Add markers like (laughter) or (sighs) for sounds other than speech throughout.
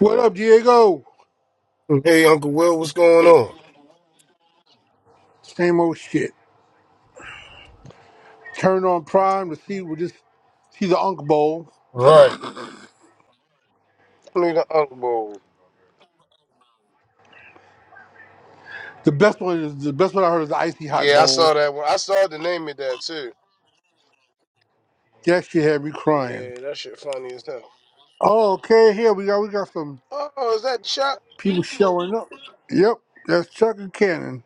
What up, Diego? Hey, Uncle Will, what's going on? Same old shit. Turn on Prime to see we just see the Unk Bowl. Right. Need an Uncle Bowl. The best one is the best one I heard is the Icy Hot Yeah, I saw Bowl. that one. I saw the name of that too. That shit had me crying. Yeah, that shit funny as hell. Oh, okay, here we got we got some Oh, is that Chuck? people showing up. Yep, that's Chuck and Cannon.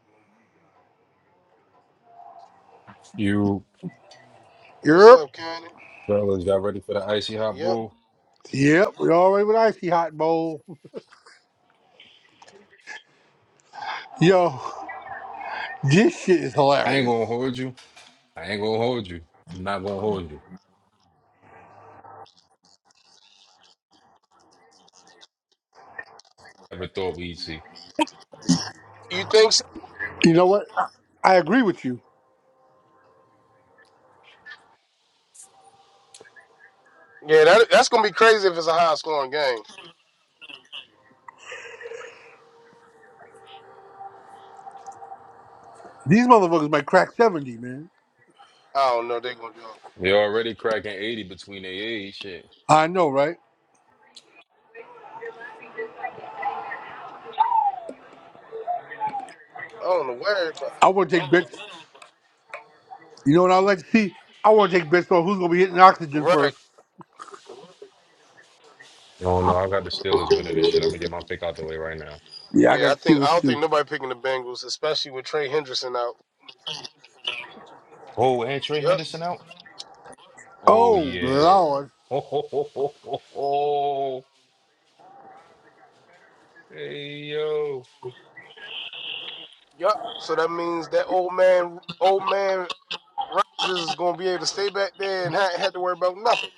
You What's Yep, up, Candy? fellas, y'all ready for the icy hot Yep. bull? yep, we already with Icy Hot Bowl. (laughs) Yo, this shit is I ain't hilarious. gonna hold you. I ain't gonna hold you. I'm not gonna hold you. Never thought we'd see. You think so? You know what? I, I agree with you. Yeah, that, that's gonna be crazy if it's a high scoring game. These motherfuckers might crack seventy, man. I don't know. They're gonna do. They already cracking 80 between their age. Shit. I know, right? I don't know where everybody. I want to take bets. You know what I'd like to see? I want to take bets on who's going to be hitting oxygen Right. first. No, no, I got the Steelers winning this shit. I'm gonna get my pick out the way right now. Yeah, I Yeah, got I to see think I this don't too. think nobody picking the Bengals, especially with Trey Henderson out. Oh, and Trey Yep. Henderson out? Oh, Oh, yeah. Lord. (laughs) Ho, ho, ho, ho, ho, ho. Hey, yo. Yep. So that means that old man, old man Rogers is gonna be able to stay back there and not have to worry about nothing.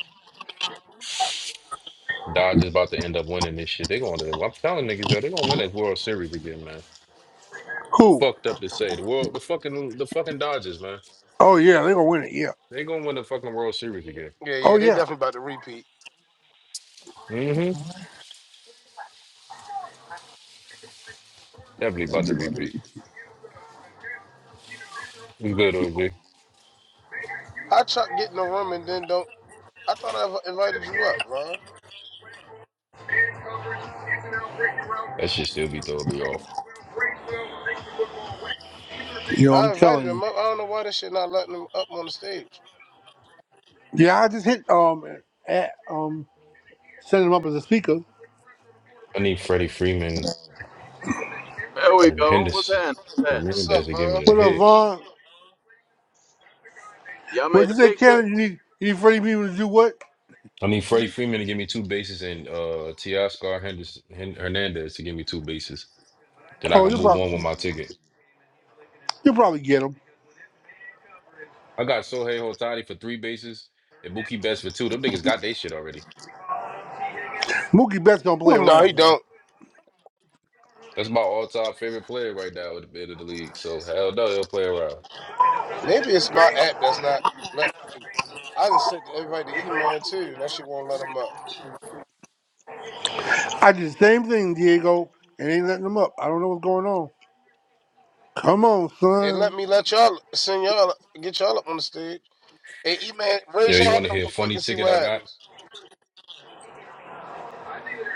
Dodgers about to end up winning this shit. They gonna, I'm telling niggas, yo, they gonna win that World Series again, man. Who? Fucked up to say. The world, the fucking, the fucking Dodgers, man. Oh, yeah, they're going to win it. Yeah. They gonna win the fucking World Series again. Yeah, Oh, yeah, they yeah. definitely about to repeat. Mm-hmm. Definitely about to repeat. We good, OG. How Chuck get in the room and then don't? I thought I inv- invited you up, Von. That should still be totally off. You know, I'm I invited telling you. him up. I don't know why this shit not letting him up on the stage. Yeah, I just hit um at, um setting him up as a speaker. I need Freddie Freeman There we and go. What's Henderson. happening? What's happening? What's up, Hernandez to give Von? me a What up, hit. Vaughn? Y'all What made the you say, picture? Cannon? You need you need Freddie Beaver to do what? I need Freddie Freeman to give me two bases and uh Teoscar Henderson Hen- Hernandez to give me two bases. Then I Oh, can you'll move on with probably my ticket. you'll probably get him. I got Sohei Otani for three bases and Mookie Betts for two. Them niggas got their shit already. Mookie Betts gonna play Oh, no, he around, man. don't. That's my all-time favorite player right now at the end of the league. So hell no, they'll play around. Maybe it's my app that's not. Let I done sent the invite to E-Man too, and that shit won't let him up. I did the same thing, Diego, and ain't letting him up. I don't know what's going on. Come on, It let son. me let y'all send y'all get y'all up on the stage. Hey, E-Man, Yeah, raise you your hand want to real hear a quick funny and see ticket what I got? happens.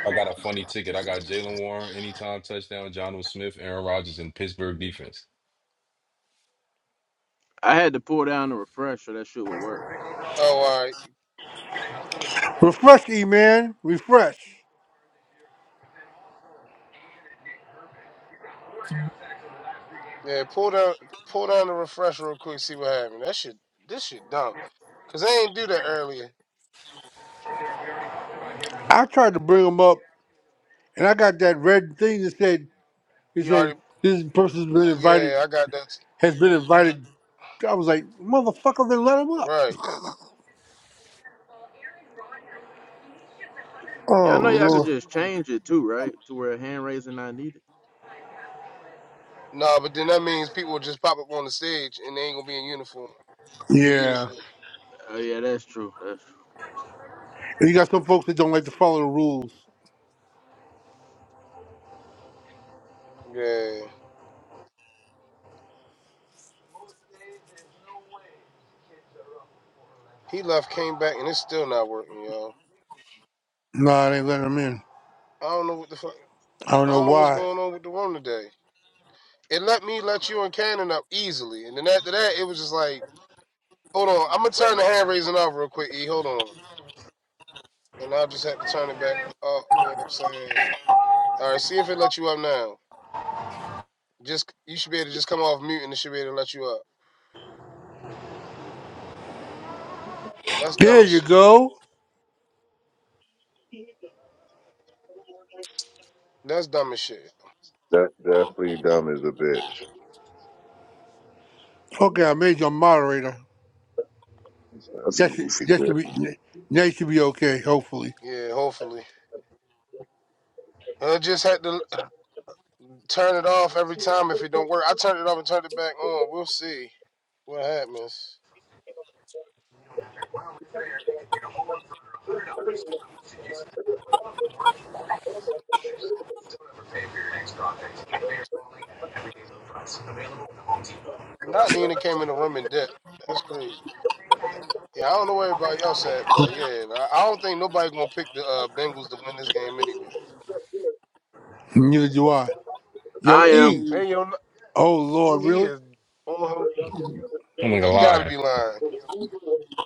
I got a funny ticket. I got Jalen Warren, anytime touchdown, John Smith, Aaron Rodgers, and Pittsburgh defense. I had to pull down the refresh so that shit would work. Oh, all right. Refresh, E man. Refresh. Yeah, pull down, pull down the refresh real quick, see what happens. That shit, this shit dumb. Cause I ain't do that earlier. I tried to bring him up, and I got that red thing that said, "It He said already, this person's been invited, yeah, I got that has been invited." I was like, "Motherfucker, then let him up." right. Yeah, I Oh know y'all could Lord. just change it too, right? To where hand raising not needed. No, but then that means people will just pop up on the stage and they ain't gonna be in uniform. Yeah. Oh yeah, that's true. That's true. That's true. And you got some folks that don't like to follow the rules. Yeah, he left, came back, and it's still not working, y'all. Nah, they let them in. I don't know what the fuck. I don't I know don't know what's why. going on with the room today. It let me let you and Cannon up easily, and then after that, it was just like, hold on, I'm gonna turn the hand raising off real quick. E, hold on, and I just had to turn it back up. You know what I'm saying, all right, see if it lets you up now. Just you should be able to just come off mute, and it should be able to let you up. That's There dumb as you shit. go. That's dumb as shit. That definitely dumb is a bitch. Okay, I made you a moderator. That's That some should goofy that should bitch. be now you should be okay. Hopefully. Yeah, hopefully. I just had to turn it off every time if it don't work. I turned it off and turned it back on. We'll see what happens. Not Nina came in the room in debt. That's crazy. Yeah, I don't know where everybody else at, but yeah, I don't think nobody gonna pick the uh, Bengals to win this game anyway. Neither do I. Yo, I am. E. Hey, yo, Oh Lord, he really? is on him. I'm not gonna He lie. gotta I'm be lying.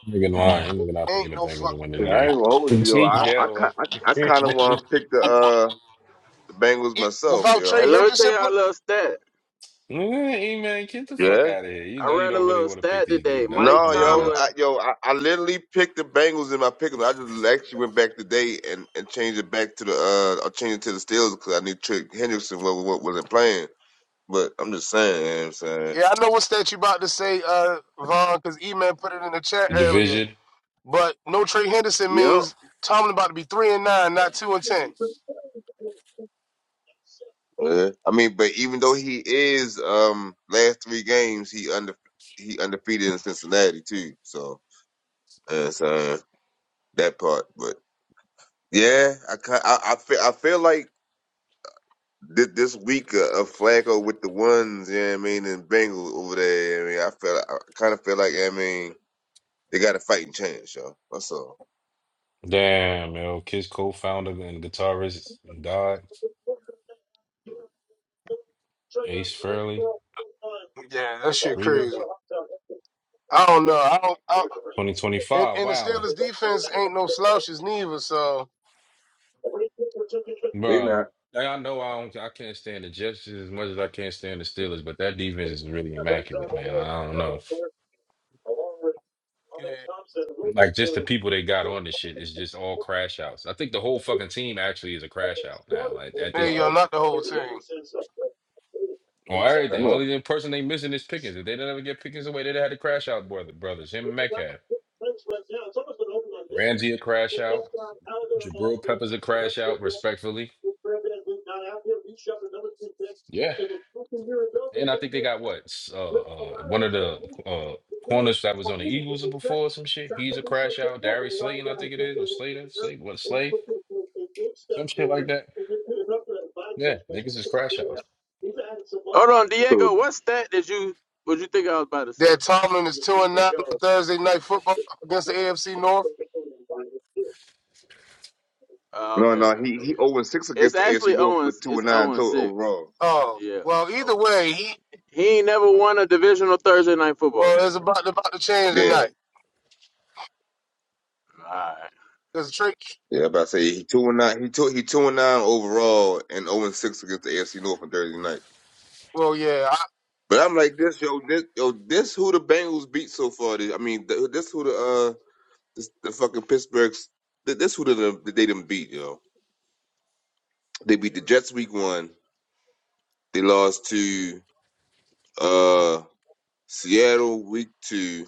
not gonna lie. I'm not gonna think Ain't the no Bengals fuck. will win this Yeah, I ain't gonna hold game. (laughs) you, yo. Change I I that ki- I, I kind of (laughs) want to pick the uh the Bengals It, myself, without yo. Trey And let me tell Henderson playing, y'all a little stat. hey man, get the fuck Yeah. out of here. You I know you read a don't really little want to pick stat these today. niggas out. Mike No, Come on, yo, man. Tomlin. I, yo, I, I literally picked the Bengals in my pick'em. I just actually went back today and, and changed it back to the uh, I changed it to the Steelers because I knew Trick Henderson what, what wasn't playing. But I'm just saying, you know what I'm saying. yeah, I know what stat you about to say, uh, Vaughn, because E-Man put it in the chat earlier. Division. But no Trey Henderson Yup. means Tomlin about to be three and nine, not two and ten. Yeah. I mean, but even though he is um last three games, he under he undefeated in Cincinnati too. So Uh, so that part, but yeah, I ki- I I feel I feel like this, this week uh, of Flacco with the ones, yeah, I mean, and Bengals over there. I mean, I feel I kind of feel like I mean they got a fighting chance, yo. That's all. Damn, yo. Kiss co-founder and guitarist died. Ace Fairley. Yeah, that shit Really? crazy. I don't know. I don't. I, and 2025. and the Wow. Steelers defense ain't no slouches neither. So They Bruh, not. like, I know I don't, I can't stand the Jets as much as I can't stand the Steelers, but that defense is really immaculate, man. I don't know. yeah, Like just the people they got on this shit is just all crash outs. I think the whole fucking team actually is a crash out now at, at there this you go. point. Not the whole team. On everything. Yeah, Only the person they missing is Pickens. If they didn't ever get Pickens away, they'd have had to crash out brother brothers. Him and Metcalf. Ramsey a crash out. Jabril Peppers a crash out, respectfully. Yeah. And I think they got what s- uh, uh, one of the uh, corners that was on the Eagles before or some shit. He's a crash out. Darius Slayton, I think it is, or Slater, Slate, what Slay, some shit like that. Yeah, niggas is crash outs. Hold on, so Diego. What stat did you? What you think I was about to say? That Tomlin is two and nine on Thursday night football against the AFC North. Uh, no, okay, no, okay, he he okay. Yeah. zero and six It's against the AFC actually North, Owen. but two It's and nine Owen total six. overall. Oh Yeah. well, either Oh, way, he he ain't never won a divisional Thursday night football game. well it's about about to change Yeah, tonight All right. because Trey. yeah, I'm about to say he two and nine. He two he two and nine overall, and zero and six against the AFC North on Thursday night. Well, yeah, I, But I'm like this, yo, this yo, this who the Bengals beat so far. This, I mean, th- this who the uh, This, the fucking Pittsburghs. th- This who they done, they done beat, yo. They beat the Jets week one. They lost to uh Seattle week two.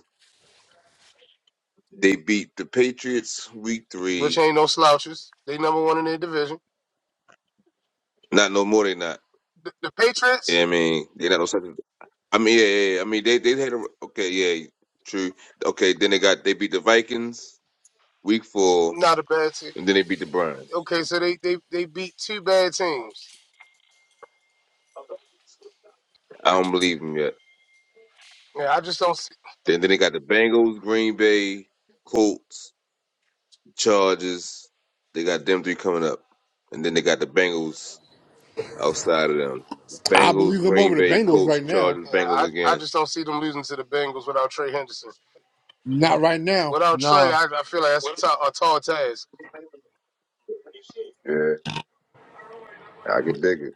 They beat the Patriots week which three. ain't no slouches. They number one in their division. Not no more. They not. The, the Yeah, Patriots, I mean, they not no second. I mean, yeah, yeah, yeah. I mean, they they had a okay, yeah, true. Okay, then they got they beat the Vikings week four, not a bad team. and then they beat the Browns. Okay, so they they they beat two bad teams. I don't believe them yet. Yeah, I just don't see. Then then they got the Bengals, Green Bay, Colts, Chargers, They got them three coming up, and then they got the Bengals outside of them. I Bengals, believe them Green over the Bay, Bengals Colts, right now. Chargers, Yeah, Bengals I I again. just don't see them losing to the Bengals without Trey Henderson. Not right now. Without Trey, Nah. I, I feel like that's a, ta- a tall task. Yeah, I can dig it.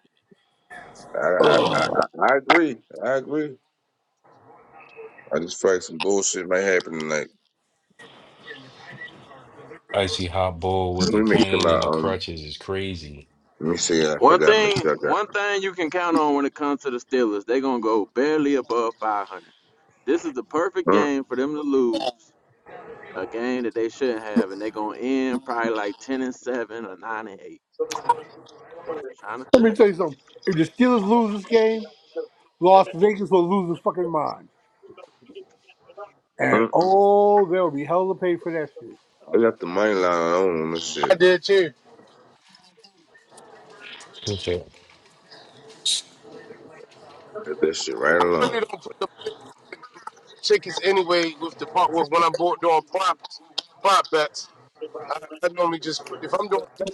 I I I, I I agree. I agree. I just feel like some bullshit might happen tonight. Icy hot bull with Let a me make sure cane my and the um. crutches is crazy. Let me see. I One forgot. Make thing, sure one I thing you can count on when it comes to the Steelers, they're gonna go barely above 500. This is the perfect got. Uh, game for them to lose, a game that they shouldn't have, and they're gonna end probably like 10 and seven or nine and eight. trying to Let me tell you. tell you something. If the Steelers lose this game, Las Vegas will lose his fucking mind. And uh, oh, there'll be hell to pay for that shit. I got the money line on this I shit. did too. What's that? That shit right I really along. don't put the tickets anyway with the part with when I'm bored doing props prop bets. I, I normally just if I'm doing money,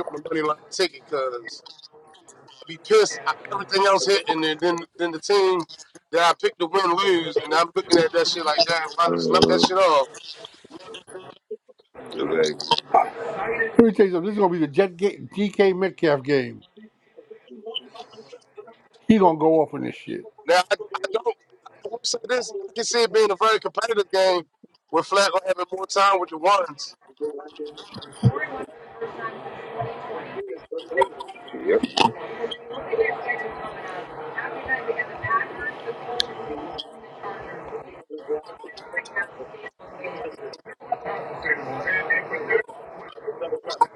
I'm doing the money line ticket because I'd be pissed. I, everything else hit, and then then then the team that I picked to win lose, and I'm looking at that shit like that. If I just left that Uh, shit off. like, Let me tell you something. This is gonna be the Jet ga- DK Metcalf game. He gonna go off on this shit. Now, I, I don't. I will say this: I can see it being a very competitive game with Flacco having more time with the ones. yep.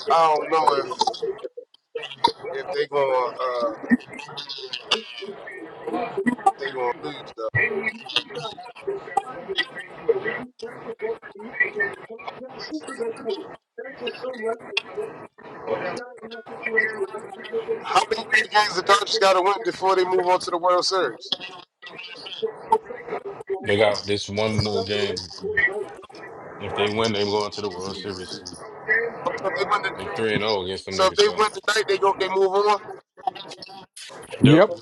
I don't know if if they gonna uh, if they gonna lose though. How many more games the Dodgers got to win before they move on to the World Series? They got this one more game. If they win, they go into the World Series. Oh, So if they win, the, They three and zero against them so if niggas. they So win tonight, they go they move on. yep, Yep.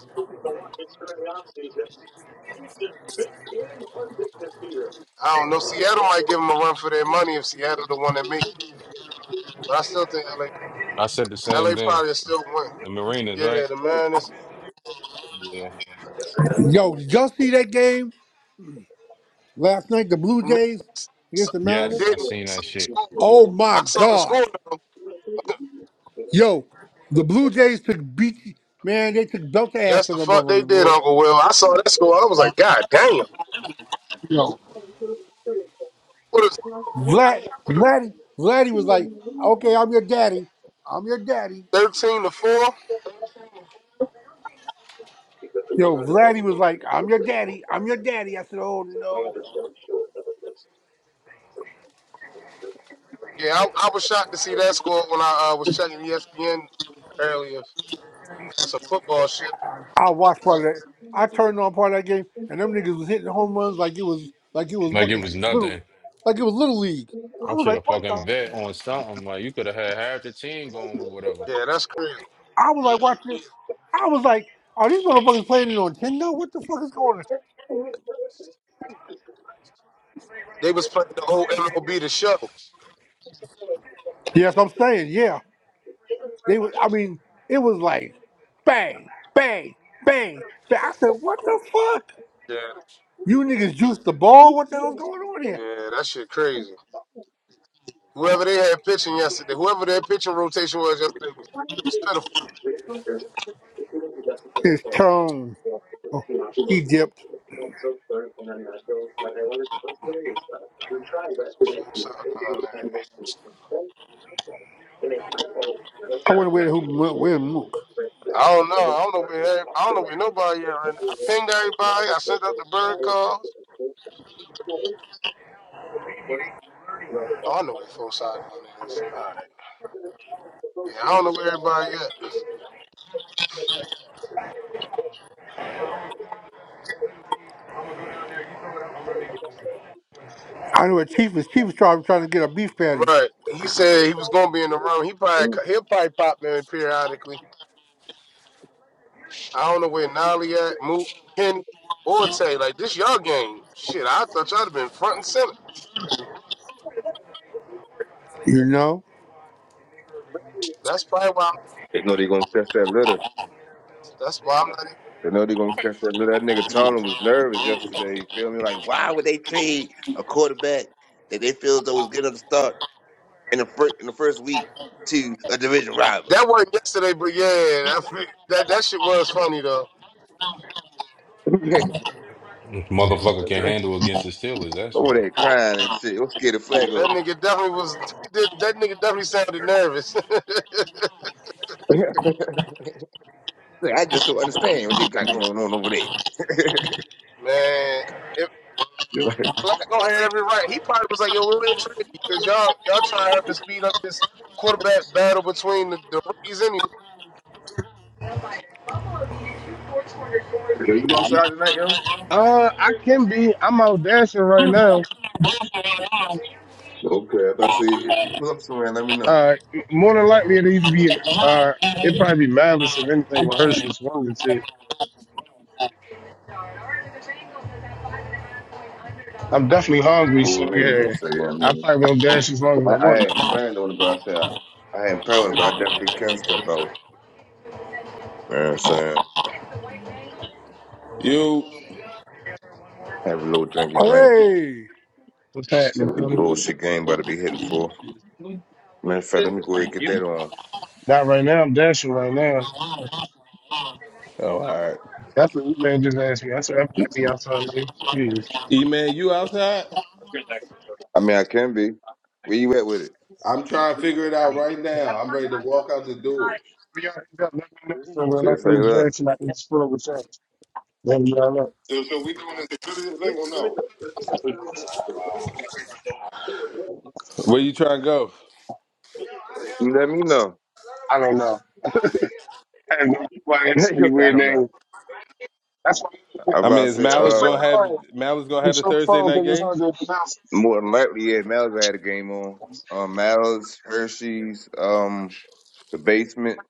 I don't know. Seattle might give them a run for their money if Seattle the one that make. It. But I still think L A I said the L A same thing. probably will still win. The Marinas, Yeah, right? the man is. Yeah. Yo, did y'all see that game last night? The Blue No, Jays against the I Mariners. Yes, I didn't I seen saw that the shit. score. Oh my I saw the God. score. though. Yo, the Blue Jays took beat. Man, they took belt to ass Yes, on the them fuck they motherfuckers, did, boy. Uncle Will. I saw that score. I was like, God damn. Yo, What is Vlad, Vladdy, Vladdy was like, "Okay, I'm your daddy. I'm your daddy." 13 to 4? Yo, Vladdy was like, I'm your daddy. I'm your daddy. I said, Oh no. Yeah, I, I was shocked to see that score when I uh, was checking ESPN earlier for some football shit. I watched part of that. I turned on part of that game and them niggas was hitting home runs like it was like it was Like it fucking was little nothing. like it was little league. I I was should like, have what the fucking bet on something. Like you could have had half the team going with whatever. Yeah, that's crazy. I was like "Watch this. I was like, are these motherfuckers playing it on Nintendo? What the fuck is going on? They was playing the old MLB the show. Yes, I'm saying, yeah. They was I mean, it was like bang, bang, bang, bang. I said, What the fuck? Yeah, You niggas juiced the ball? What the hell's going on here? yeah, that shit crazy. Whoever they had pitching yesterday, whoever their pitching rotation was yesterday was, was pitiful. His tone. He dipped. So shocked on that. I wonder where who went where Mook. I don't know. I don't know where every- I don't know where nobody at right now. I pinged everybody. I sent out the bird calls. Oh, I know where Fosagon is. All right. Yeah, I don't know where everybody at. I know what chief was chief was trying, trying to get a beef patty. Right. He said he was gonna be in the room. He probably co- he'll probably pop in periodically. I don't know where Nolly at, Moot, Kenny, or Tay. Like this y'all game. Shit, I thought y'all'd have been front and center. You know? That's probably why. I'm, They know they gonna catch that litter. that's why I'm not. Even, They know they're gonna catch that. That nigga Tomlin was nervous yesterday. You feel me? Like, why would they trade a quarterback that they feel as though was good enough to start in the first in the first week to a division rival? that wasn't yesterday, but yeah, that fi- that that shit was funny though. (laughs) Motherfucker can handle against the Steelers. That's over why. there crying and shit. I'm scared of That Flacco. (laughs) nigga definitely was. (laughs) That, that nigga definitely sounded nervous. Like, I just don't understand what they got going on over there. (laughs) (laughs) Man, They're like, Black gonna have every right. He probably was like, "Yo, we're in trade because y'all y'all trying to have to speed up this quarterback battle between the, the rookies anyway." yo, you gonna start tonight, yo? Uh, I can be. I'm out dashing right now. Okay, but see if you pull up somewhere, let me know. Uh, more than likely it either be uh, it probably be Mavis if anything with Hershey's wanted to. i I'm definitely hungry, Cool so with me. Don't yeah, say, I I mean, probably won't dash as long as I, I I want to. ain't planned on it, but I said I, I ain't planned. on but I definitely can step out. You know what I'm saying? You, Have a little drinky drink. Hey. What's See happening, what this Kenny? bullshit game about to be hitting for. Matter of fact, let me go ahead Thank and get you. that on. Not right now. I'm dashing right now. Oh, all right. That's what you man just asked me. I said I might be outside later. Yeah. E man, you outside? I mean, I can be. Where you at with it? I'm trying to figure it out right now. I'm ready to walk out the door. Y'all hang up, let me know so when I Shit, say feel that. better tonight, it's full of results. Let me know. So, so we doing this Tuesday thing or no? I Where you trying to go? You let me know. don't know. I don't know. Why (laughs) it's so You'll many say, I weird don't know. names. That's why I I about mean, to is say, I just Malice freak gonna uh, have out. Malice gonna I'm have the the Thursday phone night because it's game? hard to pronounce. more than likely, yeah, Miles had a game on. Um, Miles, Hershey's, um, the basement.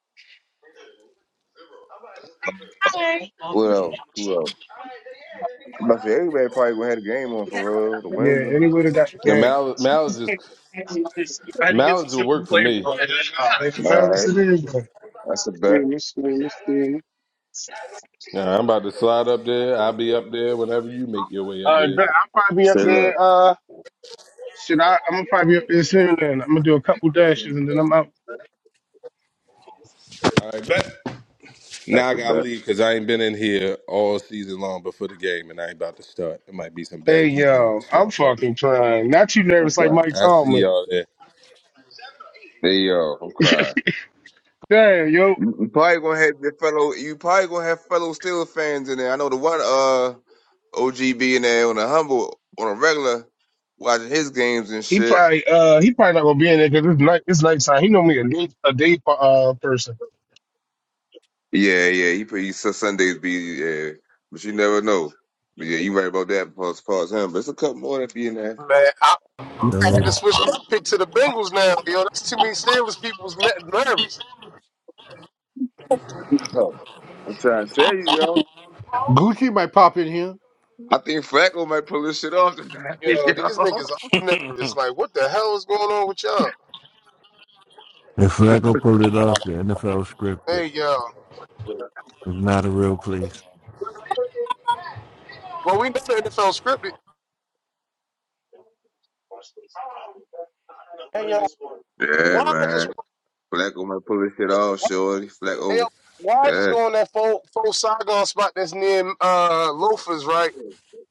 What else? Who else? I'm about to say, everybody probably gonna have a game on for real. The Yeah, Windsor. anyway to that got your The game. Malice, Malice is I had to get some Malice will simple work for flavor me. on it. Uh, they All pronounce right. it anyway. That's the Yeah, bet. this thing, this thing. Nah, I'm about to slide up there. I'll be up there whenever you make your way up Uh, there. but I'll probably be up Say there. left. Uh, shit, I, I'm gonna probably be up there soon. Then I'm gonna do a couple dashes and then I'm out. All right, bet. That's Now I the gotta bet. leave because I ain't been in here all season long before the game, and I ain't about to start. It might be some Hey bad juju in yo, this I'm motherfucker. fucking trying. Not too I'm nervous like crying. Mike I see Tomlin. y'all there. There you go. I'm crying. Damn, yo, You you probably gonna have your fellow. You probably gonna have fellow Steelers fans in there. I know the one uh OGB in there on a humble on a regular watching his games and he shit. probably uh he probably not gonna be in there because it's night it's nighttime. He normally a day a day uh person. Yeah, yeah. He pretty so Sundays be yeah, but you never know. But yeah, you right about that as far as him. But it's a couple more that be in there. Man, I You had know, to switch my pick to the Bengals now. Yo, that's too many Steelers people's ne- nervous. (laughs) Yo, I'm trying to tell you, yo. Gucci might pop in here. I think Flacco might pull this shit off tonight, (laughs) Yo, yo. these niggas all nervous. (laughs) Like, what the hell is going on with y'all? if Flacco pulled it off, the NFL scripted. It's Hey, y'all. not a real place. Well, we know the NFL scripted. Hey, y'all. Yeah, Why just man. Flacco might pull this shit off, why, shorty. hey, y'all, Flacco. why just Yeah. go on that full full Saigon spot that's near uh Loafers, right?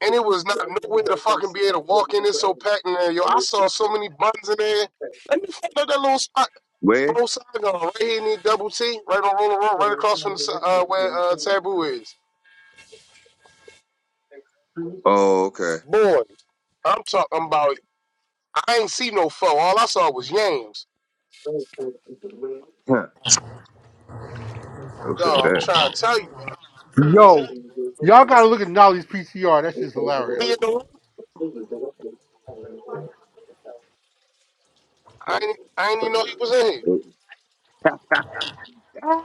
and it was not nowhere to fucking be able to walk in. It's so packed in there, yo. I saw so many buns in there. Let me find out that little spot. Where? Full Saigon, right here in the double T, right on Roller Road, right across from the, si- uh, where uh, Taboo is. Oh, okay. Boy, I'm talking about. I ain't see no foe. All I saw was yams. (laughs) Who said No, I'm that? trying to tell you. Yo. Y'all gotta look at Nolly's PCR. That shit's hilarious. He in the room? I ain't, I ain't even know he was in here.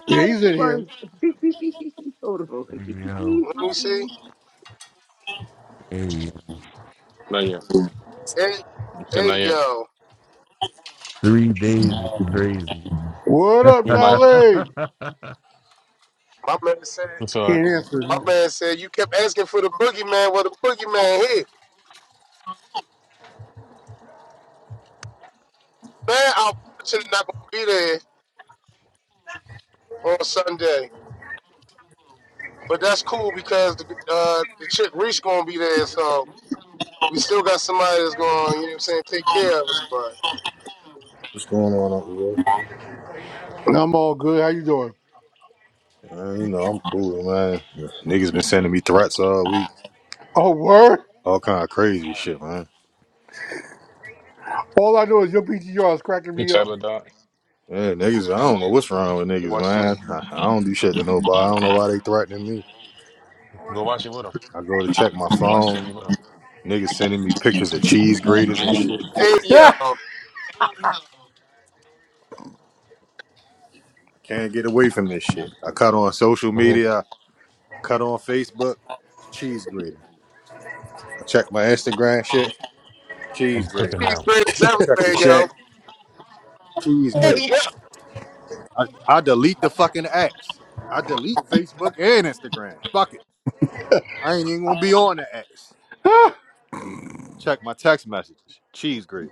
Yeah, he's in here. You know, Let me see. hey, not yet. Hey, So not hey, yet. yo. three days is crazy. What up, You might. (laughs) Nolly? yeah. My man said. It's all He right. ain't answering. My No. man said you kept asking for the boogeyman. Well, the boogeyman here. Man, I'm unfortunately not gonna be there on Sunday, but that's cool because the uh, the chick Reach gonna be there, so we still got somebody that's going. You know what I'm saying? Take care of us, but What's going on, Uncle Will? I'm all good. How you doing? Man, you know, I'm cool, man. Niggas been sending me threats all week. Oh, word? All kind of crazy shit, man. All I know is your PCR is cracking Good me up. job, dog. Yeah, niggas, I don't know what's wrong with Go niggas, watch man. TV. I, I don't do shit to nobody. I don't know why they threatening me. Go watch it with him. I go to check my Go watch phone. TV with him. Niggas sending me pictures of cheese graters and shit. hey, (laughs) uh yo, I can't get away from this shit. I cut on social Go ahead. media. I cut on Facebook. Cheese grater. I check my Instagram shit. I'm Cheese cooking grater. now. cheese graters I check the everywhere, check. yo. Cheese Hey, grater. yo, I, I delete the fucking apps. I delete Facebook and Instagram. Fuck it. I ain't even gonna be on the apps. oh, Check my text messages. Cheese grater.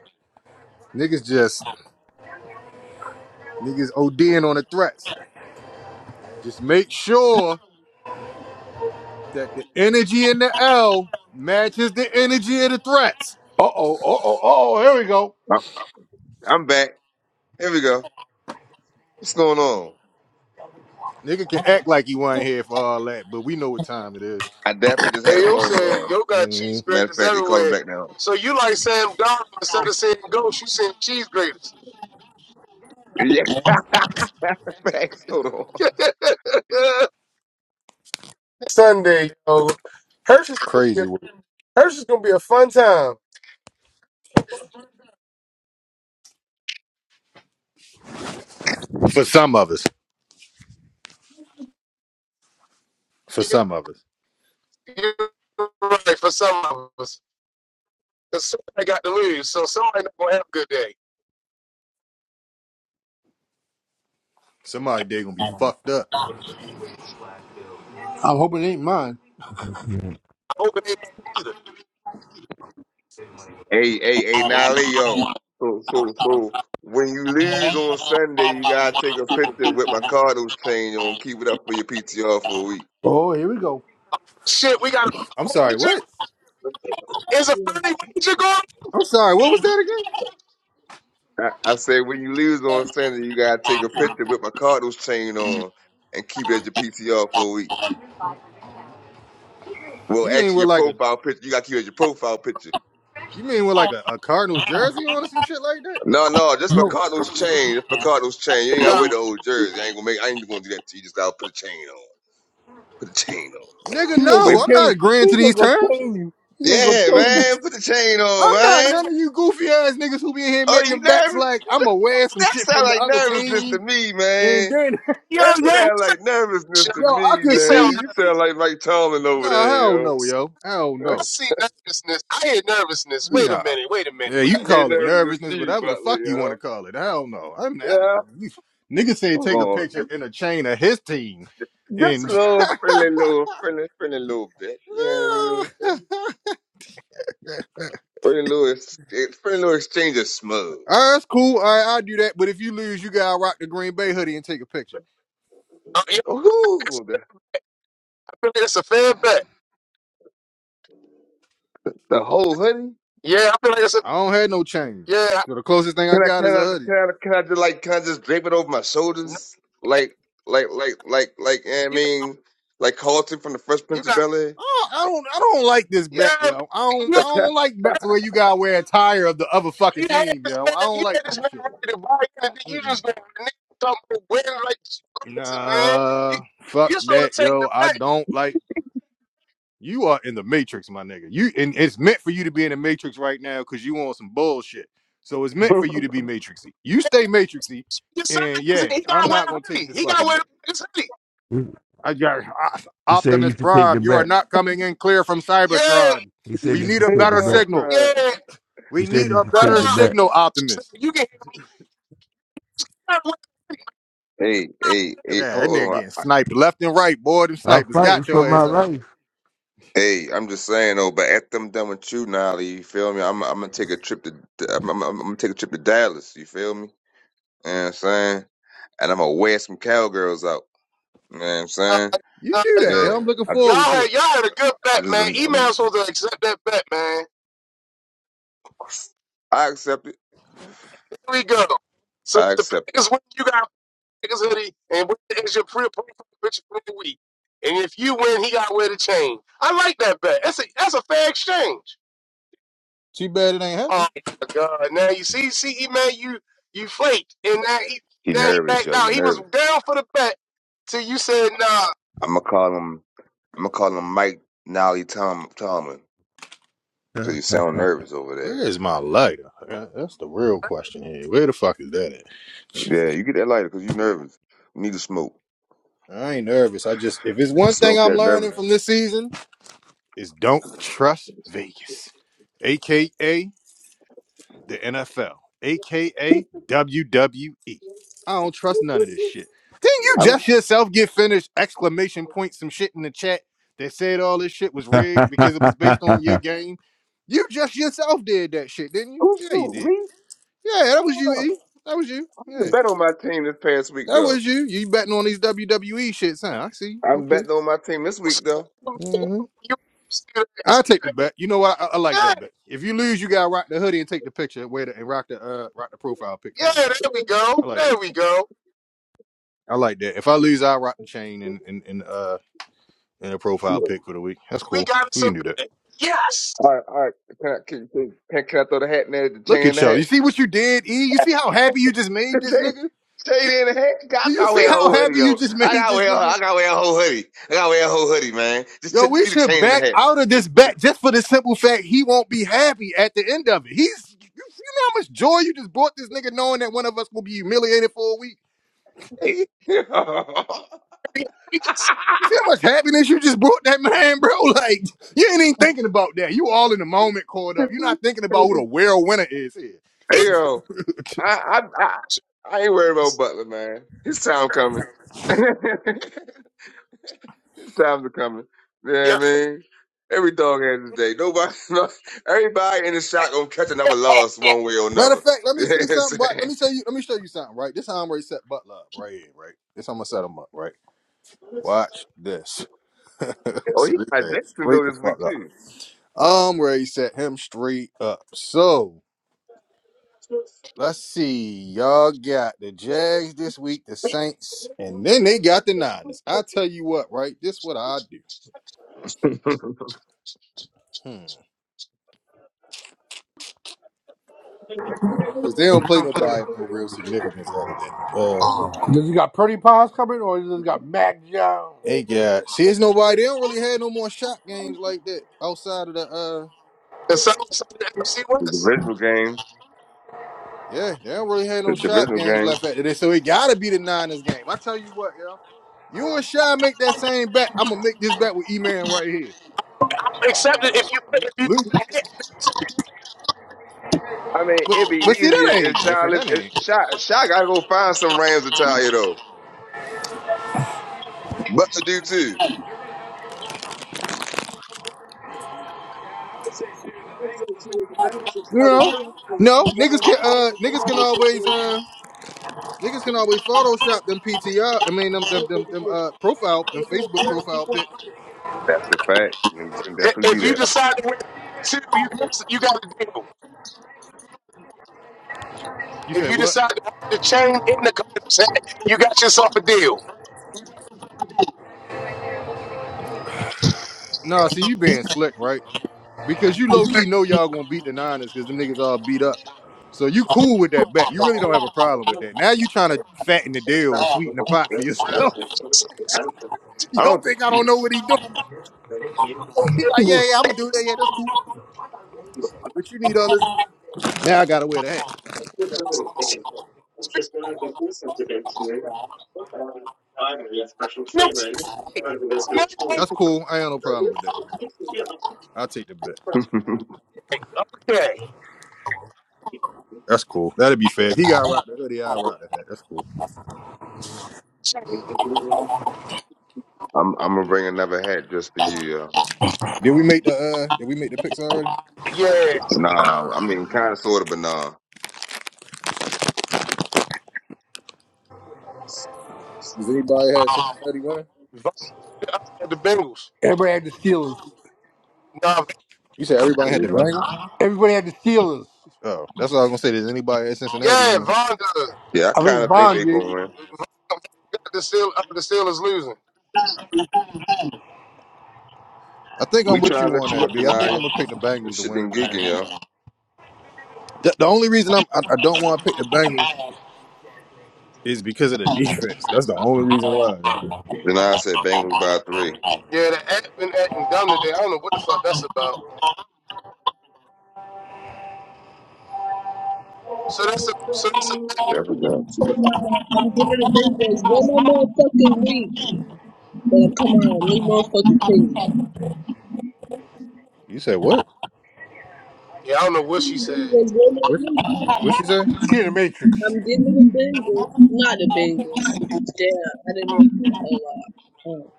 Niggas just niggas ODing on the threats. Just make sure that the energy in the L matches the energy of the threats. uh oh, uh oh, here we go. I'm I'm back. Here we go. What's going on? Nigga can act like he wasn't here for all that, but we know what time it is. I definitely just had hey, a yo, phone said call. yo got cheese Mm, Matter of graters fact, they calling everywhere. back now. So you like Sam Donald instead of saying ghost, you saying cheese graters. Yes. (laughs) Facts. Hold on. (laughs) Sunday, yo, Hershey's gonna be crazy a, work. Hershey's gonna be a fun time. for some of us. For (laughs) some You- of us, You're right for some of us. Because somebody got to lose, so somebody not gonna have a good day. somebody they gonna be fucked up. I'm hoping it ain't mine. I hope it ain't me either. Hey, hey, hey, now, Leo. So, so, so, when you lose on Sunday, you gotta take a picture with my Cardinals chain on. Keep it up for your PTR for a week. Oh, here we go. Shit, we got I'm a sorry. wager. What? Is a friendly wager going? I'm sorry. What was that again? I, I said, when you lose on Sunday, you gotta take a picture with my Cardinals chain on and keep it at your PTR for a week. Well, You mean actually, with your like a profile picture. You gotta keep it as your profile picture. You mean with like a, a Cardinals jersey on or some shit like that? No, no, just for No. Cardinals chain. Just for Cardinals chain. You ain't gotta No, wear the old jersey. I ain't gonna make I ain't gonna do that to you. You Just gotta put a chain on. Put a chain on. Nigga, He's ain't Wait. no, gonna I'm not change. agreeing to He's these ain't gonna terms. change you. He's ain't gonna Yeah, change man, put the chain on, I'm not no. none man. of you goofy ass niggas who be in here Oh, you making bets nervous? like You I'ma sa- wear some That shit sound from the like other nervousness to team. me, And man. then, Yo, That yeah, he sound said, like nervousness shit. (laughs) to yo, I me, could he said man. all see. You that. sound like Mike Tomlin over Nah, there, hell yo. no, yo. Hell (laughs) I no. I see nervousness. I hear nervousness. Wait a Nah. minute. Wait a minute. Yeah, Wait you can a ain't minute. call it Wait nervous a as nervousness, Steve whatever the Butler, fuck you want yo. to call it. Hell no. I'm, I'm Yeah. you, niggas say Come take a on. picture in a chain of his team Just and a little friendly little friendly friendly little bit. Yeah. know (laughs) Pretty little, ex- pretty little exchange of smug. All right, that's cool. All right, I'll do that. But if you lose, you gotta rock the Green Bay hoodie and take a picture. minute. Uh, yeah, I feel like that's Ooh, the, a, I feel like that's a fair bet. the whole hoodie. Yeah, I feel like that's a I don't have no chain. yeah. So the closest thing I Can I, got can is a I, hoodie. can I, can I just like, can I just drape it over my No, shoulders? Like, like, like, like, like, you know what I you got. mean, like Carlton from the Fresh You Prince of got. Bel Air. I don't, I don't, I don't like this bet, Yeah, yo. I don't, (laughs) man. I hey, don't like bets where you gotta wear a tire of the other fucking You had team, this yo. man, I don't you like had this that man shit. ready to buy anything. You Mm-mm. just gonna nigga talking about win like crazy, man. You Nah, fuck you supposed that, to take the yo. I back. don't like. You are in the matrix, my nigga. You and it's meant for you to be in the matrix right now because you on some bullshit. So it's meant for you to be matrixy. You stay matrixy, Your side and yeah, doesn't. He I'm gotta wear not a gonna take hoodie. this He gotta fucking wear bet. the his hoodie. He I got I- he said you Optimus should take the Prime. You are bet. not coming in clear from Yeah, Cybertron. He said We you need should a take the better I'm bet. signal. crying. yeah. No, He We said need you a should take better no. the I don't bet. signal, think she said- Optimus. You can hear me. You gotta wear Hey, the hey, hey, Yeah, that hold nigga on. getting I- I- sniped left and right, boy. Them I'm snipers fighting got for your ass out there. my Hey, I'm just saying though, but after I'm done with you, Nolly, you feel me? I'm, I'm gonna take a trip to, I'm, I'm, I'm gonna take a trip to Dallas. You feel me? You know what I'm saying, and I'm gonna wear some cowgirls out. You know what I'm saying? hoodie. Uh, You uh, do that, Yeah, yo. I'm looking I, Y'all Y'all forward to it. had y'all had a good I bet, just, man. I'm, I'm- Email's supposed to accept that bet, man. i accept it. Here we go. So I if the accept it. Packers win, you got his hoodie and wear the extra print picture for the week. And if you win, he got to wear the chain. I like that bet. That's a that's a fair exchange. Too bad it ain't Oh happening. my God! Now you see, see, E man, you you flaked, and now he He now he nervous, backed yo. He out. He was nervous. down for the bet till you said nah. I'm gonna call him. I'm gonna call him Mike Nolly Tom Tomlin because life. you sound nervous over Where there. is my lighter? Uh, That's the real question here. Where the fuck is that at? Yeah, you get that lighter because you nervous. You need to smoke. I ain't nervous. I just, if it's one thing Smoke I'm that nervous. learning from this season, is don't trust Vegas. AKA the NFL, aka WWE. I don't trust none of this shit. Didn't you I'm just yourself get finished? Exclamation point, some shit in the chat that said all this shit was rigged because it was based on (laughs) your game. You just yourself did that shit, didn't you? who's Yeah, you who? did. Me? Yeah, that was you, E. That was you. I'm the Yeah, bet on my team this past week that was though. you. You betting on these WWE shits, huh? I see. I'm Okay. betting on my team this So, week though. hmm you- I take the bet. You know what? I, I like Yeah, that bet. If you lose, you gotta rock the hoodie and take the picture. Wait and rock the uh rock the profile pic the yeah. whole There week. we I go. like that. There we go. I like that. If I lose, I rock the chain and and, and uh and a profile pic for the week. That's We cool. got us We a can do that. bet. Yes, All right, all right. Can I, can, can, can I throw the hat in there? The Look chain in at the y'all. hat. You see what you did, E? You see how happy you just made this Jay, nigga? Jay in the heck. I Do you gotta see wear a how whole hoodie happy you though. just (laughs) I made gotta this wear. nigga? I gotta wear a whole hoodie. I gotta wear a whole hoodie, man. Just, ch- Yo, just we do the should chain in the back hat. out of this Just- bet just- just for the simple fact he won't be happy at the end of it. He's you, you know how much joy you just brought this nigga knowing that one of us will be humiliated for a week. (laughs) we got some. You see how much happiness you just brought that (laughs) man, bro? Like you ain't even thinking about that. You all in the moment caught up. You're not thinking about who the real winner is here. hey yo, I, I I I ain't worried about Butler, man. His time coming. (laughs) His times are coming. You know what yeah. I mean? Every dog has his day. Nobody, (laughs) no, everybody in the shot gonna catch another loss one way or Matter another. of (laughs) fact, let me You know see what I'm something. But let saying? me tell you, let me show you something. Right, this how I'm ready to set Butler up. Right here, right. This how I'm gonna set him up. Right. Watch this. (laughs) Oh, set he his got ass straight Jacksonville the this fuck week up. I'm ready to set him straight up. So let's see. Y'all got the Jags this week, the Saints, and then they got the Niners. I tell you what, right? This what I do. too. (laughs) Hmm. Cause they don't play nobody of no real significance out of that. Uh, you. Does he got Purdy Pies coming, or does he got Mac Jones? they got see, it's nobody. They don't really have no more shot games like that outside of the uh. It's, NFC The West. divisional games. Yeah, they don't really have no The shot divisional games left games. at it. So it gotta be the Niners game. I tell you what, yo. You and Shy make that same bet. I'm gonna make this bet with E Man right here. Except that if you put- if you put Look, a I mean, but it'd be but see that easier if ain't Shy different. live. That ain't if Shy, Shy gotta go find some Rams attire though. Butler do too. you know. No, niggas can uh niggas can always uh niggas can always Photoshop them PTR. I mean them them them, them uh profile them Facebook profile pics. That's a fact. Niggas can hand- definitely if do you that. decide to wear two, you you got a deal. You If say you what? decide to put the chain in the condom set, you got yourself a deal. No, see you being slick, right? because you low key know y'all gonna beat the Niners because them niggas all beat up. So you cool with that bet. You really don't have a problem with that. Now you trying to fatten the deal and sweeten the pot for yourself. So, (laughs) you I don't don't. think I don't You, know what he doing? (laughs) He like, yeah, yeah, I'm gonna do that. Yeah, that's cool. But you need all this. Now I gotta wear the hat. no, it's okay. So now it's another That's cool. I ain't got no problem with that. I'll take the bet. (laughs) thing. okay. Okay. That's cool. That'd be fair. If he got rock the hoodie, I'll rock the hat. That's cool. So, I'm I'm gonna bring another hat just for you, yo. Did we make the uh did we make the picks already? Yeah, Nah, I mean, kind of, sort of, but nah. Does anybody have Cincinnati winner? Vonda, uh, the Bengals. Everybody had the Steelers. Nah, You said everybody had the Bengals? Everybody had the Steelers. Oh, that's what I was gonna say. Does anybody have Cincinnati yeah, winning? Vonda. Yeah, I I kind think of think Bond they did. gonna win. Vonda got the Steel, uh, the Steelers losing. I think We I'm with trying you to on let you that, up, B. I think I'm Janaya. gonna pick the Bengals This to shit win been tonight. yo. geeking, yo. The, the only reason I'm I, I don't want to pick the Bengals is because of the defense. That's the only reason why. Yo. Janaya said Bengals by three. Yeah, the act been acting dumb today. I don't know what the fuck that's about. So that's a so that's a That's I'm a giving fact. the big boys one more motherfucking week. But come on, this motherfucking team. You said what? yeah. I don't know what she Big said. boys one What? more week. What she say? He in the Matrix. I'm giving the Bengals, not the Bengals. Damn, I didn't make a whole lot. Oh.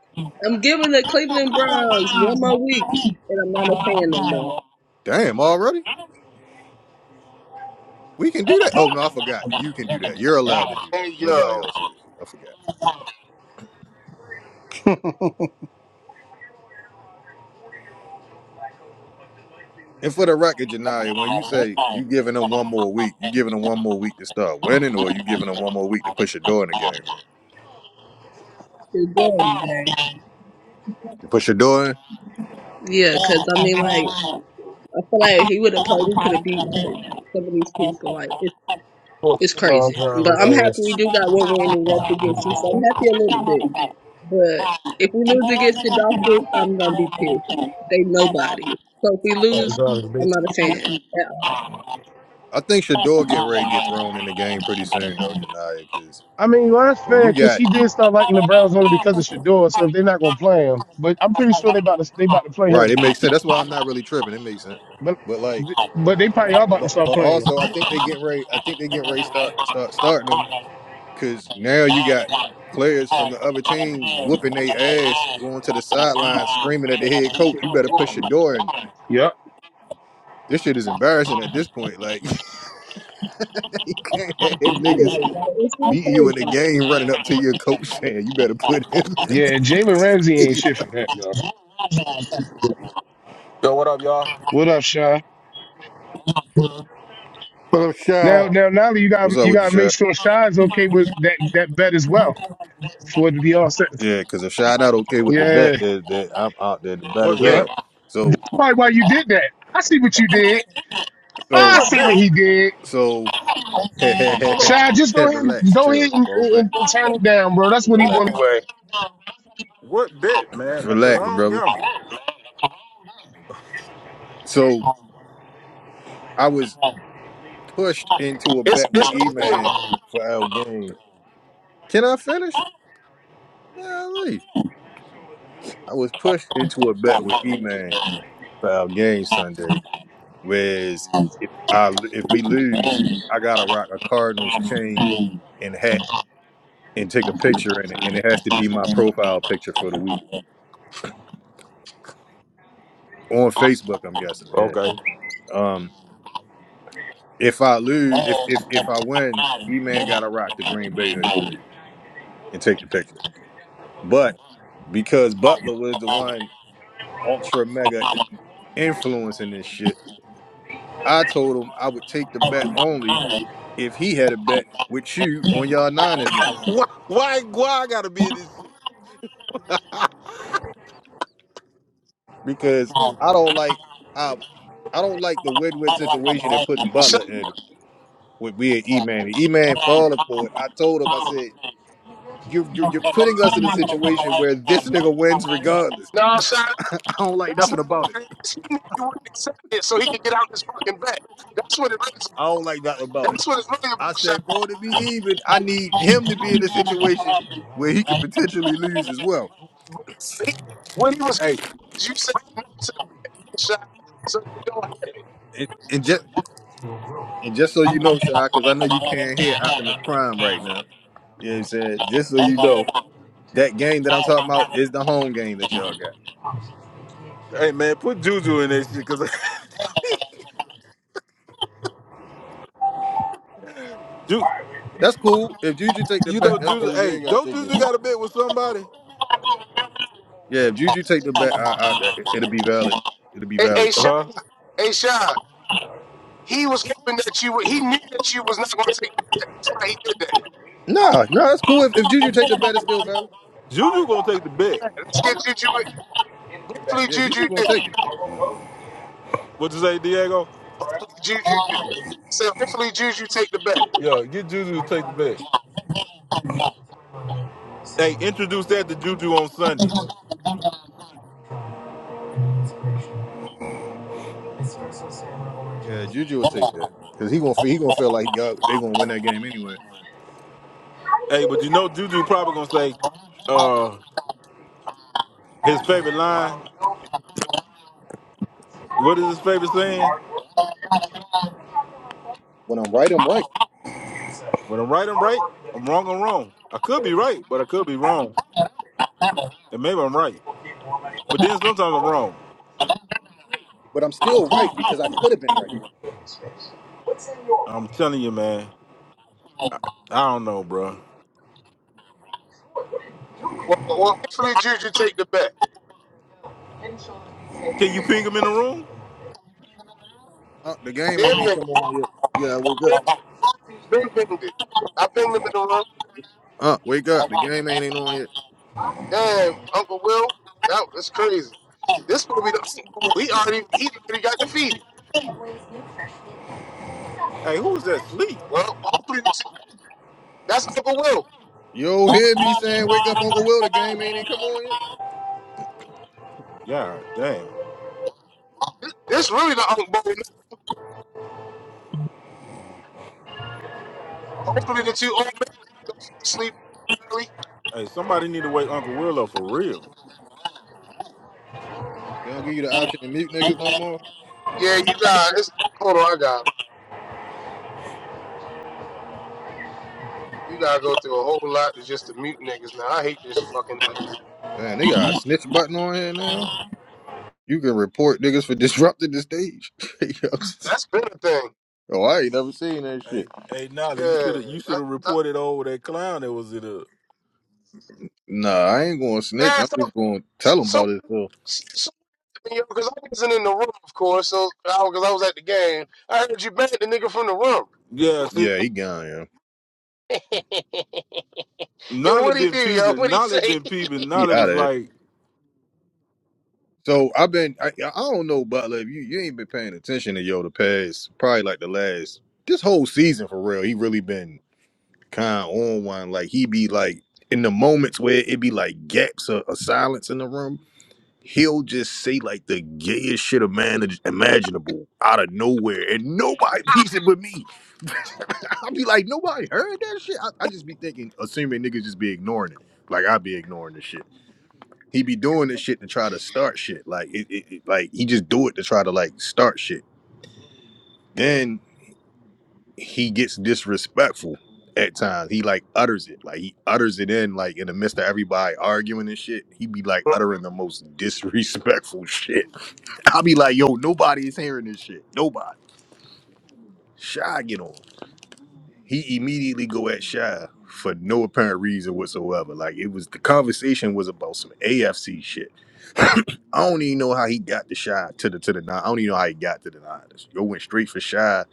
I'm giving the Cleveland Browns one more week, and I'm not a fan no more. Damn, already? We can do that? Oh no, I forgot. You can do that. You're allowed to do Hey that. Nobody yo. else is. I forgot. And for the record, Janaya, when you say you giving them one more week, you giving them one more week to start winning, or you giving them one more week to push your door in the game. They're done, gang. You push your door in, Yeah, cause I mean, like, I feel like he would have played. We could have beat like some of these people. Like, it's it's crazy. But I'm happy we do got one win, and that's against you. So I'm happy a little bit. But if we lose against the Dolphins, I'm gonna be pissed. They nobody. So if we lose, I'm not a fan. At all. (laughs) I think Shador getting ready to get thrown in the game pretty soon though, Janaya, because I mean, well, that's when fair you because got he did start liking the Browns only because of Shador. So if they're not gonna play him, but I'm pretty sure they about to they about to play right, him. it makes sense. That's why I'm not really tripping. It makes sense. But But like, but they probably are about to but, but start playing also I think they get ready. I think they get ready to start start starting them. Cause now you got players from the other teams whooping their ass, going to the sideline, screaming at the head coach, you better him. push your door. And Yep. this shit is embarrassing at this point. Like (laughs) you can't have niggas Yeah, Like, it's really beating you in the crazy. game running up to your coach (laughs) saying you better put him. Yeah, Jalen Ramsey ain't shit for that, no. Yo, what up, y'all? What up, Sean? What up, What Shy? Now, up? now, now you (laughs) got What's up you with you, got to make Shot? sure Sean's okay with that that bet as well for it to be all set. Yeah, because if Shot not okay with the Yeah, bet, that that I'm out there, the bet What is bet? yeah. up. So Why, why you did that? I see what you did. I so What see what bet? he did. so Hold on. Chad, just (laughs) go ahead, and- relax, go ahead chill, and, fall back, and, and turn it down, bro. That's what he wanted. relax, Anyway, What bet, man? Because I relax, don't brother. gamble. So. I was pushed into a it's bet it's with not E funny Man about for L Game. Can I finish? Yeah, leave. I was pushed into a bet with E Man for L Game Sunday. Whereas if I if we lose, I gotta rock a Cardinals chain and hat and take a picture in it, and it has to be my profile picture for the week on Facebook. I'm guessing. Yeah. Okay. Um, if I lose, if if if I win, E Man gotta rock the Green Bay hoodie and take the picture. But because Butler was the one ultra mega influence in this shit. I told him I would take the bet only if he had a bet with you on y'all Niners game Why, why? Why I gotta be in this shit? because I don't like I I don't like the win-win situation that puts Shaq. Butler in with we and E-Man. E-Man falling for it. I told him I said you you you're putting us in a situation where this nigga wins regardless. No, Shaq, (laughs) I don't like that's nothing not what about it. it is. He knew you wouldn't accept it, so he could get out his fucking back. That's what it is. I don't like nothing about it. That's what it's really about, I said Shaq. for it to be even, I need him to be in a situation where he could potentially lose as well. But see, When he was, Hey, you said no to the back, Shaq, so they don't have it. and, and just and just so you know, Shy, because I know you can't hear Optimus Prime right now. You know what I'm saying? Just so you know, that game that I'm talking about is the home game that y'all got. hey, man, put Juju in this shit. Because (laughs) Ju, That's cool. If Juju take the you bet, know that's Juju. cool. You Hey, ain't gotta don't take it. Juju got a bet with somebody? Yeah, if Juju take the bet, I, I, it'll be valid. It'll be Hey, hey, valid Shaq, too. Huh? hey, Shaq. He was hoping that you would. He knew that you was not going to take the back. That's why he did that. Nah, nah, that's cool. If, if Juju take the bet, it's still valid. Juju gonna take the bet. Let's get Juju. in. Hopefully, Yeah, Juju Juju gonna did. take it. What you say, Diego? Hopefully, Juju did. said, hopefully Juju take the bet. Yeah, get Juju to take the bet. Hey, introduce that to Juju on Sunday. Yeah, Juju will take that because he gonna feel, he gonna feel like y'all they gonna win that game anyway. Hey, but you know Juju probably gonna say, uh, his favorite line. What is his favorite saying? When I'm right, I'm right, When I'm right, I'm right. I'm wrong, I'm wrong. I could be right, but I could be wrong. And maybe I'm right. But then sometimes I'm wrong. but I'm still right because I could have been right. I'm telling you, man. I, I don't know, bro. Well, well hopefully Juju take the bet. Can you ping him in the room? Uh, the I game ain't did even ping come on yet. Yeah, it. wake Been, up. been pinged it. I pinged him in the room. Uh, wake up. The game ain't even on yet. Damn, Uncle Will, that was crazy. This will be the He already he already got defeated. Hey, who's that sleep? Well, hopefully that's Uncle Will. Yo, hear me saying, wake up, Uncle Will. The game ain't even come on yet. God damn. This, this really the Uncle Will. Hopefully the two old men don't sleep early. Hey, somebody need to wake Uncle Willow for real. They don't give you the option to mute niggas no more. Yeah, you guys. hold on, I got. it. You gotta go through a whole lot to just to mute niggas now. I hate this fucking. Damn, they got a snitch button on here now. You can report niggas for (laughs) disrupting the stage. (laughs) That's been a thing. oh, I ain't never seen that shit. Hey, hey, Nolly, Yeah, you should have you should that, have that, reported over that clown that was in the Nah, I ain't going to snitch. yeah. I'm So just going to tell them So, about it. so because I wasn't in the room, of course. So, because I, I was at the game, I heard you banned the nigga from the room. Yeah, see, Yeah, he gone. Yeah, (laughs) yo, Nolly what he been do, yo? peeping. What he Nolly say? been (laughs) peeping. he Nolly out was of here. like, So I've been. I, I don't know, Butler. If you you ain't been paying attention to yo the past, probably like the last this whole season for real. He really been kind of on one. Like he be like in the moments where it be like gaps or, or silence in the room. He'll just say like the gayest shit imagin- imaginable out of nowhere, and nobody (laughs) peeps it but me. (laughs) I'll be like, nobody heard that shit. I, I just be thinking, assuming niggas just be ignoring it. Like I be ignoring this shit. He be doing this shit to try to start shit. Like it, it, it- like he just do it to try to like start shit. Then he gets disrespectful at times. He like utters it. Like he utters it in like in the midst of everybody arguing and shit. He be like uttering the most disrespectful (laughs) shit. I'll be like, yo, nobody is hearing this shit. Nobody. Shy get on. he immediately go at Shy for no apparent reason whatsoever. Like it was the conversation was about some AFC shit. (coughs) (clears throat) I don't even know how he got the Shy to the to the nine. I don't even know how he got to the Niners. Yo went straight for Shy.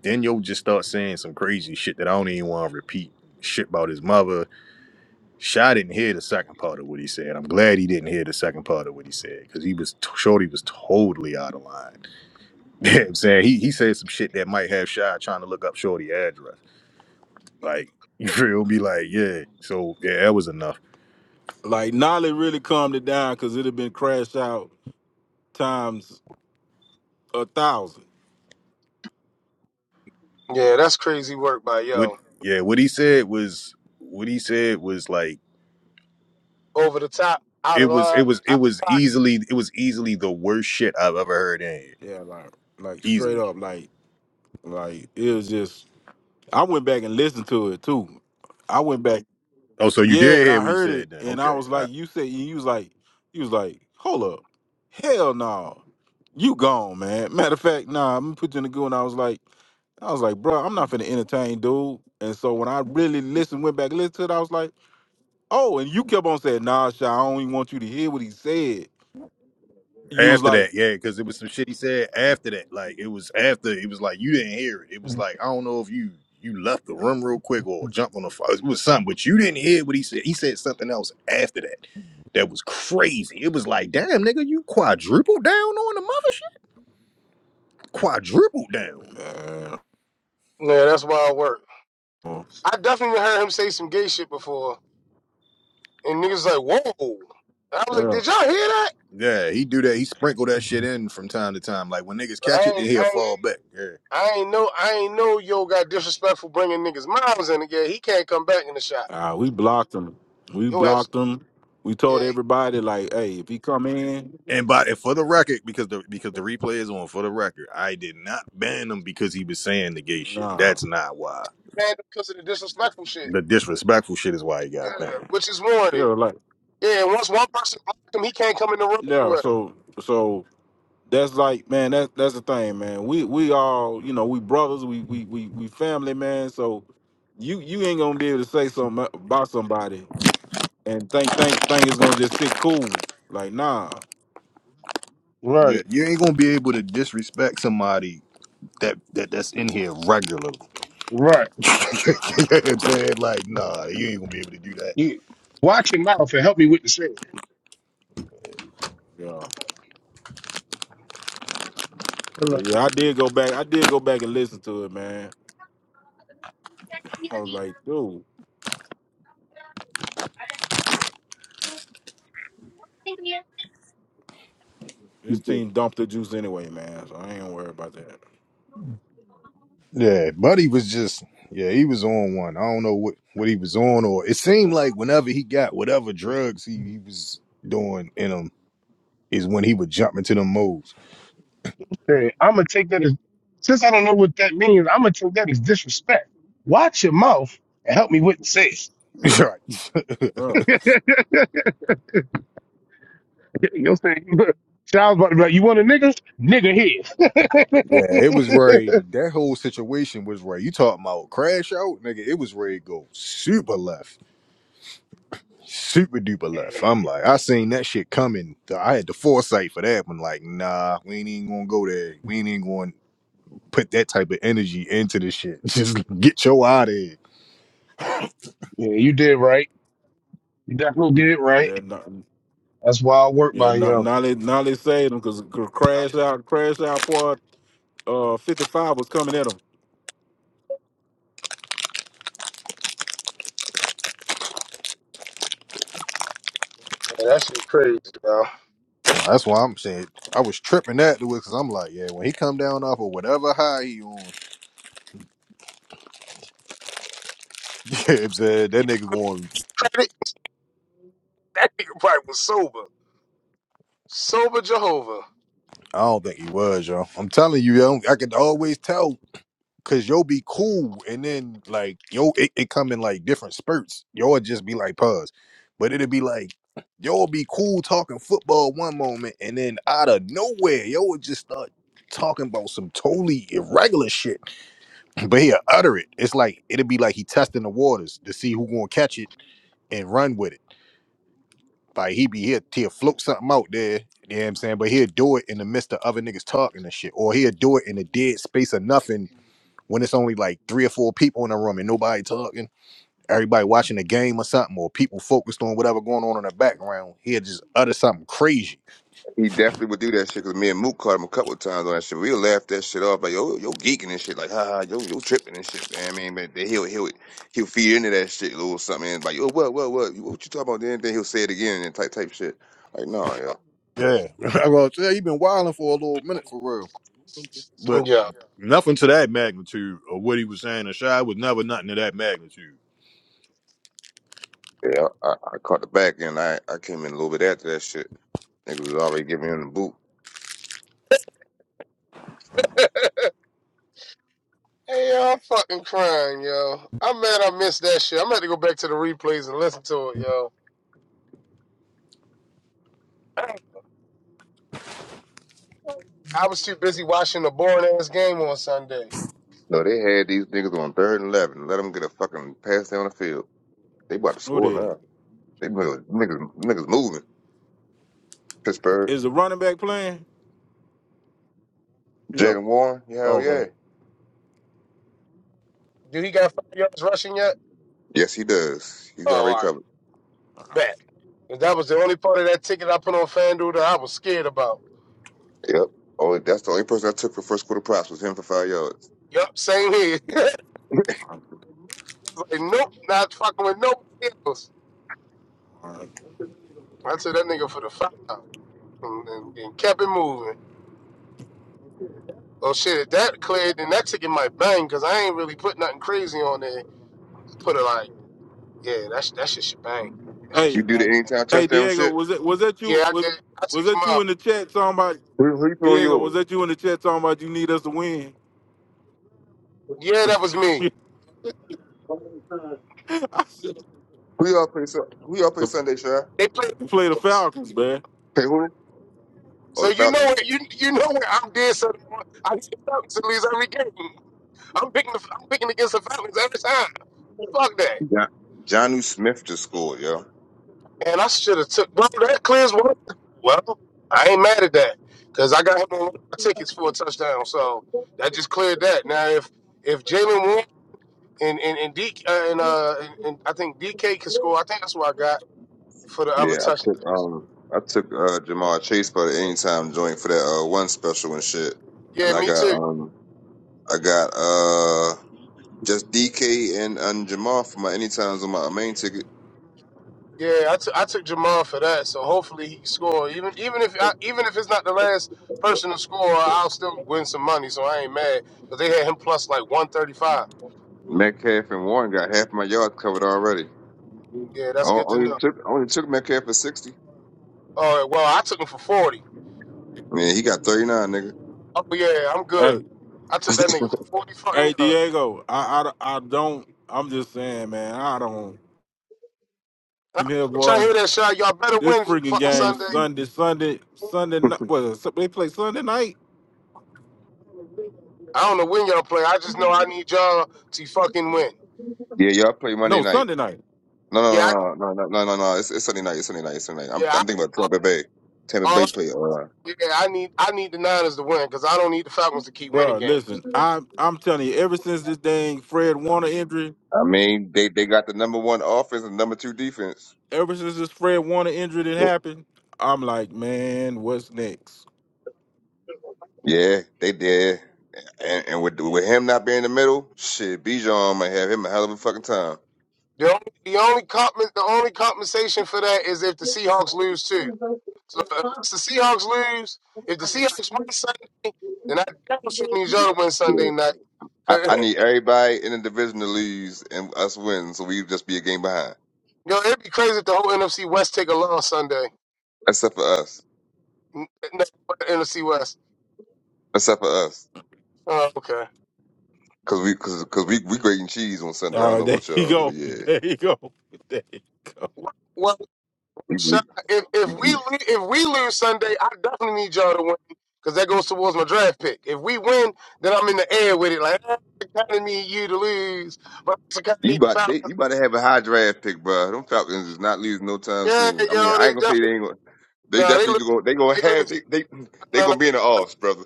Then yo just start saying some crazy shit that I don't even want to repeat. Shit about his mother. Shy didn't hear the second part of what he said. I'm glad he didn't hear the second part of what he said because he was t- Shorty was totally out of line. (laughs) You know what I'm saying he he said some shit that might have Shy trying to look up Shorty address. Like (laughs) you will be like, yeah. So yeah, that was enough. like Nolly really calmed it down because it had been crash out times a thousand. yeah, that's crazy work by What yo. yeah, what he said was what he said was like Over the top, out it of was it line, was it out of was pocket. easily it was easily the worst shit I've ever heard in here. Yeah, like like straight Easily. up, like like it was just. I went back and listened to it too. I went back, Oh, so you yeah, did and hear I what he heard it, said then. and Okay. I All was right. like, "You said you was like, you was like, hold up, hell no, you gone, man." Matter of fact, nah, I'm gonna put you in the goo, and I was like, I was like, bro, I'm not finna entertain, dude. And so when I really listened, went back and listened to it, I was like, oh, and you kept on saying, nah, Sha, I don't even want you to hear what he said. You was After that, like, yeah, because it was some shit he said after that. Like it was after it was like you didn't hear it. It was like I don't know if you you left the room real quick or jumped on the phone. It was something, but you didn't hear what he said. He said something else after that. That was crazy. It was like, damn, nigga, you quadrupled down on the mother shit. Quadrupled down. man, Yeah, that's wild work. oh, I definitely heard him say some gay shit before, and niggas like, whoa. I was like, yeah. did y'all hear that? Yeah, he do that. He sprinkle that shit in from time to time. Like when niggas But I catch it, then ain't, he'll I ain't. fall back. Yeah. I ain't know, I ain't know. Yo, got disrespectful bringing niggas' mouths in again. he can't come back in the shop. Uh, we blocked him. We Yo, blocked absolutely. him. We told Yeah, everybody like, hey, if he come in, And by and for the record, because the because the replay is on for the record, I did not ban him because he was saying the gay shit. nah, That's not why. man because of the disrespectful shit, The disrespectful shit is why he yeah, got banned. which is yeah, warranted. like Yeah, once one person blocked him, he can't come in the room yeah. anyway. So so that's like, man, that's that's the thing, man. We we all, you know, we brothers, we we we we family, man. So you you ain't gonna be able to say something about somebody and think think think it's gonna just sit cool. Like nah, Yeah, Right, you ain't gonna be able to disrespect somebody that, that that's in here regularly. right. (laughs) You know what I'm saying? like, nah, you ain't gonna be able to do that. You watch your mouth and help me with the sin. yeah. But yeah, I did go back. I did go back and listen to it, man. I was like, dude. This team dumped the juice anyway, man. So I ain't gonna worry about that. Yeah, Buddy was just yeah, he was on one. I don't know what what he was on, or it seemed like whenever he got whatever drugs he, he was doing in him is when he would jump into them moves. I'm gonna take that as since I don't know what that means. I'm gonna take that as disrespect. Watch your mouth and help me with the sin. (laughs) right. (laughs) Bro. You know what I'm saying? (laughs) Child's about to be like, you want a nigga? Nigga Yeah, here. it was ready. That whole situation was ready. You talking about crash out, nigga? It was ready to go super left, super duper left. I'm like, I seen that shit coming. I had the foresight for that one. Like, nah, we ain't even gonna go there. We ain't even gonna put that type of energy into this shit. (laughs) Just get your out of here. (laughs) yeah, you did right. You definitely did right. Yeah, not, That's why I work yeah, by not, you. now they now they saved them because Nah, crash out, crash out part uh 55 was coming at them. Yeah, that shit's crazy, bro. That's why I'm saying I was tripping that to it because I'm like, yeah, when he come down off of whatever high he on, (laughs) yeah, I'm saying that You give nigga him going. credit, That nigga probably was sober. Sober Jehovah. I don't think he was, yo. I'm telling you, yo, I can always tell Cause you'll be cool, and then like yo, it, it come in like different spurts. You'll just be like pause, but it'll be like you'll be cool talking football one moment, and then out of nowhere, yo would just start talking about some totally irregular shit. (laughs) (clears throat) But he'll utter it. It's like it'll be like he testing the waters to see who gonna catch it and run with it. Like he be here, he'll float something out there. You know what I'm saying? But he'll do it in the midst of other niggas talking and shit, or he'll do it in the dead space of nothing when it's only like three or four people in the room and nobody talking, everybody watching the game or something, or people focused on whatever going on in the background, he'll just utter something crazy. He definitely would do that shit because me and Mook caught him a couple of times on that shit. We'll laugh that shit off like yo, yo geeking and shit, like ha ha, yo, yo tripping and shit. Man, I mean, but then he'll he'll he'll feed into that shit a little something and like yo, what what what, You- what you talking about? Then then he'll say it again and type type shit. Like no, yo, Yeah, (laughs) I go, yeah, you been wilding for a little minute for real, But Yeah. nothing to that magnitude of what he was saying. And Shy was never nothing to that magnitude. yeah, I, I caught the back end. I I came in a little bit after that shit. Niggas was already giving him the boot. Hey, y'all, I'm fucking crying, yo. I'm mad I missed that shit. I'm gonna have to go back to the replays and listen to it, yo. I was too busy watching the boring ass game on Sunday. No, they had these niggas on third and eleven. Let them get a fucking pass down the field. They about to Who score did? now. They niggas niggas niggas moving. Pittsburgh, Is the running back playing? Yeah. Jalen Warren, hell yeah. Okay. Dude, he got five yards rushing yet? Yes, he does. He's Oh, all already right. covered. Bet. And that was the only part of that ticket I put on FanDuel that I was scared about. Yep. Oh, that's the only person I took for first quarter props was him for five yards. Yup, same here. (laughs) All He's like, nope, not fucking with nobody else. right. I took that nigga for the five and, and, and kept it moving. Oh shit, if that cleared, then that ticket might bang because I ain't really put nothing crazy on there. I put it like, yeah, that's sh- that shit should bang. That shit should Hey, You do the bang. anytime hey touchdown Diego, shit. was it was that you Yeah, I was did. I took was that you Jamal. in the chat talking about Who, who you put on Diego, was yours? that you in the chat talking about you need us to win? Yeah, that was me. (laughs) I said, Who y'all play? Sun- Who y'all play Sunday, Shy? They played the play the Falcons. Falcons, man. Play who? Oh, So the you know Falcon. what you you know what I did something. wrong. I get the Falcons to lose every game. I'm picking the, I'm picking against the Falcons every time. Fuck that. John, Johnu Smith just scored, yo. And I should have took bro, that clears one. Well, I ain't mad at that because I got him on one of my tickets for a touchdown. So that just cleared that. Now if if Jalen Warren and and and, D, uh, and, uh, and and I think DK can score. I think that's what I got for the other Yeah, I took touchdown. um, I took uh Jamar Chase for the anytime joint for that uh one special and shit, and Yeah, I me got too. um, I got uh just DK and and Jamar for my anytimes on my main ticket. Yeah, I took I took Jamal for that. So hopefully he can score. Even even if I, even if it's not the last person to score, I'll still win some money. So I ain't mad. But they had him plus like one thirty five. Metcalf and Warren got half my yards covered already. Yeah, that's O- good to Only know. took only took Metcalf for sixty. All right, well I took him for forty. Man, he got thirty nine, nigga. Oh yeah, I'm Hey. good. I took that nigga for forty Hey fucking yards. Diego, I, I, I don't. I'm just saying, man. I don't. I Him here, ain't trying to boy. hear that shot. Y'all better This win freaking fucking game Sunday. Sunday, Sunday, Sunday. ni- (laughs) What is it? they play Sunday night? I don't know when y'all play. I just know I need y'all to fucking win. yeah, y'all play Monday No, night. Sunday night, No, Yeah, I, no, no, no, no, no, no, no. no. It's, it's Sunday night. It's Sunday night. It's Sunday night. I'm, yeah. I'm thinking about I, Tampa Bay. Tampa all I, Bay play. Uh, yeah, I need I need the Niners to win because I don't need the Falcons to keep winning Bruh, Listen, games. I I'm telling you, ever since this dang Fred Warner injury, I mean, they they got the number one offense and number two defense. ever since this Fred Warner injury that Well, happened, I'm like, man, what's next? Yeah, they did. And, and with with him not being in the middle, shit, Bijan might have him a hell of a fucking time. The only the only comp, the only compensation for that is if the Seahawks lose too. So if the Seahawks lose, if the Seahawks win Sunday, then I definitely need y'all to win Sunday night. I, 'Cause, I need everybody in the division to lose and us win, so we just be a game behind, (clears throat) Yo, it'd be crazy if the whole NFC West take a loss Sunday. except for us. N- No, NFC West. Except for us. Oh, okay. Cause we, cause, cause we, we grating cheese on Sunday. I don't Uh, (laughs) know there about you y'all, but go, (laughs) yeah, there you go, (laughs) there you go. Well, we, we, Sean, if if we, we we- lo- if we lose Sunday, I definitely need y'all to win because that goes towards my draft pick. If we win, then I'm in the air with it. Like I kind of need you to lose, but I kind of you need the about they, Falcons. you about to have a high draft pick, bro. Them Falcons is not losing no time Yeah, soon. I mean, yo, I they ain't gonna say they definitely ain't gonna. They no, they definitely lose. gonna. They gonna They have. lose. They they they No, no, gonna be in the no, offs, brother.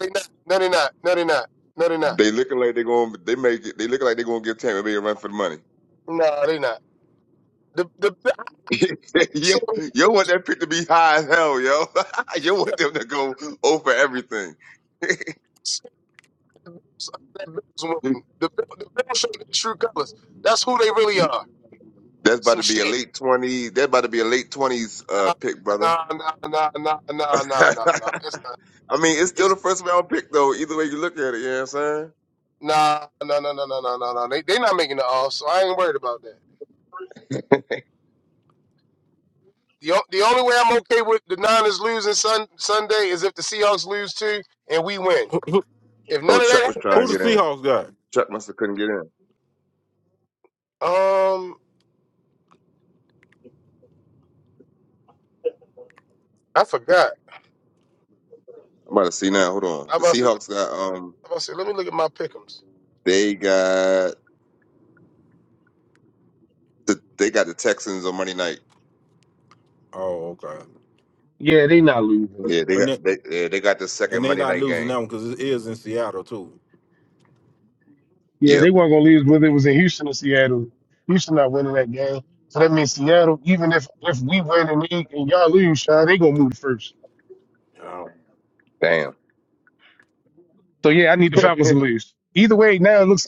they not. No, they not. No, they not. No, they not. They looking like they gonna. They make it. They looking like they gonna give Tampa Bay a run for the money. No, they not. The the (laughs) you, so you want that pick to be high as hell, yo. (laughs) you yeah, want them to go over everything. the Bills win. (laughs) The Bill- the Bills show their true colors. That's who they really are. That's about Some to be a shit. late twenties. That's about to be a late twenties uh, Nah, pick, brother. nah, nah, nah, nah, nah, (laughs) nah, nah, nah. It's not. I mean, it's still It's the first round pick, though. Either way you look at it, you know what I'm saying? nah, nah, nah, nah, nah, nah, nah. nah. They they not making the off, so I ain't worried about that. The o- the only way I'm okay with the Niners losing sun, Sunday is if the Seahawks lose too and we win. Who, who, If Oh, none of Chuck that was who trying to the happens, get in. Seahawks got? Chuck must have couldn't get in. um, I forgot. I'm about to see now. Hold on. I The about to say, Seahawks got um, I about to say let me look at my pickems. they got the they got the Texans on Monday night. Oh, okay. Yeah, they not losing. Yeah, they And got they, they yeah, they got the second and they Monday not night losing game. that one because it is in Seattle too. Yeah, Yep. they weren't gonna lose whether it was in Houston or Seattle. Houston not winning that game. So that means Seattle, even if if we win and, they, and y'all lose, Sean, they gonna move first. Yeah. Damn. So yeah, I need the Falcons to lose. Either way, now it looks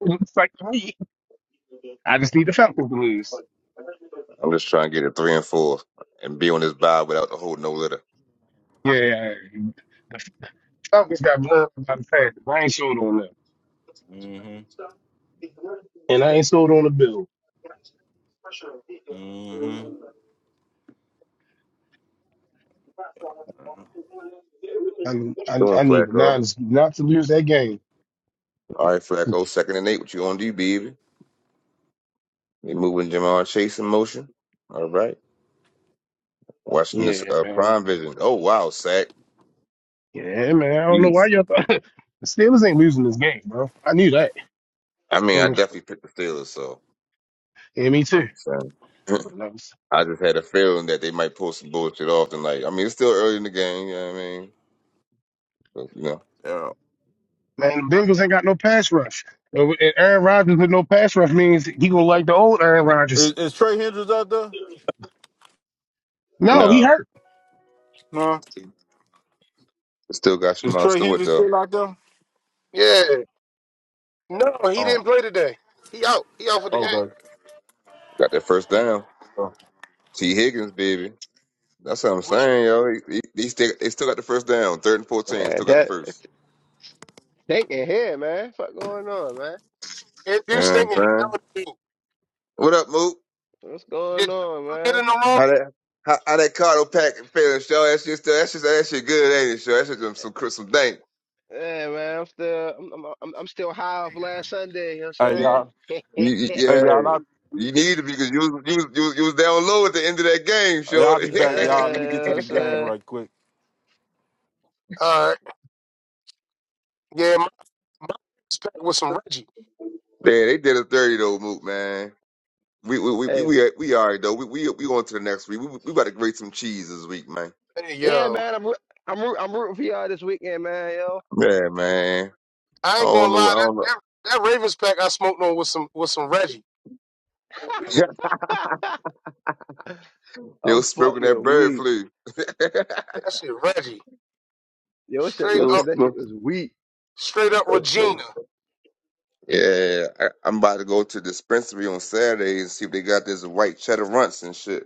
it looks like to me, I just need the Falcons to lose. I'm just trying to get a three and four and be on this vibe without the whole no litter. What Yeah, yeah, yeah. the Falcons got blown out by the Packers. I ain't sold on them, Mm-hmm. and I ain't sold on the Bills. Mm-hmm. I you I, Doing I need the Flacco. Niners not to lose that game. All right, Flacco. Second and eight. What you gonna do, baby? They moving Jamar Chase in motion. All right. Watching this Yeah, uh, man. Prime Vision. Oh wow, sack. Yeah, man. I don't know why Jeez. y'all thought (laughs) the Steelers ain't losing this game, bro. I knew that. I mean, Let I me- definitely picked the Steelers, so Yeah, me you know what too. I'm saying. (laughs) Man, (clears throat) I just had a feeling that they might pull some bullshit off tonight. I mean it's still early in the game, you know what I mean? But, you know. Yeah. the Bengals ain't got no pass rush. And Aaron Rodgers with no pass rush means he gonna like the old Aaron Rodgers. Is, is Trey Hendricks out there? No, he Nah. hurt. No. Still got Is Jamal Trey Stewart Hendricks though. still out there? Yeah. No, he Oh. didn't play today. He out. He out for the game. Okay. Got that first down. Oh. T. Higgins, baby. That's what I'm Which saying, yo. He, he, he still, they still got the first down. Third and fourteen, Man, still got the that first. thinking here, man. Fuck going on, man? You know induced what I'm thinking he saying? don't need. What up, Moot? What's going Did on, Jackson get man? in the room? How that how, how that Cardo pack feeling, show? That shit still that shit that shit good, ain't it, show? That shit some some, some dank. Yeah, man. I'm still, I'm, I'm, I'm I'm still high off last Sunday. You know what Hey I'm y'all. saying? (laughs) yeah, You, you- Hey y'all. yeah, I, you need it because you was, you was, you was, you was down low at the end of that game, hey, I'll shorty. be (laughs) you back, y'all. Let me get know to what I'm this game saying? right quick. Uh, yeah, my, my Ravens pack with some Reggie. man, they did a thirty though, Mook. Man, we we we we Hey, we, we all right though. We we we on to the next week. We we about to grate some cheese this week, man. Hey yeah, yo, man. I'm, roo- I'm, roo- I'm rooting for y'all this weekend, man. Yo, Yeah, man. I I ain't gonna don't know. I lie. don't That know. that, that Ravens pack I smoked on with some with some Reggie. (laughs) (laughs) it I'm was smoking that fucking bird weak. flu. (laughs) it That shit Reggie. Yo, said, Straight yo was up, said that shit smoking. was weak. straight up Regina. Yeah, I, I'm about to go to the dispensary on Saturday and see if they got this white cheddar runts and shit.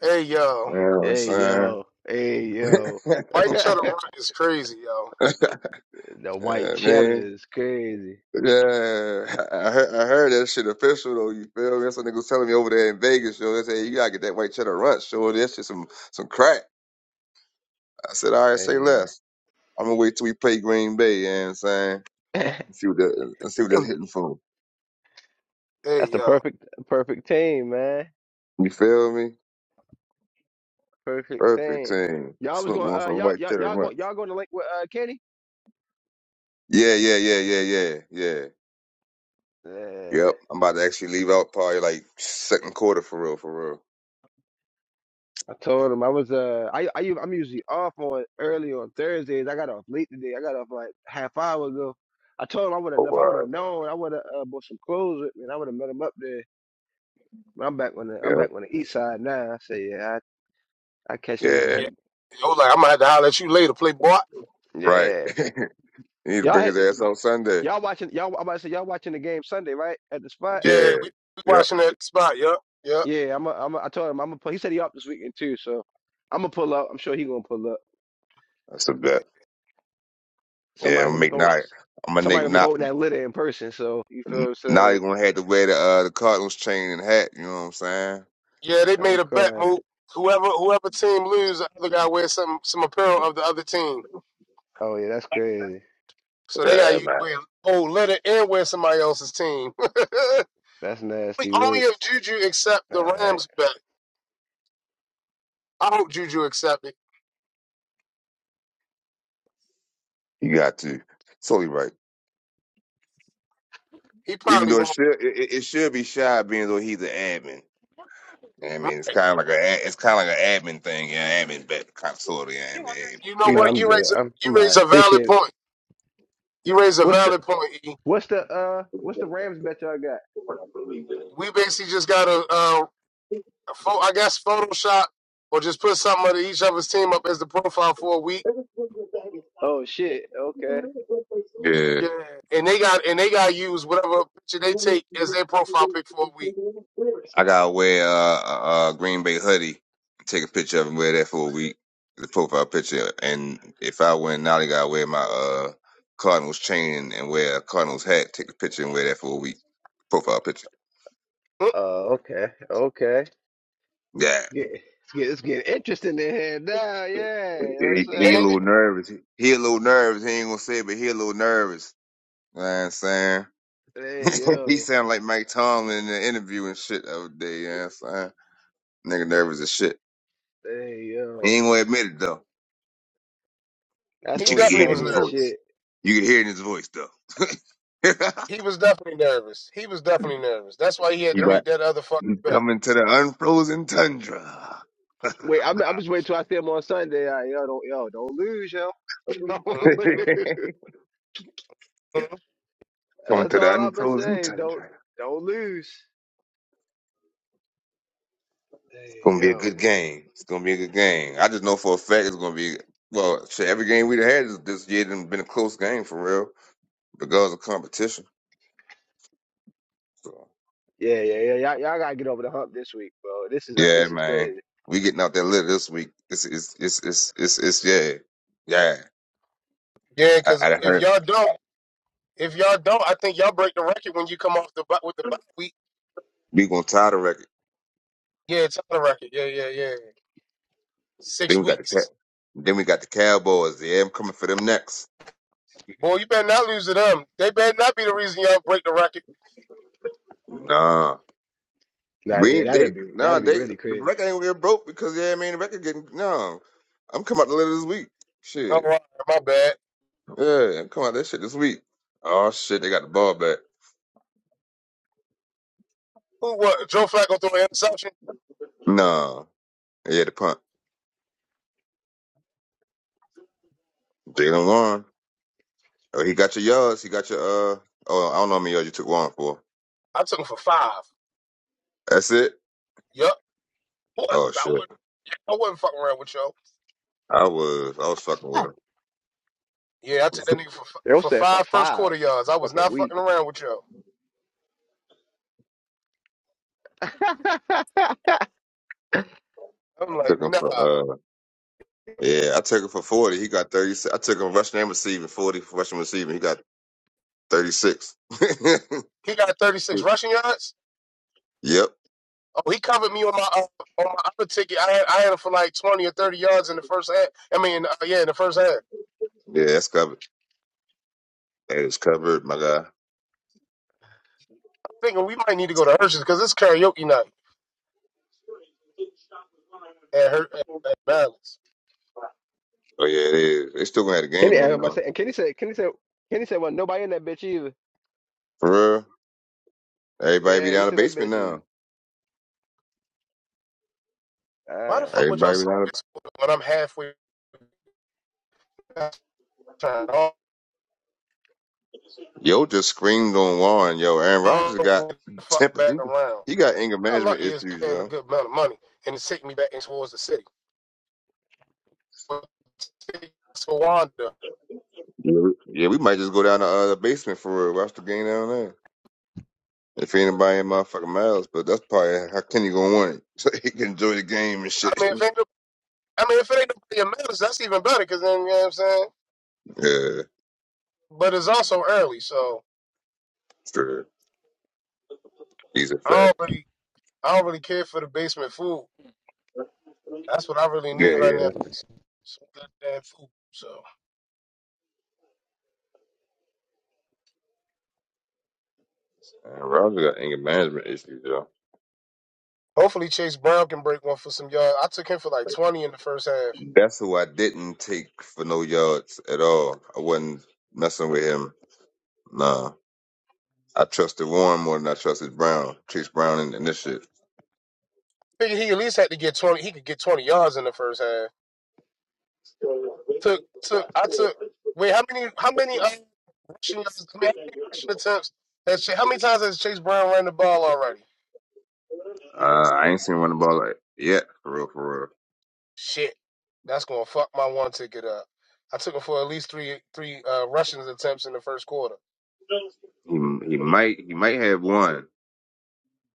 Hey yo, Yeah, Hey, son. yo, hey, (laughs) yo. (laughs) White Cheddar Rock is crazy, yo. The white yeah, man. cheddar is crazy. Yeah, I heard, I heard that shit official though. You feel me? Some nigga was telling me over there in Vegas, yo. They say you gotta get that white cheddar ranch, yo. That's just some some crack. I said, all right, Hey, say less. I'm gonna wait till we play Green Bay. You know what I'm saying, yo. (laughs) and see what that, and see what that's hitting for. Hey That's the yo, perfect perfect team, man. You feel me? Perfect Perfect team. team. Y'all was Smoke going on uh some y'all white y'all cheddar y'all go ranch. y'all going to link with uh Kenny? Yeah, yeah, yeah, yeah, yeah, yeah. Yeah. Yep. I'm about to actually leave out probably like second quarter for real, for real. I told him I was uh I I u- I'm usually off on early on Thursdays. I got off late today. I got off like half hour ago. I told him I would have Oh, if all I would have right. known I would have uh, bought some clothes with me and I would have met him up there. But I'm back on the I'm back on the east side now. I say yeah, I, I catch Yeah, niggas this yeah. yeah. week. Yo, like I'm gonna have to holler at you later, play boy. Right. Yeah. (laughs) he need to Y'all bring had his to, ass y- on Sunday. y'all watching y'all I'm about to say y'all watching the game Sunday, right? At the spot? Yeah, Yeah, we, we yep, watching that spot. Yup, yup. Yeah, I'm. A, I'm. A, I told him I'm gonna pull. He said he up this weekend too, so I'm gonna pull up. I'm sure he gonna pull up. that's a bet. Yeah, Somebody I'm gonna be make now. holding. I'm gonna make Somebody gonna be now. holding that litter in person. So you feel what I'm Now saying? you're gonna have to wear the uh, the Cardinals chain and hat. You know what I'm saying? Yeah, they I'm made a bet crying. move. Whoever whoever team lose, the other guy wears some some apparel of the other team. Oh yeah, that's crazy. So they Yeah, got you man. wear old letter and wear somebody else's team. (laughs) only, That's nasty only work. if Juju accept All the right. Rams bet. I hope Juju accept it. You got to. Totally right. He Even probably though it won't. should it, it it should be shy, being though he's an admin. You know what I though. mean, it's Right. kind of like a ad- it's kind of like an admin thing. Yeah, admin bet, kind of sort of. Yeah, I mean, but You know you No, what? know. I'm You good. raise a I'm. you I'm raise alright. a valid Appreciate it. point. You raise a What's the valid point. E. What's the uh What's the Rams bet y'all got? We basically just got to uh, pho- I guess Photoshop or just put something of each other's team up as the profile for a week Oh shit. Okay. Yeah. Yeah, and they got and they got to use whatever picture they take as their profile pic for a week. I gotta wear uh, a, a Green Bay hoodie, take a picture of it, and wear that for a week, the profile picture. And if I win, now I gotta wear my uh, Cardinals chain and, and wear a Cardinals hat, take a picture and wear that for a week, profile picture. Mm, Uh. Okay. Okay. Yeah, Yeah. It's getting, it's getting interesting in here now. Yeah. You know he, what he a And I'm little nervous. He a little nervous. He ain't gonna say it, but he a little nervous. You know what I'm saying. saying? Hey (laughs) he yo. sound like Mike Tomlin in the interview and shit the other day. You know what I'm saying? Nigga nervous as shit. Hey He yo. ain't gonna admit it though, That's but he you gonna can be hear definitely it in was funny his and nervous. voice. shit. You can hear it in his voice though. (laughs) He was definitely nervous. He was definitely nervous. That's why he had He to right. make that other fucking He's bet. coming to the unfrozen tundra. (laughs) Wait, I'm, I'm just waiting till I see him on Sunday. I, yo, don't yo, don't lose, yo. (laughs) Don't Mhm, lose. mhm. coming That's to the all I'ma unfrozen say. Don't tundra. don't lose. Hey, It's gonna be a yo. good game. It's gonna be a good game. I just know for a fact it's gonna be well. Shit, every game we've had this this year done been a close game for real, Because of competition. So Yeah, yeah, yeah. Y'all, y'all gotta get over the hump this week, bro. This is uh, yeah, this is man, crazy. we getting out that litter this week. It's it's it's it's it's, it's yeah yeah. Yeah, I, because I done if heard y'all don't, if y'all don't, I think y'all break the record when you come off the bu- with the bye week. we gonna tie the record. Yeah, it's on the record. Yeah, yeah, yeah. Six Then we got the cat. weeks. Then we got the Cowboys. Yeah, I'm coming for them next. Boy, you better not lose to them. They better not be the reason y'all break the record. Nah, Nah, we yeah, ain't they. that'd be Nah, that'd be they really the crazy. record ain't get broke because yeah, I mean the record getting. no. I'm coming out the letter this week. All Shit, right, my bad. yeah, I'm coming out that shit this week. Oh shit, they got the ball back. Who what? Joe Flacco threw an interception. Nah, yeah, the punt. Jalen Warren. Oh, he got your yards. He got your uh. Oh, I don't know how many yards you took Warren for. I took him for five. That's it. Yup. Boy, Oh I wasn't, shit, I wasn't fucking around with Joe. I was I was fucking with him. Yeah, I took that nigga for They'll for set for five first five. quarter yards. I'm I was fucking not weak. fucking around with Joe. (laughs) I I'm like, took him nah. for uh. Yeah, I took him for 40. He got 36. I took him rushing and receiving, 40 for rushing and receiving. He got 36. (laughs) He got 36 rushing yards. yep. Yeah, Oh, he covered me on my uh, on my other ticket. I had I had him for like 20 or 30 yards in the first half. I mean, uh, yeah, in the first half. I'm that's covered. That is covered, my guy. thinking we might need to go to Hershey's because it's karaoke night at her at, at Balance. Oh, yeah, it is. They still going to have the game Kenny, I'm on about to now. say, and Kenny said, Kenny said, Kenny said, well, nobody in that bitch either. For real. Everybody be Yeah, he down the said that basement bitch is. now. Why the ah. fuck would y'all Everybody be say down the... this when I'm halfway past time? Yo just screamed on Warren. Yo, Aaron all Rodgers the got (laughs) fuck temper. back He, around. he got anger Y'all management lucky is issues, paying a yo. good amount of money and it's taking me back in towards the city. But Swanda. Yeah, we- yeah, we might just go down to uh, the basement for real. Watch the game down there. If anybody in motherfucking miles, but that's probably how Kenny gonna want it. (laughs) So he can enjoy the game and I shit. mean, if (laughs) ain't the, I mean, if it ain't the minutes, that's even better because then you know what I'm saying. yeah, But it's also early, so sure. He's a I fact. don't really, I don't really care for the basement food. That's what I really Yeah, need right now. yeah. Mhm. Some goddamn food. So And Roger got anger management issues, yo. hopefully Chase Brown can break one for some yards. I took him for like 20 in the first half. That's who I didn't take for no yards at all. I wasn't messing with him. Nah. I trusted Warren more than I trusted Brown, Chase Brown and, and this shit. Figured he at least had to get 20. He could get 20 yards in the first half. took took I took wait how many how many uh, rushing yards- I mean, how many rushing attempts has Chase, how many times has Chase Brown run the ball already? Uh, I ain't seen one the ball like yet, for real, for Shit, that's gonna fuck my one ticket up. I took him for at least three three uh, rushing attempts in the first quarter. real. He he might he might have one.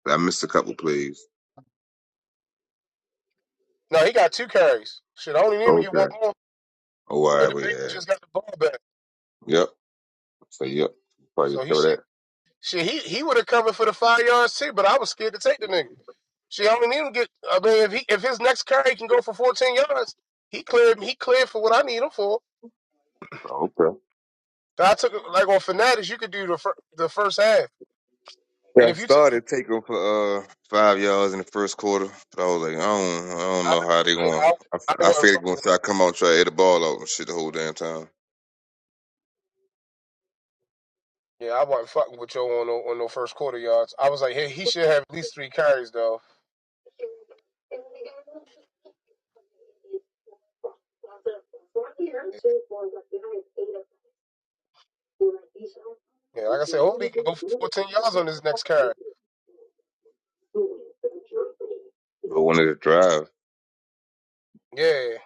I missed a couple plays. No, he got two carries. Shit, I only need him to get Okay. one more, Oh, all and right, the well, Bengals yeah. just got the ball back, Yep. So yep, probably so he cover shit that. Shit, he, he would have covered for the five yards too, but I was scared to take the nigga. Shit, I only need him to get. I mean, if he if his next carry can go for fourteen yards, he cleared he cleared for what I need him for. Oh, okay. I took like on Fanatics, you could do the fir- the first half, Yeah, and I if you took, started taking for uh five yards in the first quarter, but I was like, I don't, I don't I, know how they yeah, going. I, I, I f- I wasn't figured fucking. going to with- try to come out and try to hit the ball out and shit the whole damn time. Yeah, I wasn't fucking with Joe on no, on no first quarter yards. I was like, hey, he should have at least three carries though. Yeah, like I said, hopefully he can go for 14 yards on his next carry. But when they drive, Yeah,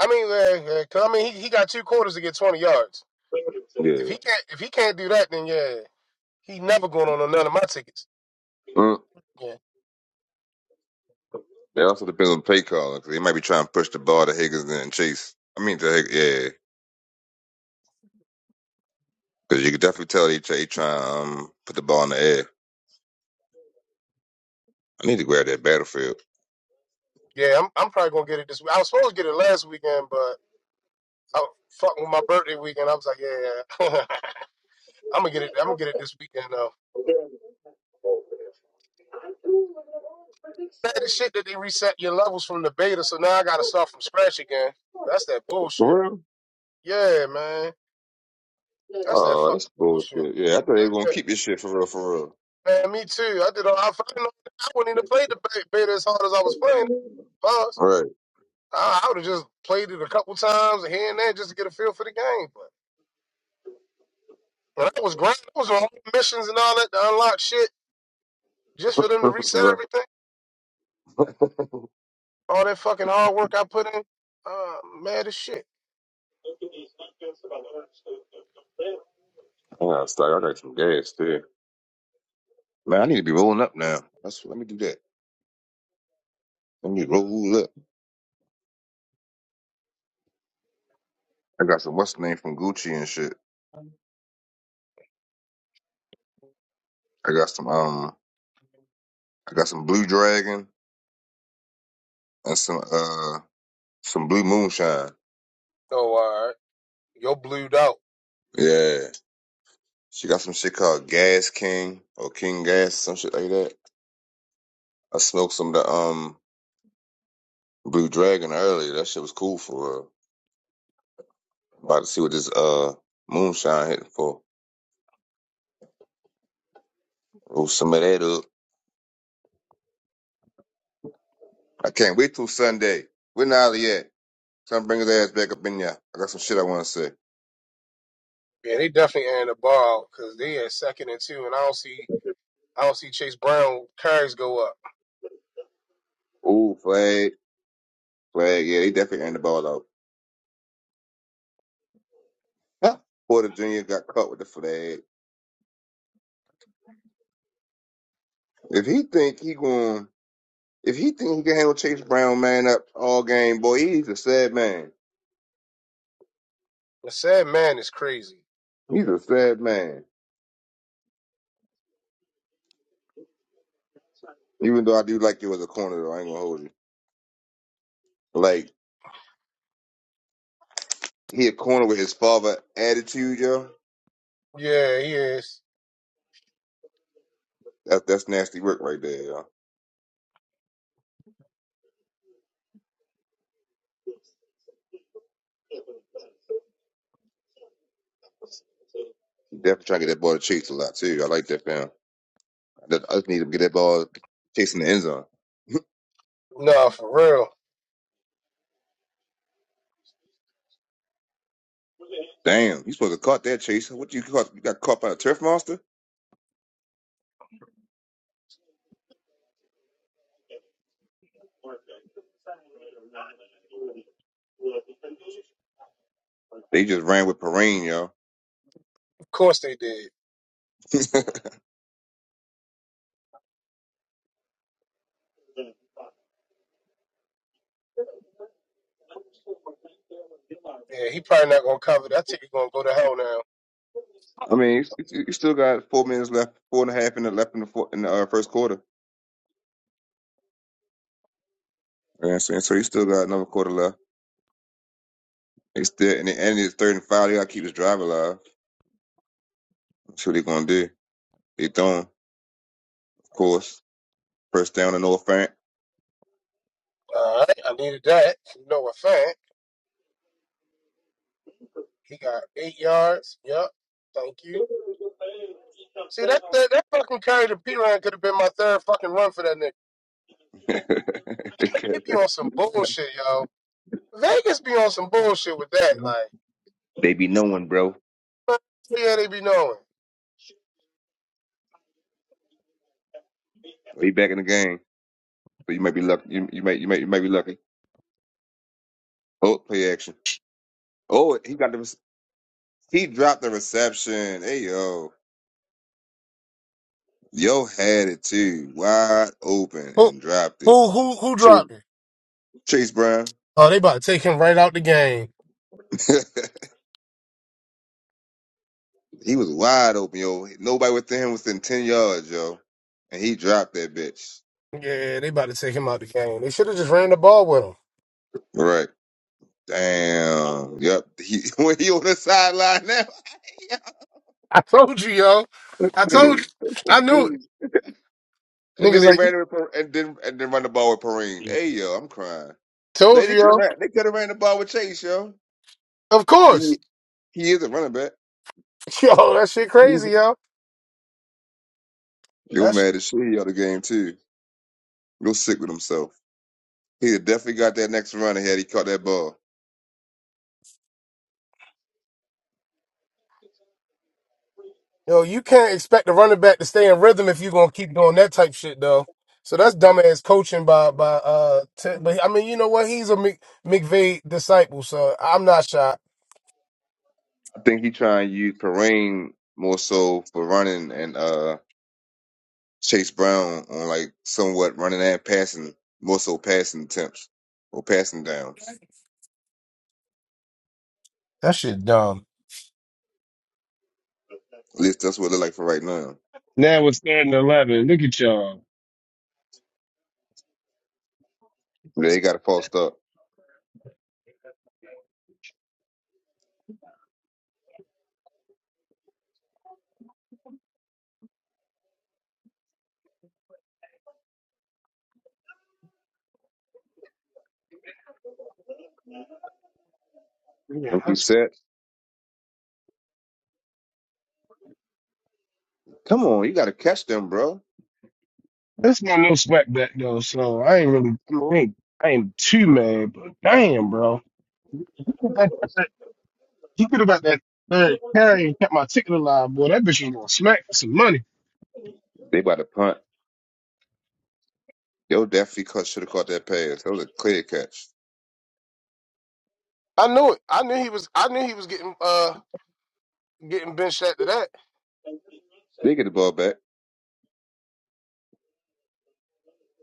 I mean, uh, uh, 'cause I mean, he, he got two quarters to get 20 yards. If yeah. he can't, if he can't do that, then yeah, he never going on none of my tickets. Mm. Yeah, It also depends on the play calling 'cause they might be trying to push the ball to Higgins and Chase. I mean, to Hig- yeah, because you can definitely tell they try, they try to um, put the ball in the air. I need to grab that battlefield. yeah, I'm, I'm probably gonna get it this week. I was supposed to get it last weekend, but I was fucking with my birthday weekend. I was like, yeah. (laughs) I'm gonna get it. I'm gonna get it this weekend though. Bad as shit that they reset your levels from the beta, so now I gotta start from scratch again. That's that bullshit. For real? Yeah, man. That's that Oh, fucking that's bullshit. bullshit. Yeah, I thought they were gonna Yeah, keep this shit for real, for real. man. Me too. I did all. I fucking. I wouldn't even play the be- beta as hard as I was playing. it. Pause. Right. I, I would have just played it a couple times here and there just to get a feel for the game. But when I was grinding, I was on missions and all that to unlock shit just for (laughs) them to reset right. everything. All that fucking hard work I put in. Uh, mad as shit. Damn, I gotta start. I got some gas too. Man, I need to be rolling up now. That's let me do that. Let me roll up. I got some what's the name from Gucci and shit. I got some um, I got some Blue Dragon and some uh, some Blue Moonshine. Oh, all right. Yo blued out. Yeah, she got some shit called Gas King or King Gas, some shit like that. I smoked some of the um Blue Dragon earlier. That shit was cool for real. About to see what this uh moonshine hitting for. Roll some of that up. I can't wait till Sunday. Where Nolly at? Time to bring his ass back up in there. I got some shit I want to say. Yeah, they definitely airing the ball because they at second and two, and I don't see I don't see Chase Brown carries go up. Ooh, flag, flag. Yeah, He definitely ran the ball out. Huh. Porter Jr. got caught with the flag. If he think he going, if he think he can handle Chase Brown, man, up all game, boy, he's a sad man. The sad man is crazy. He's a sad man. Even though I do like you as a corner, though, I ain't gonna hold you. Like he a corner with his father attitude, yo. Yeah, he is. That, that's nasty work right there, yo. He definitely trying to get that ball to Chase a lot too. I like that fam. I just I just need him to get that ball chasing the end zone. Nah, for real. Damn, you supposed to caught that chase. What you caught? You got caught by a turf monster? They just ran with Perrine, yo. Of course they did. Yeah, he probably not gonna cover that. I think he's gonna go to hell now. (laughs) I mean, you, you you still got four minutes left, four and a half in the left in the, four, in the uh, first quarter. And so, and so you still got another quarter left. They still and, they, and it's third and five. They got to keep this drive alive. That's what they gonna do. They throwing, of course, first down and no fan. All right, I needed that. You know what, fact. He got eight yards. Yep. Thank you. See that that, that fucking carry to P Ryan could have been my third fucking run for that nigga. (laughs) They be on some bullshit, yo. Vegas be on some bullshit with that, like. they be knowing, bro. But yeah, they be knowing. They back in the game, so you might be lucky. You, you might you might you might be lucky. Oh, play action. Oh, he got the He dropped the reception. Hey yo, yo had it too, wide open Who and dropped it. who who who Chase, dropped him? Chase Brown, Oh, they about to take him right out the game. (laughs) he was wide open, yo. Nobody within him was within ten yards, yo, and he dropped that bitch. Yeah, they about to take him out the game. They should have just ran the ball with him. Right. Damn. Yep. He (laughs) when he on the sideline now. I told you, yo. (laughs) I told you. I knew it. and then Niggas they like ran it with, Per- and then and then run the ball with Perrine. Hey yo, I'm crying. told They, you, they could have yo. ran. They could have ran the ball with Chase, yo. Of He course. he is a running back. (laughs) Yo, that shit crazy, yo. You're That's. mad as shit. He out of the game too. You're sick with himself. He definitely got that next run ahead. He caught that ball. Yo, you can't expect the running back to stay in rhythm if you're gonna keep doing that type shit though. So that's dumbass coaching by by uh. T- but I mean, you know what? He's a Mc- McVay disciple, so I'm not shocked. I think he trying to use Perrine more so for running and uh Chase Brown on like somewhat running and passing, more so passing attempts or passing downs. That shit dumb. At least that's what it look like for right now. Now it's third and eleven. Look at y'all. They got to post up. Yeah, Empty that's, set. Come on, you got to catch them, bro. that's my no sweat bet though, so I ain't really I, mean, I ain't, I ain't too mad, but damn, bro. He could have got that third carry and kept my ticket alive, boy. That bitch was gonna smack for some money. They about to punt. Yo, definitely caught, should have caught that pass. That was a clear catch. I knew it. I knew he was. I knew he was getting. Uh. getting benched after that. They get the ball back.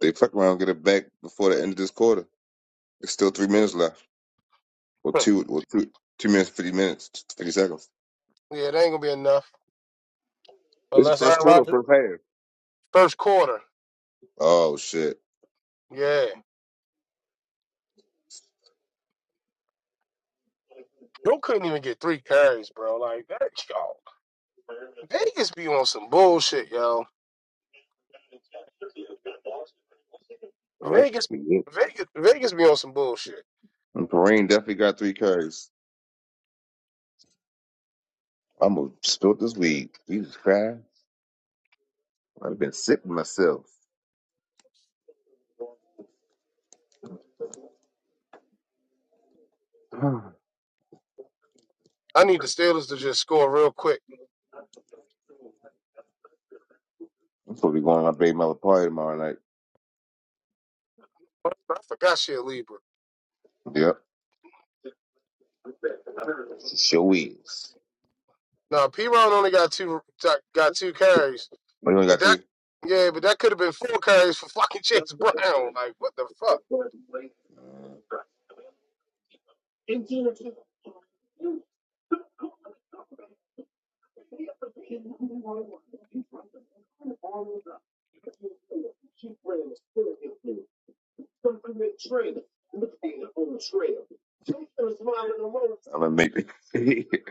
They fuck around, get it back before the end of this quarter. It's still three minutes left, or Huh. two, or two, two minutes, fifty minutes, fifty seconds. Yeah, that ain't gonna be enough This is unless first Aaron quarter, or Rodgers first half. first quarter. Oh shit! Yeah, Joe couldn't even get three carries, bro. Like that, y'all. Vegas be on some bullshit, yo. All right, Vegas, we good. Vegas, Vegas be on some bullshit. And Perrine definitely got three carries. I'm gonna spill this weed. Jesus Christ! I've been sick with myself. I need the Steelers to just score real quick. I'm supposed to be going to my baby mother party tomorrow night. I forgot she a Libra. Yep, it sure is. Now P. Ron only got two got two carries, What you only but got that two? yeah, but that could have been four carries for fucking (laughs) Chase Brown. Like what the fuck? I'm gonna make it. (laughs)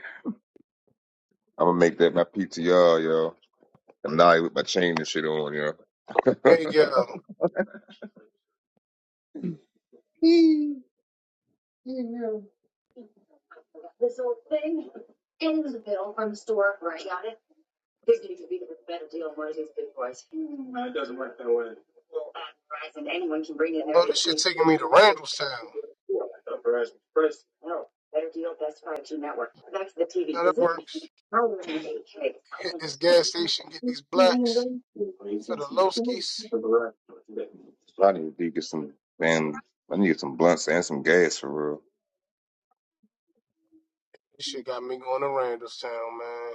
I'm gonna make that my PTR, y'all. I'm not with my chain and shit on, y'all. (laughs) Hey, yo. Oh, this shit taking me to Randallstown. Now that works. Hit this gas station, get these blacks for the lowskis. I need to get some man. I need some blunts and some gas for real. This shit got me going to Randallstown, man.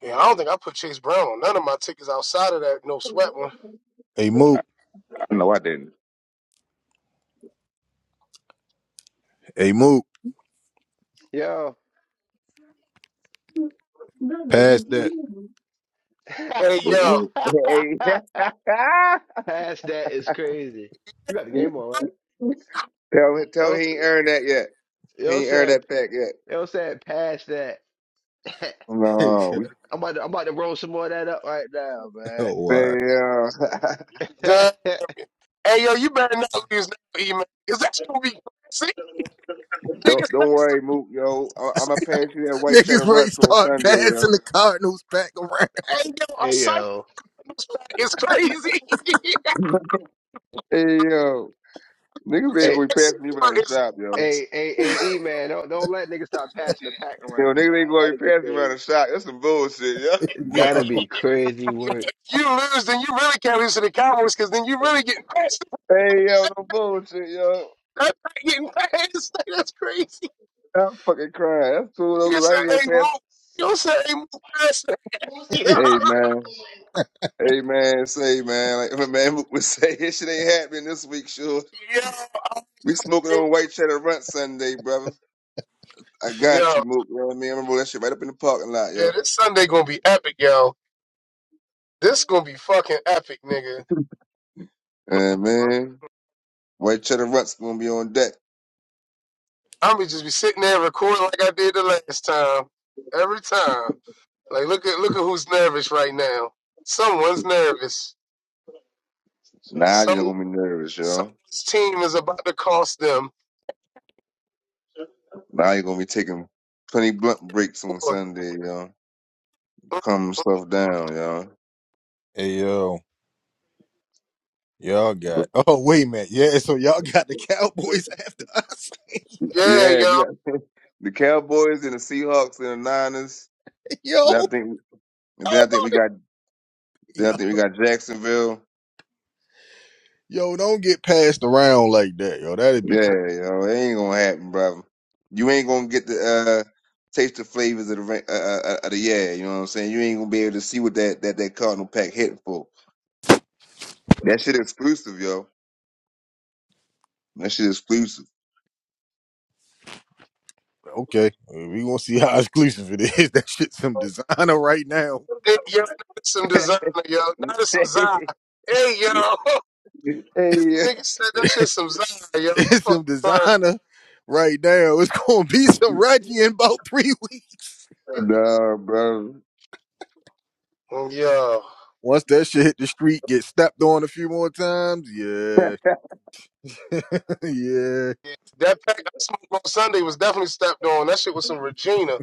Yeah, I don't think I put Chase Brown on none of my tickets outside of that no sweat one. Hey Mook, No, I didn't. hey Mook, yo, pass but that. Hey, yo. (laughs) Pass that is crazy. You got the (laughs) game on, right? Tell him, tell Yo, him he ain't earned that yet. yo He ain't earned said, that pack yet. yo said, pass that. (laughs) No, (laughs) we (laughs) I'm about to, I'm about to roll some more of that up right now, man. oh, why? Hey, uh, Damn. (laughs) Hey, yo, you better not lose that email. Because that's going to be classy. (laughs) Nigga, don't don't say worry, Mook, yo. I, I'm gonna Cypher pass you that white Niggas cheddar ready to rusk on start Sunday, passing yo. the Cardinals back around. ain't give a hey Cypher yo, was back is crazy. (laughs) (laughs) Hey, yo, niggas ain't hey, gonna be passing me around Cypher the is shop, yo. nuts. hey, hey, hey, E man, don't don't let niggas start passing the pack Yo, around, niggas ain't dog. gonna be That'd be passing me around crazy. the shop. That's some bullshit, yo. (laughs) (laughs) Yeah. That'd be And, crazy yeah, work. if you lose, then you really can't lose to the Cowboys because then you really get passed. Hey, yo, no bullshit, yo. That's not getting passed. (laughs) That's crazy. I'm fucking crying. That's cool though, You 'cause I say, ain't hey, here pass. move. You say, hey, move past (laughs) Yo, Hey, man. Hey, man. Say, man. Like (laughs) my man Mook would say, (laughs) this shit ain't happening this week, sure. yo, I'm- We smoking on white cheddar runt Sunday, brother. I got yo. you, Mook. You know what I mean? I remember that shit right up in the parking lot, Yeah, yo. this Sunday gonna be epic, yo. This gonna be fucking epic, nigga. And man, white cheddar runt's gonna be on deck. I'm gonna just be sitting there recording like I did the last time. Every time. Like look at look at who's nervous right now. Someone's nervous. So Now you're Some gonna be nervous, yo. someone's team is about to cost them. Now you're gonna be taking plenty blunt breaks on Sunday, yo. Calm stuff down, yo. Hey yo. Y'all got. Oh wait a minute. Yeah. So y'all got the Cowboys after us. (laughs) Yeah, Yeah, we y'all. got (laughs) the Cowboys and the Seahawks and the Niners. yo. Oh Then I think, then I think my. we got, nigga. then Yo. I think we got Jacksonville. Yo. Don't get passed around like that. Yo. That'd be Yeah, crazy. yo, it ain't gonna happen, brother. You ain't gonna get the uh, taste the flavors of the ra- uh, uh, uh, of the yeah. You know what I'm saying? You ain't gonna be able to see what that that that Cardinal pack hitting for. That shit exclusive, yo. That shit exclusive. Okay. uh, We gonna see how (laughs) exclusive it is. (laughs) That shit some designer right now. (laughs) Hey, y'all, some (laughs) hey, designer, y'all. Not that's some Zai. Hey, y'all. (laughs) yeah. Nigga said that shit some Zai, y'all. I'm It's some fucking crying. designer right now. It's gonna be some Reggie in about three (laughs) weeks. Nah, brother. Yo. Once that shit hit the street, get stepped on a few more times. Yeah. (laughs) (laughs) yeah. That pack I smoked on Sunday was definitely stepped on. That shit was some Regina.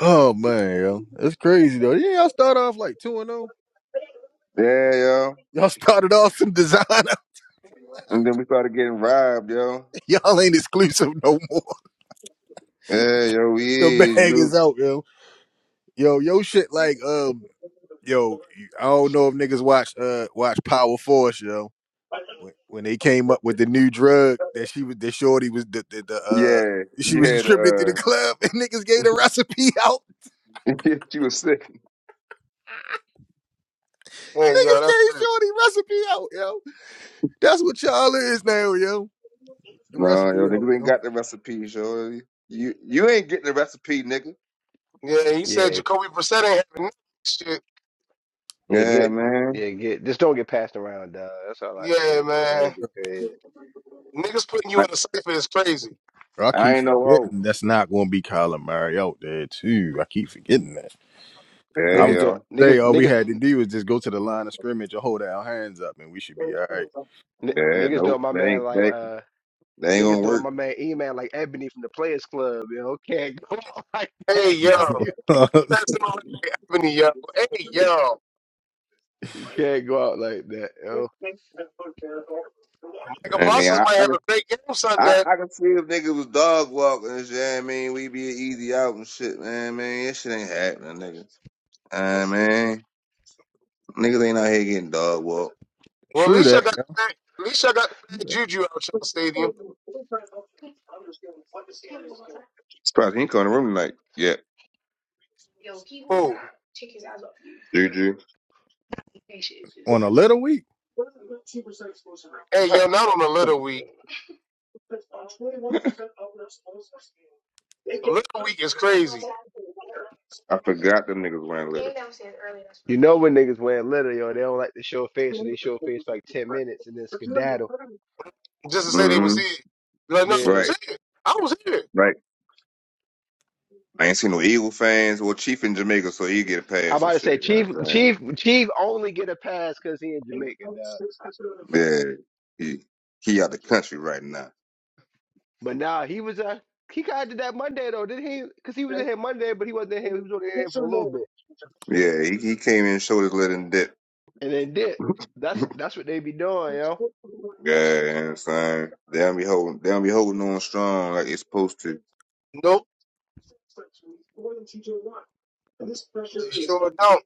Oh man, yo. That's crazy though. Yeah, I start off like two and zero. Yeah, yo. Y'all started off some designer. And then we started getting robbed, yo. (laughs) Y'all ain't exclusive no more. Yeah, yo, we The is bag is you. out, yo. Yo, yo shit like um yo, I don't know if niggas watch uh watch Power Force, yo. When, when they came up with the new drug that she was that shorty was the, the, the uh Yeah, she you was had distributed through the uh, club (laughs) and niggas gave the recipe out. (laughs) you was sick. Hey, yo, Niggas that's, gave Shorty recipe out, yo. That's what y'all is now, yo. The Nah, recipe yo, out, niggas ain't yo. got the recipes, yo. You you ain't getting the recipe, nigga. yeah, he said Yeah, Jacoby Brissett ain't having that shit. yeah, Yeah, get, man. yeah, get. Just don't get passed around, dog. That's all I can say, Yeah, but man. that'd be crazy. Niggas putting you I, in a cypher is crazy. I I keep ain't no hoe. forgetting that's not gonna be Colin Murray out there too. I keep forgetting that. Yeah, I'm Niggas don't, y'all. say niggas, all we niggas, had to do was just go to the line of scrimmage and hold our hands up, and we should be all n- Yeah, niggas nope. doing my That man ain't like, that, uh. that ain't Niggas gonna doing my work. man E-Man like Ebony from the Players Club, yo. (laughs) Can't go out (laughs) like Hey, that, yo. yo. (laughs) You, right. (laughs) That's all right, Ebony, yo. Hey, yo. you can't go out like that, yo. Mike I Yeah, mean, Apostles I I, might have can- a great game I Sunday. I can see if niggas was dog walking and shit. I mean, we be easy out and shit, man. Man, that shit ain't happening, niggas. I mean, niggas ain't out here getting dog walked. Well, at True least I that. got the bad, at least I got the bad Yeah. juju out y'all stadium. Surprise, he come in the room tonight. Yeah, Cool. Juju. On a little week, Hey, yo, not on a little week. A little week is crazy. I forgot them niggas wearing Came litter. downstairs early. That's You know when niggas wearing leather, yo, they don't like to show face, so they show face for like ten minutes and then skedaddle. Just to say they hmm was here. Like, no, I Yeah, Right, was here. I was here. right. I ain't seen no Eagle fans or Chief in Jamaica, so he get a I pass about and to shit. say You know Chief, what I'm saying? Chief, Chief only get a pass because he in Jamaica, dog. Yeah, he he out the country right now. But nah, he was uh he kind of did that Monday though, didn't he? Because he was in here Monday, but he wasn't in here. He was only in here for a little bit, Yeah, he, he came in shoulders let him dip. and then dip. Yeah, That's that's what they be doing, yo. you know what I'm saying? They don't be holding they don't be holding on strong like it's supposed to. Nope. They sure don't.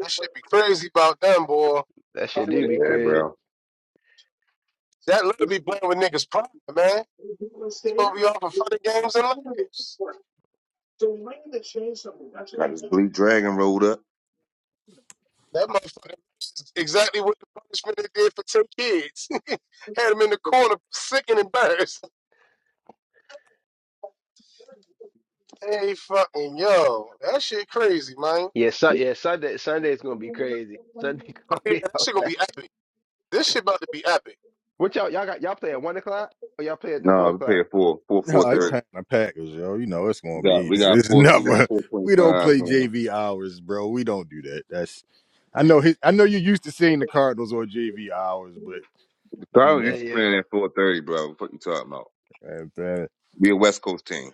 That should be crazy about them, boy. That shit do be Yeah, crazy. bro. That little be playing with niggas' pride, man. It's supposed to be all for fun and games and laughs. Got this blue dragon rolled up. That motherfucker this is exactly what the punishment they did for ten kids. (laughs) Had him in the corner, sick and embarrassed. Hey, fucking yo, that shit crazy, man. Yeah, su- yeah, Sunday Sunday is gonna be crazy. Sunday (laughs) Oh gonna yeah, be that out. shit gonna be epic. This shit about to be epic. What y'all y'all got y'all play at one o'clock or y'all play at the four No, we o'clock? paid four four four no, they Oh thirty. playing the Packers, yo. You know it's We gonna be. got we It's, got it's (laughs) four we got never. four point We don't five play man. JV hours, bro. We don't do that. That's. I know. His, I know you're used to seeing the Cardinals on JV hours, but The you Cardinals yeah, know. used to yo. playing at four thirty, bro. What you talking about? and, uh, We a West Coast team.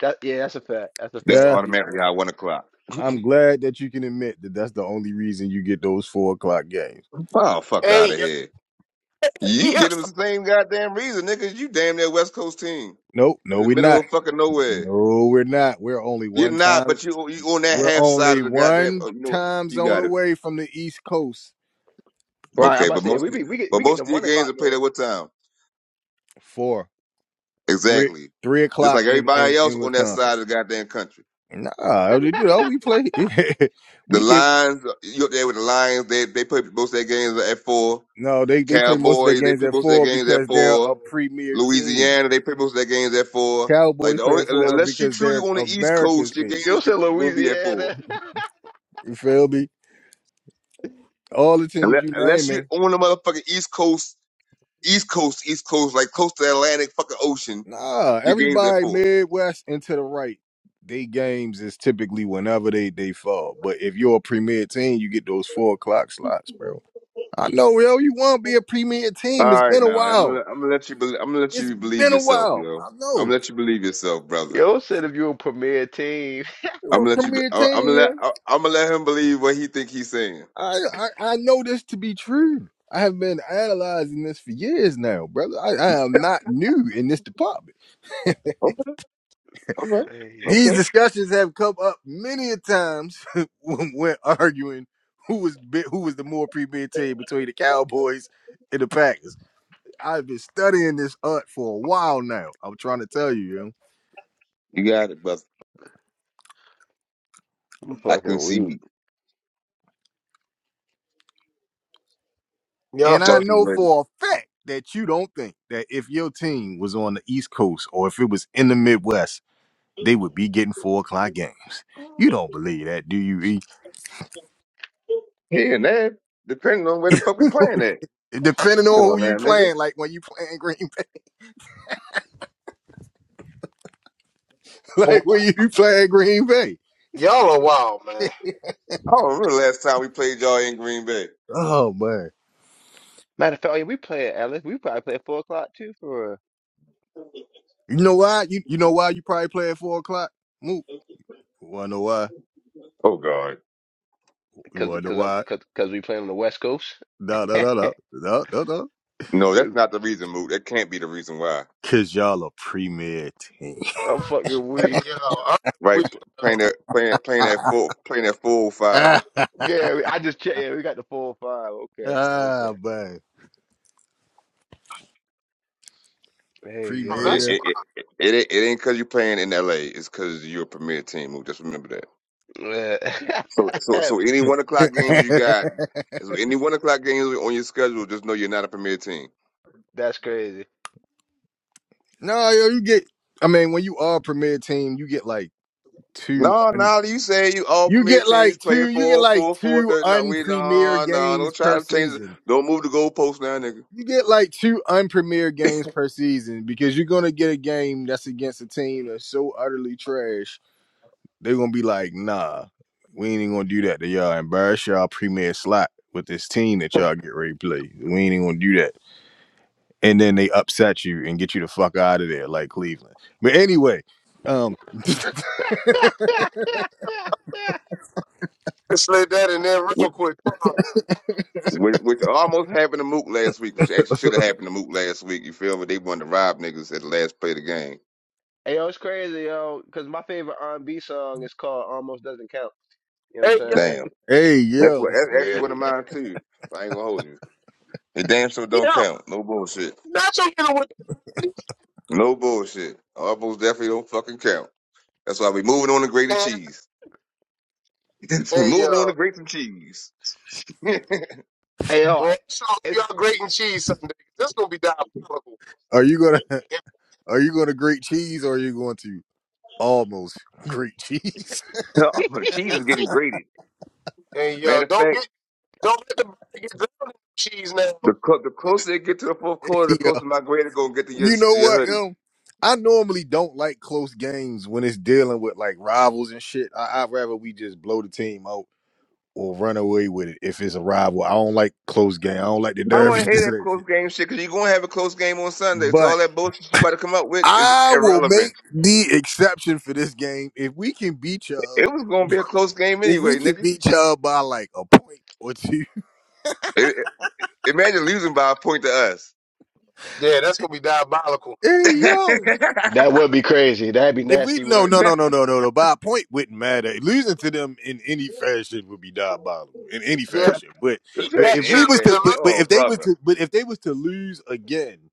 That yeah, that's a fact. That's a That's fact. Yeah, Y'all do play. automatically it. our one o'clock. I'm glad that you can admit that that's the only reason you get those four o'clock games. Oh fuck out Hey, of yo, here. (laughs) You get them yes. the same goddamn reason, niggas. You damn near West Coast team. Nope. No, in the we're middle not. of fucking nowhere. No, we're not. We're only You're one not, time. but you you on that We're half side of only the goddamn. Oh, one you know what? time You zone got it. away from the East Coast Right, I'm Okay, about to but say yeah, most we be we get but we get the most of your one games o'clock are played game. at what time? Four, three, three Exactly. Just o'clock like in everybody in, else in on that Wisconsin. side of the goddamn country. Nah, you know we play. (laughs) The we get Lions, you up there with the Lions? They they play most of their games at four. no. They they play most of their Cowboys, they games play at most of their four games at because they're a four. premier team. Louisiana, they play most of their games at four. Like Cowboys the play only at four unless you because truly they're on the East America's Coast, your team. Yo games said could be- won't be at four. Louisiana. You feel me? All the teams Unless, you unless naming. you're on the motherfucking East Coast East Coast, East Coast, like close to the Atlantic fucking Ocean. Nah, Your game's at everybody four. Midwest and to the right. They games is typically whenever they they fall. But if you're a premier team, you get those four o'clock slots, bro. I know, yo. You want to be a premier All team? It's right, been a now I'm while. gonna I'm gonna let you bel I'm gonna let It's you believe been a yourself, while. yo. I I'm gonna know let you believe yourself, (laughs) brother. Yo said if you a premier team. (laughs) I'm you're a gonna let you. be- premier I- I'm team. gonna let Yo. I- I'm gonna let him believe what he think he's saying. I, I I know this to be true. I have been analyzing this for years now, brother. I, (laughs) I am not new in this department. Okay, all right, Hey These okay. yo. discussions have come up many a times (laughs) when, when arguing who was bi- who was the more premeditated between the Cowboys and the Packers. I've been studying this art for a while now. I'm trying to tell you, yo. You got it, brother. I'm I can fucking see weak. you. Y'all and I fucking, Just be know ready. for a fact that you don't think that if your team was on the East Coast or if it was in the Midwest, they would be getting four o'clock games. You don't believe that, do you? E? Here and there, depending on where the (laughs) fuck we playing at. Depending Come on on who you now, nigga. playing, like when you playing Green Bay, (laughs) like when you playing Green Bay. y'all are wild, man. I don't remember the last time we played y'all in Green Bay. Oh man. Matter of fact, oh, yeah, we play at Alice. We probably play at four o'clock too for You know why? You you know why you probably play at four o'clock? Move. You wanna know why? Oh God. You because wanna know because I'm why? because because we play on the West Coast. Da (laughs) da 'Cause da da da da da. No, that's not the reason, Moot. That can't be the reason why. Cause y'all a premier team. I'm fucking Hey, weak. yo, I'm right? weak, yo. Playing that, playing, playing that (laughs) full, playing that full five. ah Yeah, we- I just checked. Yeah, we got the full five. Okay, okay. man. Hey, Oh, It, yo. that's Premier. it, why I it, it, ain't- it ain't because you're playing in LA. It's because you're a premier team. Move. Just remember that. Yeah. So, so, (laughs) so any one o'clock (laughs) games you got, so any one o'clock games on your schedule, just know you're not a premier team. That's crazy. no, yo, you get I mean, when you are a premier team, you get like two No, un, no, you say you all you premier get teams like play two you get four, like four, four, two thirty. No, we unpremier no, no, games don't per try to change it. season. Don't move the goalpost now, nigga. you get like two unpremiere games per season because you're gonna get a game that's against a team that's so utterly trash. They're gonna be like, nah, we ain't even gonna do that to y'all. Embarrass y'all premier slot with this team that y'all get ready to play. We ain't even gonna do that. And then they upset you and get you the fuck out of there, like Cleveland. But anyway, um, (laughs) can slid that in there Which, real quick. Pause. which, which almost happened to Mook last week, which actually should have happened to Mook last week. You feel me? They wanted to rob niggas at the last play of the game. Hey, yo, it's crazy, yo, because my favorite R&B song is called Almost Doesn't Count. You know what I'm Damn. hey That's yo, what that's actually what saying? of Yeah. (laughs) mine too. I ain't gonna hold you. It damn sure don't count. No bullshit. Nacho hit him with No bullshit. Almost definitely don't fucking count. That's why we moving on to grated and cheese. (laughs) hey, uh, moving on to grate some cheese. (laughs) the Hey, yo, boy, I sure hope it, y'all great and cheese Sunday. This gonna be diabolical. are you gonna (laughs) are you gonna grate cheese or are you going to almost grate cheese? cheese is getting grated. And uh, Matter of don't fact, get don't let the bread get drowned in cheese now. the clo- the closer it get to the fourth (laughs) quarter, the yo? closer my grader gonna get to your, You know to your what, hoodie. um, I normally don't like close games when it's dealing with like rivals and shit. I, I'd rather we just blow the team out or run away with it if it's a rival. I don't like close game. I don't like the I don't want derbies, (laughs) to this hear and that that shit. close game shit because you're gonna have a close game on Sunday. So But all that bullshit you about to come up with is I will make irrelevant. the exception for this game if we can beat y'all. It was gonna (laughs) be a close game If we anyway, can nigga. beat y'all by like a point or two. (laughs) It, Imagine losing by a point to us. Yeah, that's gonna be diabolical. Hey yo. that would be crazy. That'd be If we nasty no (laughs) work. no no That's no no no no, by a point wouldn't matter. Losing to them in any fashion would be diabolical in any Yeah, fashion. But eat but right, in that if we any trip was but to to fashion. but, lose but Oh, if they was brother. to but if they was to lose again,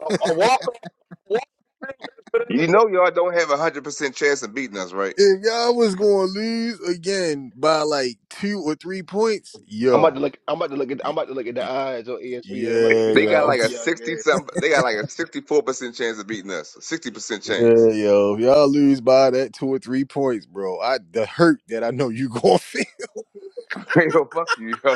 a, a walk of pilgrims for them to You know y'all don't have a hundred percent chance of beating us, right? if y'all was going to lose again by like two or three points, I'm about to yo, look. I'm about to look at. I'm about to look at the odds on ESPN. I'm about to look yeah at They the got odds yo like for a (laughs) y'all sixty game. something. They got like a sixty-four percent chance of beating us. A Sixty percent yeah chance. (laughs) yo, if y'all lose by that two or three points, bro, I the hurt that I know you going to feel. (laughs) Hey, Yo, fuck you, yo.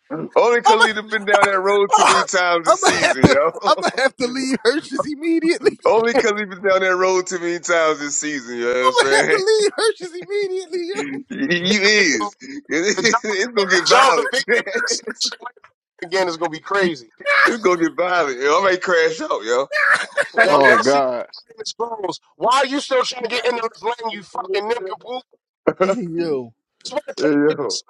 (laughs) Only because I'm 'cause we've been down that road too gonna many times (laughs) I'm this gonna have season, to I'm yo. gonna have to leave Hershey's immediately. (laughs) Only because 'cause we've been down that road too many times this season. You know what I'm I'm gonna have to saying? (laughs) leave Hershey's immediately, You win victory. bro. is. (laughs) The John, It's gonna get John's a violent. victory (laughs) snatched away again is gonna be crazy. It's gonna get violent. Yo, i already crashed out, yo. Yo, Oh y'all see God, the scrolls. Why are you still trying to get into this lane, you fucking nincompoop? yo. (laughs) yo, Just want Hey, yo. to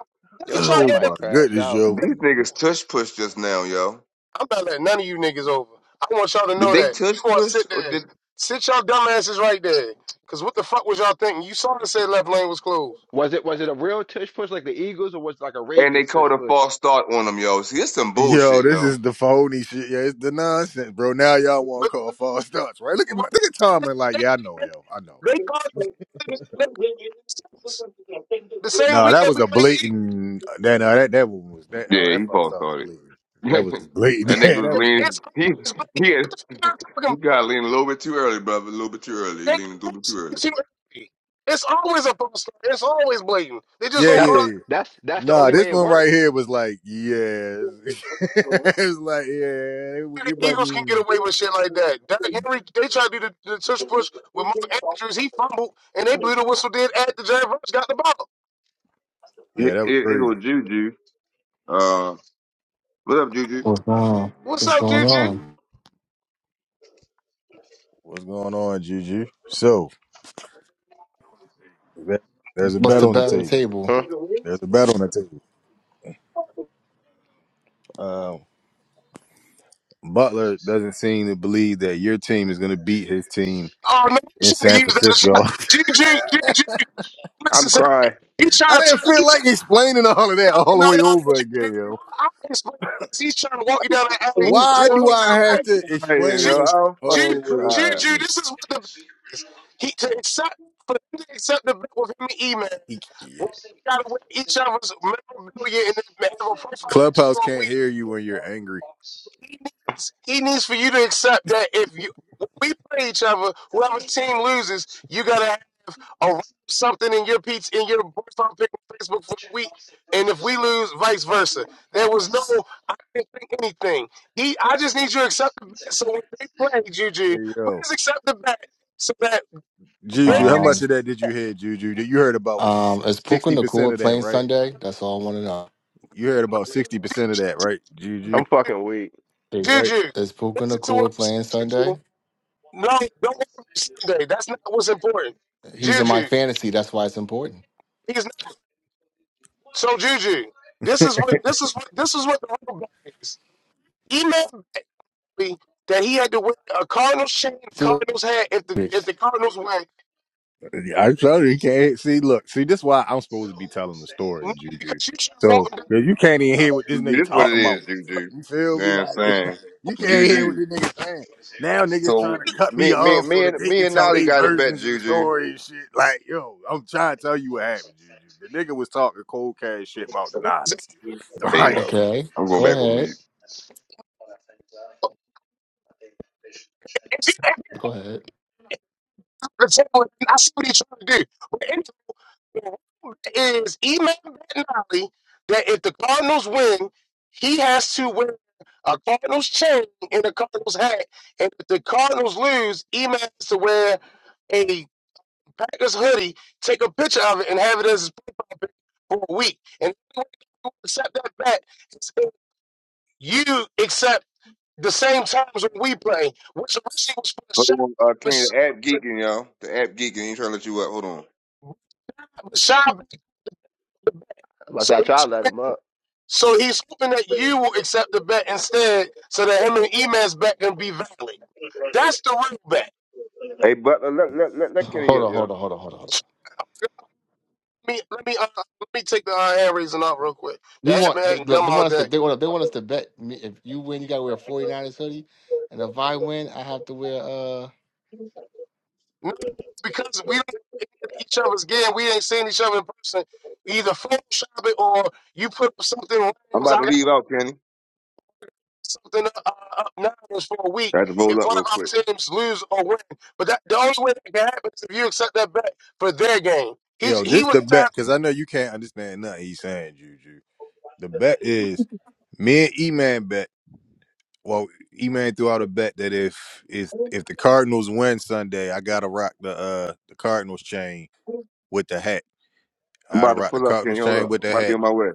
Look yo at said I y'all, Oh my might yo. crash goodness, out. yo. These niggas tush push just now, yo. I'm not letting none of you niggas over. I want y'all to Did know they that. You tush gonna push sit or there. did Sit y'all dumb asses right there. Cause what the fuck was y'all thinking? You saw it said left lane was closed. Was it was it a real tush push like the Eagles or was it like a and they Ravens tush called a push? false start on them, yo. See, it's some Yo, bullshit, this yo. is the phony shit. Yeah, it's the nonsense, bro. Now y'all want to But call false starts, right? Look at my, look at Tomlin. like, they, yeah, I know, they, yo, I know. they called it they called it six. The same No, week that that was we a played the Eagles. blatant. That no, that that one was that. Oh, Yeah, that he false false start was started. blatant. (laughs) That was that blatant. (laughs) nigga Yeah, was that was leaning. crazy. It's always He he blatant. had, What the fuck (laughs) y'all he talking about? got leaning a little bit too early, brother. A little bit too early. He They leaning a little bit always too early. think too early. It's always a poster. It's always blatant. They just Yeah, don't yeah, That's call the it yeah. that's that's the Nah, only this way it one right worked. here was like, yeah, (laughs) it was like, yeah, it, the it wasn't Eagles can get even. away with shit like that. Derrick Henry, they tried to do the, the tush push with Mark Andrews. He fumbled, and they blew the whistle dead after Jared Burns got the ball. Yeah, It that was it, it crazy. was Juju. Uh, what up, Juju? What's on? What's What's up, going Juju? on? What's going on, Juju? So. There- There's a What's bet the on the bet on the table. table? Huh? There's a bet on the table. Um, Butler doesn't seem to believe that your team is going to beat his team Oh, man, you in should San have used that Francisco. (laughs) shot. Juju, Juju, I'm listen to that. crying. He's I trying to, didn't he feel trying like to, explaining all of that no, all the no, way no, over Juju. I again, yo. I can explain this. He's trying to walk you down the alley Yo, to Why walk do into I the have I'm to crying, explain Juju, yo. this I'm all Juju, the fucking way over crying. Juju, again? this is what the bet is. He to accept for him to accept the bet with him and E Man. He- yeah. We gotta win each other's memorabilia and then have a profile picture Clubhouse for a can't week. hear you when you're angry. He needs he needs for you to accept that if you when we play each other, whoever's team loses, you gotta or write something in your peach in your Barstool pick on Facebook for a week, and if we lose, vice versa. There was no I didn't think anything. He I just need you to accept the bet. So when they play, Juju, Hey, yo, please accept the bet so that they Juju, how can much Um, of accept that the did you bet. hear, Juju? You heard about um, is Puka sixty percent Nakua of that, playing right? Sunday? That's all I want to know. You heard about sixty percent of that, right, Juju? I'm Juju, fucking weak. Is Right? Juju, is Puka listen to what Nakua I'm playing saying, Juju. Sunday? No, don't worry about Sunday. That's not what's important. He's in my Juju, fantasy. That's why it's important. he's not. So Juju, this is what this is what this is what the real bet is. Email that he had to wear a Cardinals chain, a Two Cardinals hat if the if weeks. the Cardinals win. I'm telling you, you can't see. Look, see, this is why I'm supposed to be telling the story, No, Juju. because you should walk So down 'cause you can't even Uh, hear what this This nigga what it talking about. is, Juju. You You feel me? know what I'm Like saying? (laughs) you can't hear what Juju. this nigga saying. Now niggas So trying to cut me me me off so me that and they me can and tell Nolly their got a bet, versions of the Juju. story and shit. Like, yo, I'm trying to tell you what happened, Juju. The nigga was talking cold cash shit about the the woods. Niners. And (laughs) Hey Right. yo. Okay, I'm going go back on ahead. mute. If you ask Go ahead. the table, I see what he's trying to do. But anyway, is Eman Bettinelli that if the Cardinals win, he has to wear a Cardinals chain and a Cardinals hat. And if the Cardinals lose, Eman has to wear a Packers hoodie, take a picture of it, and have it as his for a week. And accept that bet. You accept the same terms when we play, which originally was for Shaq, Hold on, uh but Kenny, Sha- the app geeking, y'all. The app geeking, he trying to let you up. Hold on. but Shaq, I'm about to so say, I he try was to let hoping, him up. so he's hoping that you will accept the bet instead, so that him and Eman's bet can be valid. That's the real bet. Hey Butler, let let let, let Kenny Hold up, on, yo. hold on, hold on, hold on. Hold on. Let me let me uh, let me take the uh, hand raising out real quick. The You have want been they acting dumb they all want us to day. they want they want us to bet me if you win you gotta wear a 49ers hoodie, and if I win I have to wear uh No, because we don't have any of each other's game. We ain't seen each other in person. Either Photoshop it or you put up something. random. I'm about I to leave out, Kenny. something uh, up Niners for a week I had to roll if up one of real our quick. teams lose or win. But that the only way that can happen is if you accept that bet for their game. He Yo, he this was the bet, trying. because I know you can't understand nothing he's saying, Juju. The bet is me and E Man bet Well, E Man threw out a bet that if if if the Cardinals win Sunday, I gotta rock the uh the Cardinals chain with the hat. I I'm about gotta to rock the pull up, Cardinals Kenny. Hold chain up. with I'm the about to be hat. on my way.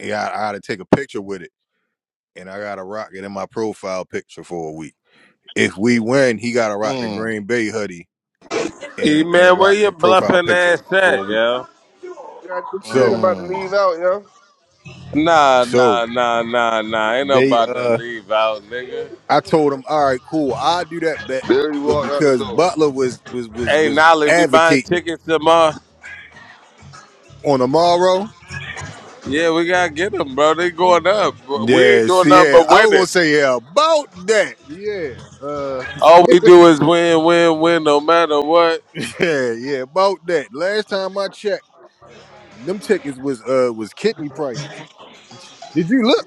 Yeah, I, I gotta take a picture with it, and I gotta rock it in my profile picture for a week. If we win, he gotta rock the mm Green Bay hoodie Hey and and man, where rock your your profile bluffing picture ass at, for a week. yo? Yeah, I just said I'm So about to leave mm. out, yo. Nah, so nah, nah, nah, nah. Ain't no they about to uh leave out, nigga. I told him, all right, cool, I'll do that bet, There he but walked out the because door. Butler was was was Hey, was Nolly, we buying advocating it tickets tomorrow. on tomorrow. Yeah, we gotta get them, bro. They going up. We ain't Yes, doing nothing yeah. but I was gonna winning. say yeah about that. Yeah, uh, All we do is win, win, win, no matter what. (laughs) yeah, yeah about that. Last time I checked, them tickets was uh was kidney prices. Did you look?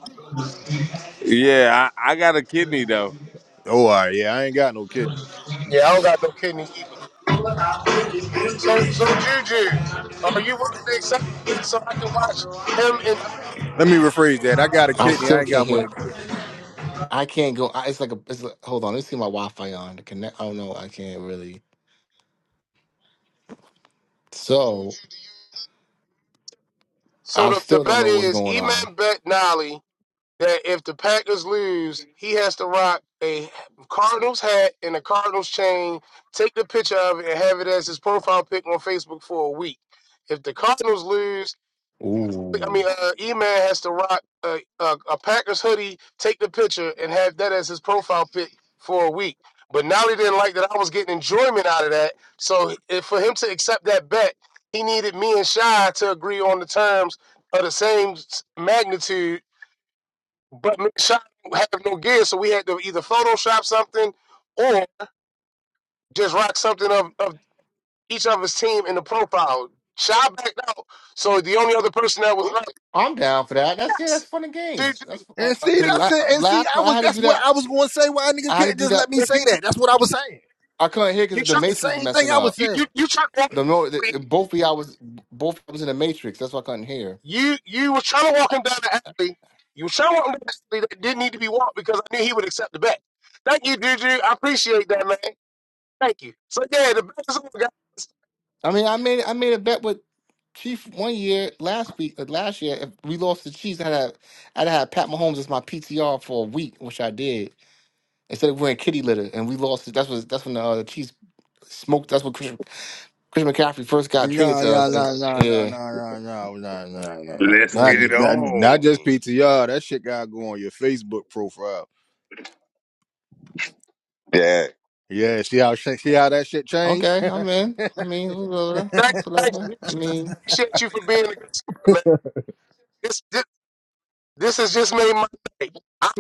Yeah, I, I got a kidney though. Oh, all right, yeah. I ain't got no kidney. Yeah, I don't got no kidney either. So so Juju, are you willing to accept the bet so I can watch him? And Let me rephrase that. I got a I kidney. I still ain't can't got one hear. to give. I can't go. I, it's like a. It's like, hold on. Let's see my Wi-Fi on to connect. I don't know. I can't really. So so I the the still don't bet know what's is going on. Eman bet Nolly that if the Packers lose, he has to rock a Cardinals hat and a Cardinals chain. Take the picture of it and have it as his profile pic on Facebook for a week. If the Cardinals lose. I Ooh, mean, uh, E-Man has to rock uh, uh, a Packers hoodie, take the picture, and have that as his profile pic for a week. But now he didn't like that I was getting enjoyment out of that. So if, for him to accept that bet, he needed me and Shy to agree on the terms of the same s- magnitude. But me and Shy don't have no gear, so we had to either Photoshop something or just rock something of, of each of his team in the profile. Shy backed out, so the only other person that was left, I'm down for that. That's yeah. That's fun and games. (laughs) That's And see, because that's crazy. la it. And see, last I time I was had to that's do what that. I was gonna say. Why niggas I had to couldn't do just let that. me 'Cause You say that? That's what I was saying. I couldn't hear you because the try, That's the matrix is same thing messing I was up. you you saying. you try to walk him The down no, the the, alley. the- both of y'all was both of y'all was in the matrix. That's why I couldn't hear. You you was trying to walk him down the alley. You were trying to walk him down the alley that didn't need to be walked because I knew he would accept the bet. Thank you, Juju. I appreciate that, man. Thank you. So yeah, the bet is on, guys. I mean, I made I made a bet with Chief one year last week. uh, Last year, if we lost the Chiefs, I had to, I had to have Pat Mahomes as my PTR for a week, which I did instead of wearing kitty litter, and we lost. That's what that's when the uh, Chiefs smoked. That's when Christian, Christian McCaffrey first got traded No, to no, us. And no, no, no, no, yeah, no, no, no, no, no, no. Let's Not, get yeah, it ju- not, not just on. PTR. That shit gotta go on your Facebook profile. Yeah. Yeah, see how sh- see how that shit changed. okay, (laughs) I'm in. I mean, whatever, Thank, thank whatever. you, I Juju. I mean, appreciate you for being a good sport, man. This this, this has just made my day. I,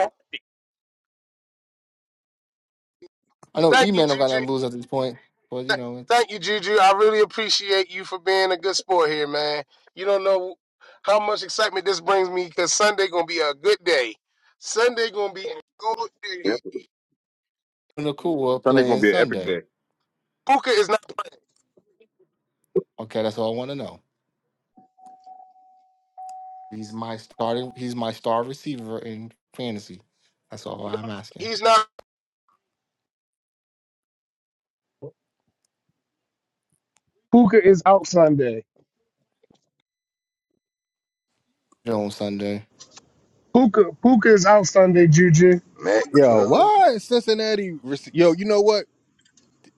I know E thank you, Man don't got Juju. nothing to lose at this point, but you Th- know it's Thank you, Juju. I really appreciate you for being a good sport here, man. You don't know how much excitement this brings me because Sunday gonna be a good day. Sunday gonna be a good Yep. day. Nakua Sunday gonna playing be an epic Sunday. day. Puka is not. Okay, that's all I want to know. He's my starting. He's my star receiver in fantasy. That's all I'm asking. He's not. Puka is out Sunday. You know, On Sunday, Puka Puka is out Sunday, Juju. Mac Yo, Jones. why is Cincinnati? rec- Yo, you know what?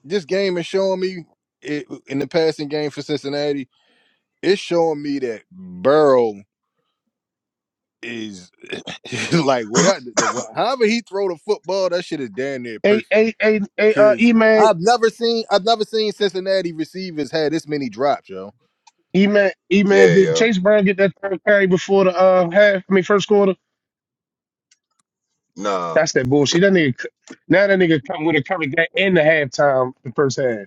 This game is showing me it, in the passing game for Cincinnati. It's showing me that Burrow is (laughs) like without the, the what- however he throw the football, that shit is damn near A perfect. A A A uh Cause E man. I've never seen I've never seen Cincinnati receivers had this many drops, yo. E man E man Yeah, did yo. Chase Brown get that third carry before the uh half I mean first quarter? Nah. That's that bullshit. That nigga c- now that nigga come with a cover game in the halftime the first half.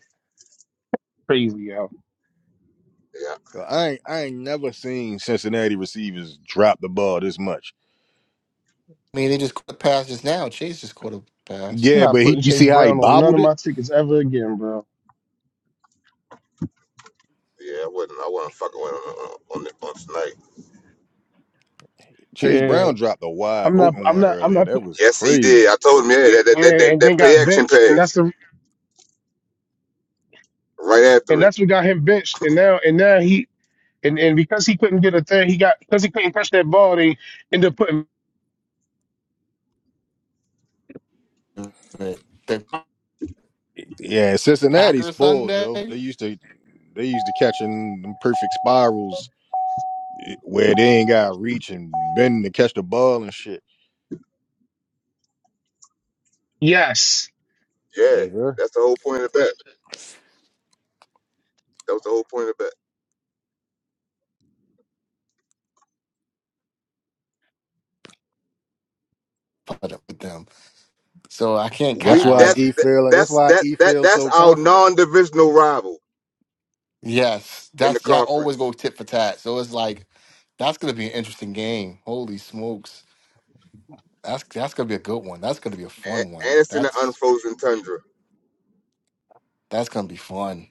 Crazy, yo. Yeah, I ain't, I ain't never seen Cincinnati receivers drop the ball this much. I mean, they just caught a pass just now. Chase just caught a pass. I'm Yeah, not but he, putting you Chase see how he Brown on none bobbled of it? my tickets ever again, bro. yeah, I wasn't. I wasn't fucking with him on, on, on tonight. Chase Yeah, Brown dropped a wide I'm not. open I'm one not. I'm earlier. not. That Put, was Yes, he crazy. did. I told him. Yeah, yeah, that that that, yeah, that, and then that play got action benched, and that's pass the right and after it. that's what got him benched, and now and now he and and because he couldn't get a thing, he got because he couldn't catch that ball, they ended up putting. But The Yeah, Cincinnati Packers spoiled, Joe. Sunday. They used to they used to catching them perfect spirals eh, where they ain't got reach and bending to catch the ball and shit. Yes, Yes, sir. That's that was put up with them. So I can't That's count why Arizona. E feel that's that's why E feels so confident. in Yes, the that's y'all always go tit for tat. So it's like that's gonna be an interesting game. Holy smokes, that's that's gonna be a good one. That's gonna be a fun one. That's that's gonna be fun.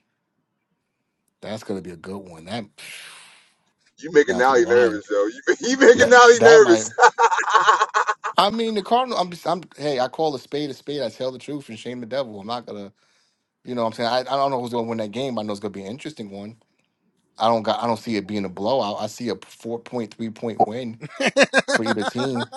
That's gonna be a good one. That (sighs) down to the wire. That that might. I mean, the Cardinal. I'm just. I'm. Hey, I call a spade a spade. I tell the truth and shame the devil. I'm not gonna. You know, what I'm saying. I, I don't know who's gonna win that game. But I know it's gonna be an interesting one. I don't got. I don't see it being a blowout. I see a four point, three point win. for either team.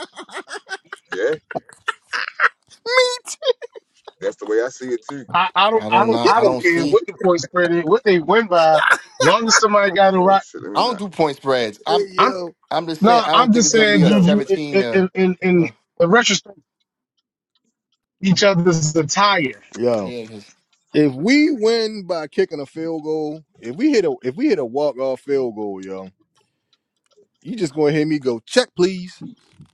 I, I don't I I don't don't not I I don't don't care see. what the point spread is, what they win by, long as somebody got a rock. I don't do point spreads. Hey I'm I'm yo. I'm just saying no, I don't I'm think just it's Hey gonna be saying a yo. Juju in seventeen. in Uh, in, in in uh retrospect each other's attire. yo. yeah, because If we win by kicking a field goal, if we hit a if we hit a walk off field goal, yo, you just gonna hear me go check, please.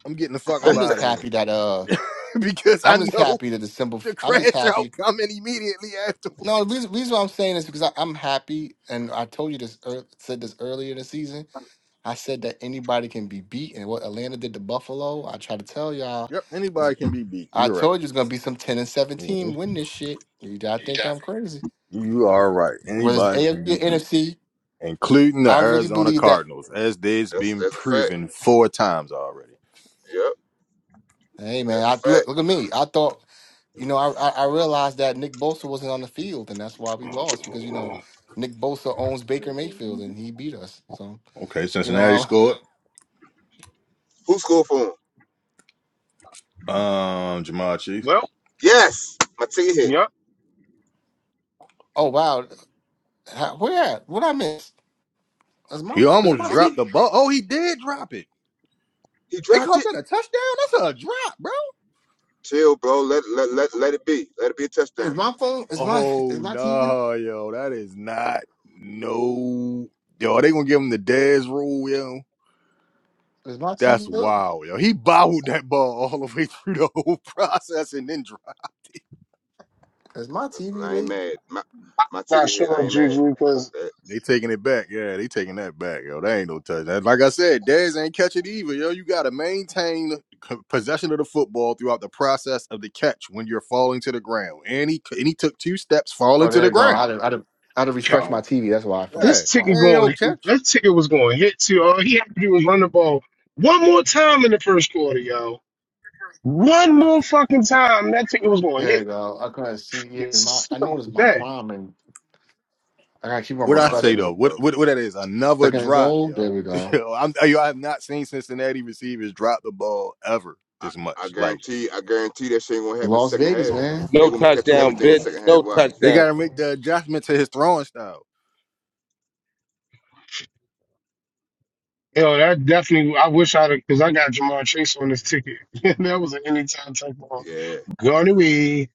I'm getting the fuck up I'm just out of happy there that uh (laughs) because I I'm just know happy that the (laughs) simple. the I'm just crash out happy. coming immediately No, the afterwards. reason, reason why I'm saying this because I, I'm happy, and I told you this ear said this earlier in the season. I said that anybody can be beat, and what Atlanta did to Buffalo, I try to tell y'all. Yep, Is, anybody can be beat. I You're right. told you it's gonna be some ten and Mhm. seventeen win this shit. You, I think I'm crazy. You are right. Whether it's Anybody AFC can or be beat, NFC, including the I really Arizona believe that Cardinals, as they've been proven four times already. yeah. Hey man, I look look at me. I thought you know, I, I I realized that Nick Bosa wasn't on the field, and that's why we lost because you know Nick Bosa owns Baker Mayfield, and he beat us. So Okay, you know, Cincinnati um, scored. Who scored for him? Um, Jamal Chief. Well, Yes, my ticket hit. yep, (laughs) oh wow, How, where at? What I miss? Is my He is My almost my ticket. TV? dropped the ball. Oh, he did drop it. He They dropped called it. that a touchdown. That's a drop, bro. Is my phone? Is my is Oh my TV? no, yo, that is not no. Yo, are they gonna give him the Dez rule, yo? Is my That's TV late? wild, yo. He bobbled that ball all the way (laughs) through the whole process and then dropped. Is my TV late? My not sure Juju because They taking it back, yeah. They taking that back, yo. That ain't no touchdown. Like I said, Dez ain't catch it either, yo. You gotta maintain c- possession of the football throughout the process of the catch when you're falling to the ground. And he and he took two steps falling Oh, to there the you go. ground. I had to I had to refresh my yo, TV. That's why for my this Hey, ticket that ain't prime. no going catch. this ticket was going to hit too. All he had to do was run the ball one more time in the first quarter, yo. One more fucking time that ticket was going to There you hit. go. I couldn't see. Yeah, my I noticed my Yes, prime, and I gotta keep on I What I know how say that refreshing though, it. go, what bro. what, what that is? Another Second and drop, goal. There yo. we go. (laughs) yo, I'm, yo, I have not seen Cincinnati receivers drop the ball ever this I much. Like guarantee. I guarantee that shit ain't gonna happen Las second Vegas, half. man. No They gonna be catching It's- touchdown, everything in bitch. second half. No Watch. they got touchdown. to make the adjustment to his throwing style. Yo, that definitely. I wish I'd because I got Jamar Chase on this ticket. (laughs) that was an anytime type ball. Yeah. Gone away,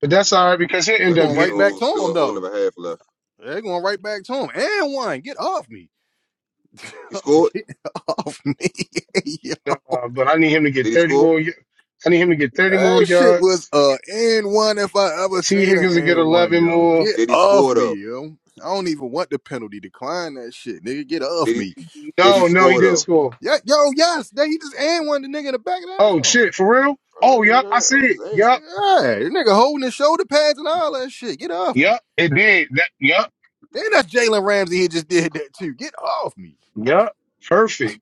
but that's all right because he'll They're end up Luckily, going it's a right getting it. back whole, to still him a whole though. another half left. They're going right back to him. And one, get off me, (laughs) He oh, scored. get off me. (laughs) yo. Uh, but I need him to Did get he thirty score? more. y- I need him to get thirty more That shit was yards. a and one if I ever T seen an Higgins to get and one, eleven yo. more. Get Did he off score though? me, yo. I don't even want the penalty. Decline that shit, nigga. Get off Did he? me, Did he No, no, he score didn't though? score. Yeah, yo, yes. Then he just and one the nigga in the back of the end Oh zone. shit, for real? Oh yup, I see it. Yup, Yeah, the nigga holding his shoulder pads and all that shit. Get off me. yup, it did. That yup, And that's Jalen Ramsey. He just did that too. Get off me. yup, perfect.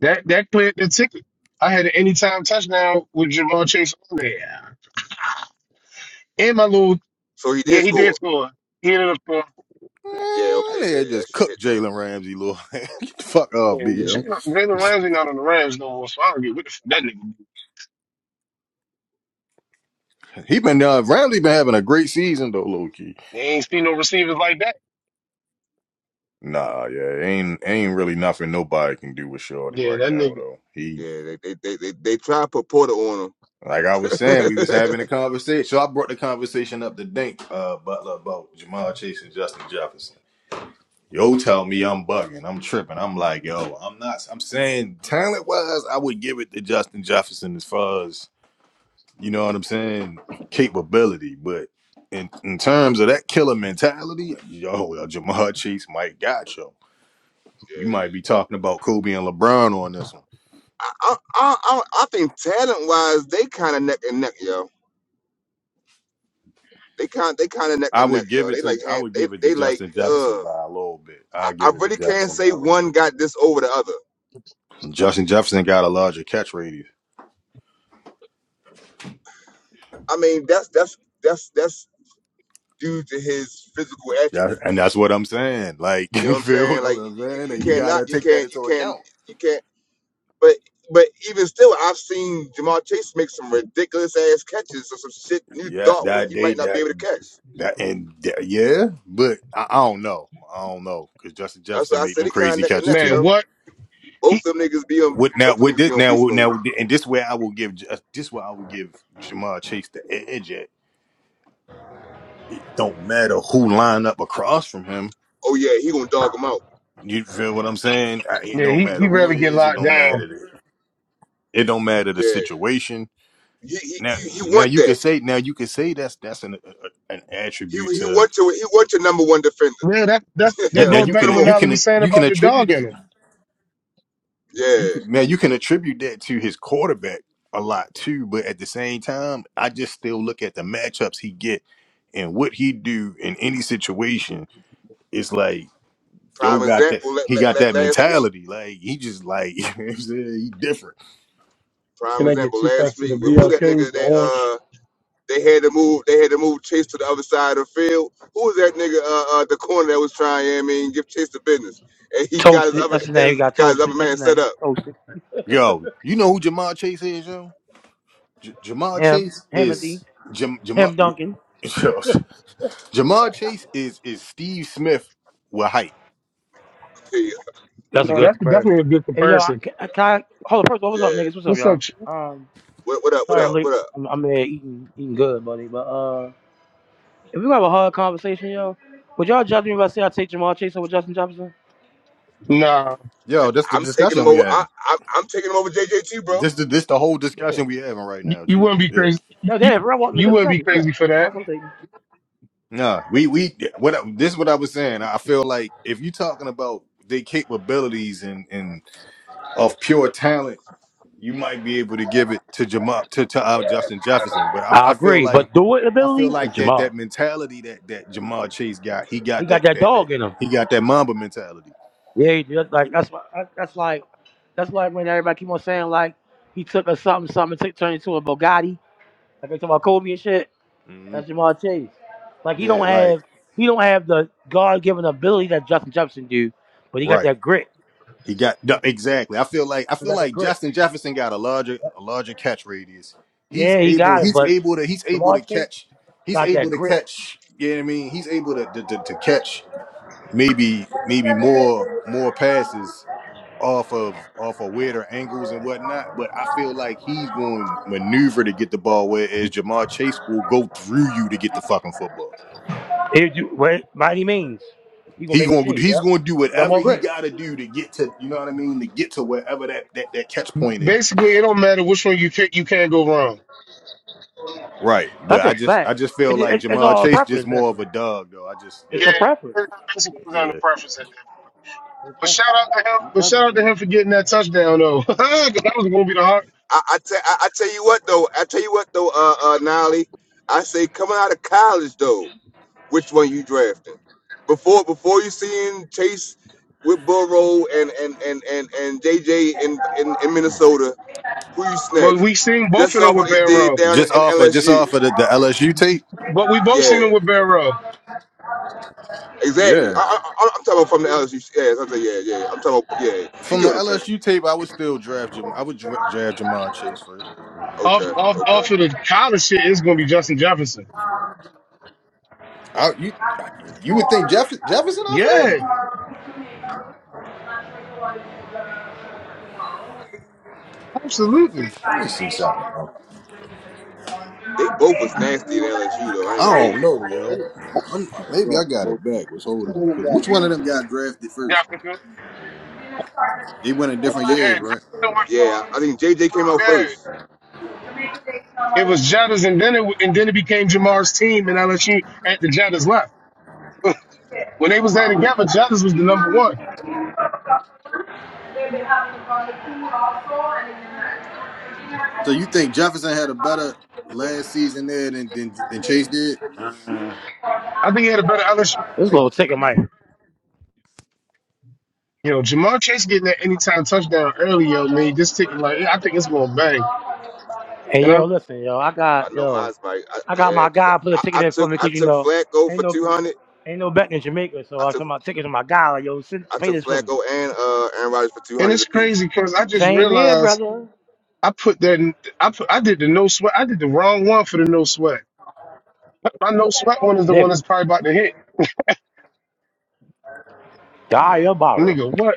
That that cleared the ticket. I had an anytime touchdown with Jamar Chase on there. And my little So he did Yeah, he did score. score. He ended up Yeah, okay, Man, that nigga there. That just shit cooked hit then. Jalen Ramsey, little. (laughs) Get the fuck off me. scoring. Yeah, Yeah, yo. Jalen Ramsey not on the Rams no more, so I don't get what the f- that nigga do. He been uh, Ramsey been having a great season though, low key. They ain't seen no receivers like that. Nah, yeah, ain't ain't really nothing nobody can do with Shorty Yeah, right that now nigga. though. He yeah. They they they they, they try to put Porter on him. like I was saying, we was having a conversation. So I brought the conversation up to Dink uh, Butler about Jamal Chase and Justin Jefferson. Yo, tell me I'm bugging. I'm tripping. I'm like, yo, I'm not. I'm saying talent wise, I would give it to Justin Jefferson as far as you know what I'm saying, capability. But in in terms of that killer mentality, yo, yo Jamar Chase might got you. You might be talking about Kobe and LeBron on this one. I I I, I I think talent wise, they kind of neck and neck, yo. They kind they kind of neck I and neck, would give yo. it They to like I hand- would they give it to they like Justin Jefferson uh. by a little bit. I I I give it to really can't Jefferson by say a little one bit. got this over the other. Justin Jefferson got a larger catch radius. I mean that's that's that's that's due to his physical Yeah, and attributes. that's what I'm saying. Like, (laughs) You know you what I'm feel saying? what Like you, I'm you saying? And you you gotta cannot you take that can't you into can't account. you can't. But but even still, I've seen Jamal Chase make some ridiculous ass catches or some shit you Yeah, thought that he they might not be that able to catch. that and that, yeah, but I, I don't know. I don't know because Justin That's why Jefferson I made said them it kind of crazy neck and catches neck, Man, too. yo. what? Both He of them niggas be on What now? both of them What niggas be this on now? beast What mode. now? And this way, I will give Ju- this way I will give Jamar Chase the edge. At it don't matter who line up across from him. Oh yeah, he gonna dog him out. You feel what I'm saying? I, it yeah, don't he, matter he who rarely it get is. It locked don't down. matter. The, it don't matter the Yeah, situation he he Now, he, he now want you could that. say now you could say that's that's an an He attribute he to want your he want your number one defender. Yeah, that that's (laughs) you. that Now goes you back Put to can him on what you me. Nolly can was saying you can about the attribute dog that in him. you Yeah, can, now you can attribute that to his quarterback a lot too. But at the same time, I just still look at the matchups he get and what he do in any situation. It's like yo prime got that example. Let, he let, got that let last week. mentality. Like he just like (laughs) you know what I'm saying? he different. Prime Can I get example two last packs of week. the Well, who that nigga BLKs, the that orange? uh? They had to move. They had to move Chase to the other side of the field. Who was that nigga? Uh, uh the corner that was trying. I mean, give Chase the business, and he got his Toasted. other That's his got name. He his, got got his toasted. other That's man his set name. up. (laughs) Toasted. Yo, you know who Jamal Chase is, yo? J- Jamal Him. Chase Himothy. is Jam- Jamal. Him Duncan. (laughs) Jamar Chase is is Steve Smith with height. Yeah, That's a No, good that's comparison. definitely a good Hey yo, I, comparison. I, I- hold on. First of all, yeah. what's up, niggas? What's up, What's up, y'all? Chief? Um, What, what up? What sorry I'm up? late. What up? I'm, I'm there eating, eating good, buddy. But uh, if we have a hard conversation, yo, would y'all judge me if I say I take Jamal Chase over Justin Jefferson? Nah, Yo, that's the I'm taking discussion him we over. I, having. I I'm taking him over JJT, bro. This the this the whole Hold discussion on. we having right you, now, you G. wouldn't be Yeah. crazy. No, You damn. If I want you niggas, that's wouldn't be what crazy for that. I'm taking. Nah, we we what I- this is what I was saying. I feel like if you're talking about their capabilities and and of pure talent, you might be able to give it to Jamal to to uh, Justin Jefferson. But I, I I feel agree, like but do it I feel ability is like that that Jamal. mentality that that Jamal Chase got, he He got got that that that that dog in him. he got that Mamba mentality. Yeah, he did. Like that's why. That's that's like that's like when everybody keep on saying like he took a something something took turned into a Bugatti. Like they talk about Kobe and shit. Mhm. That's Jamal Chase. Like he Yeah, don't like have he don't have the God given ability that Justin Jefferson do, but he got right. that grit. He got no, exactly. I feel like I He feel got that like grit. Justin Jefferson got a larger a larger catch radius. He's Yeah, he able. got it. He's But able to. He's able to Jamal Chase catch. He's got able that to grit. catch. You know what I mean? He's able to to, to, to catch maybe maybe more more passes off of off of weirder angles and whatnot. But I feel like he's going to maneuver to get the ball, whereas Jamar Chase will go through you to get the fucking football. If you what by any means, he gonna He make a going to shit. he's Yep. going to do He got whatever more he grit. got to do to get to you know what I mean to get to wherever that that, that catch point is. Basically, it don't matter which one you pick, you can't go wrong. Right. That's But I a just I fact. just feel It, like it, it's Jamal all Chase just preference more of actually. a dog though. I just It's Yeah, a yeah. preference. it basically comes down to Yeah. preference at that. point. It's a But shout preference. out to him. It's a But shout preference, out to man. him for getting that touchdown though, (laughs) 'Cause that was gonna be the hard. I I, te- I I tell you what though. I tell you what though. Uh, uh, Nolly. I say coming out of college though, which one you drafting? Before before you seeing Chase with Burrow and and and and and JJ in in, in Minnesota Who you But snatching? we seen both Just of them off with what they did Barrow. down Just in off of just LSU. off of the, the LSU tape. But we both Yeah, seen them with Barrow. exactly. Yeah. I, I, I- I'm talking about from the LSU. Yeah, I'm saying, yeah, yeah. I'm talking about, yeah. You From get the what I'm saying? LSU tape, I would still draft Jam I would dra- draft Jamal Chase first. Off, Okay, off, okay. off of the college shit, it's gonna be Justin Jefferson. I, you you would think Jeff, Jefferson off of Yeah, that? absolutely. Let me see something. Though. They both was nasty at LSU though. I ain't I gonna hold don't you. know, yo. I'm, maybe I got it backwards. Hold on, because which one of them got Jefferson. drafted Yeah, first? Jefferson. They went in different J- years, right? went- yeah, I think JJ came out Yeah, first. It was Jettas, and then it and then it became Jamar's team, and LSU at the Jettas left. When they was there together, Jettas was the number one. So you think Jefferson had a better last season there than than, than Chase did? I think he had a better LSU. This little chicken might. You know, Jamar Chase getting that anytime touchdown early, yo, man. This ticket, like, I think it's gonna bang. Hey And I yo, listen, yo, I I got know yo, mine's my I, I got yeah. my 'cause guy put a I, ticket I in for took me I because you took know Flacco ain't for no 200. ain't no betting in Jamaica, so I I put took my ticket to my guy. Like, yo, send, I pay took this for me. Flacco and uh Aaron Rodgers for and 200 it's apiece. crazy because I just Same here, realized brother. I put that I put I did the no sweat. I did the wrong one for the no sweat. My no sweat one is the one Nigga. that's probably about to hit. There you Die your go. bottle. Nigga, what?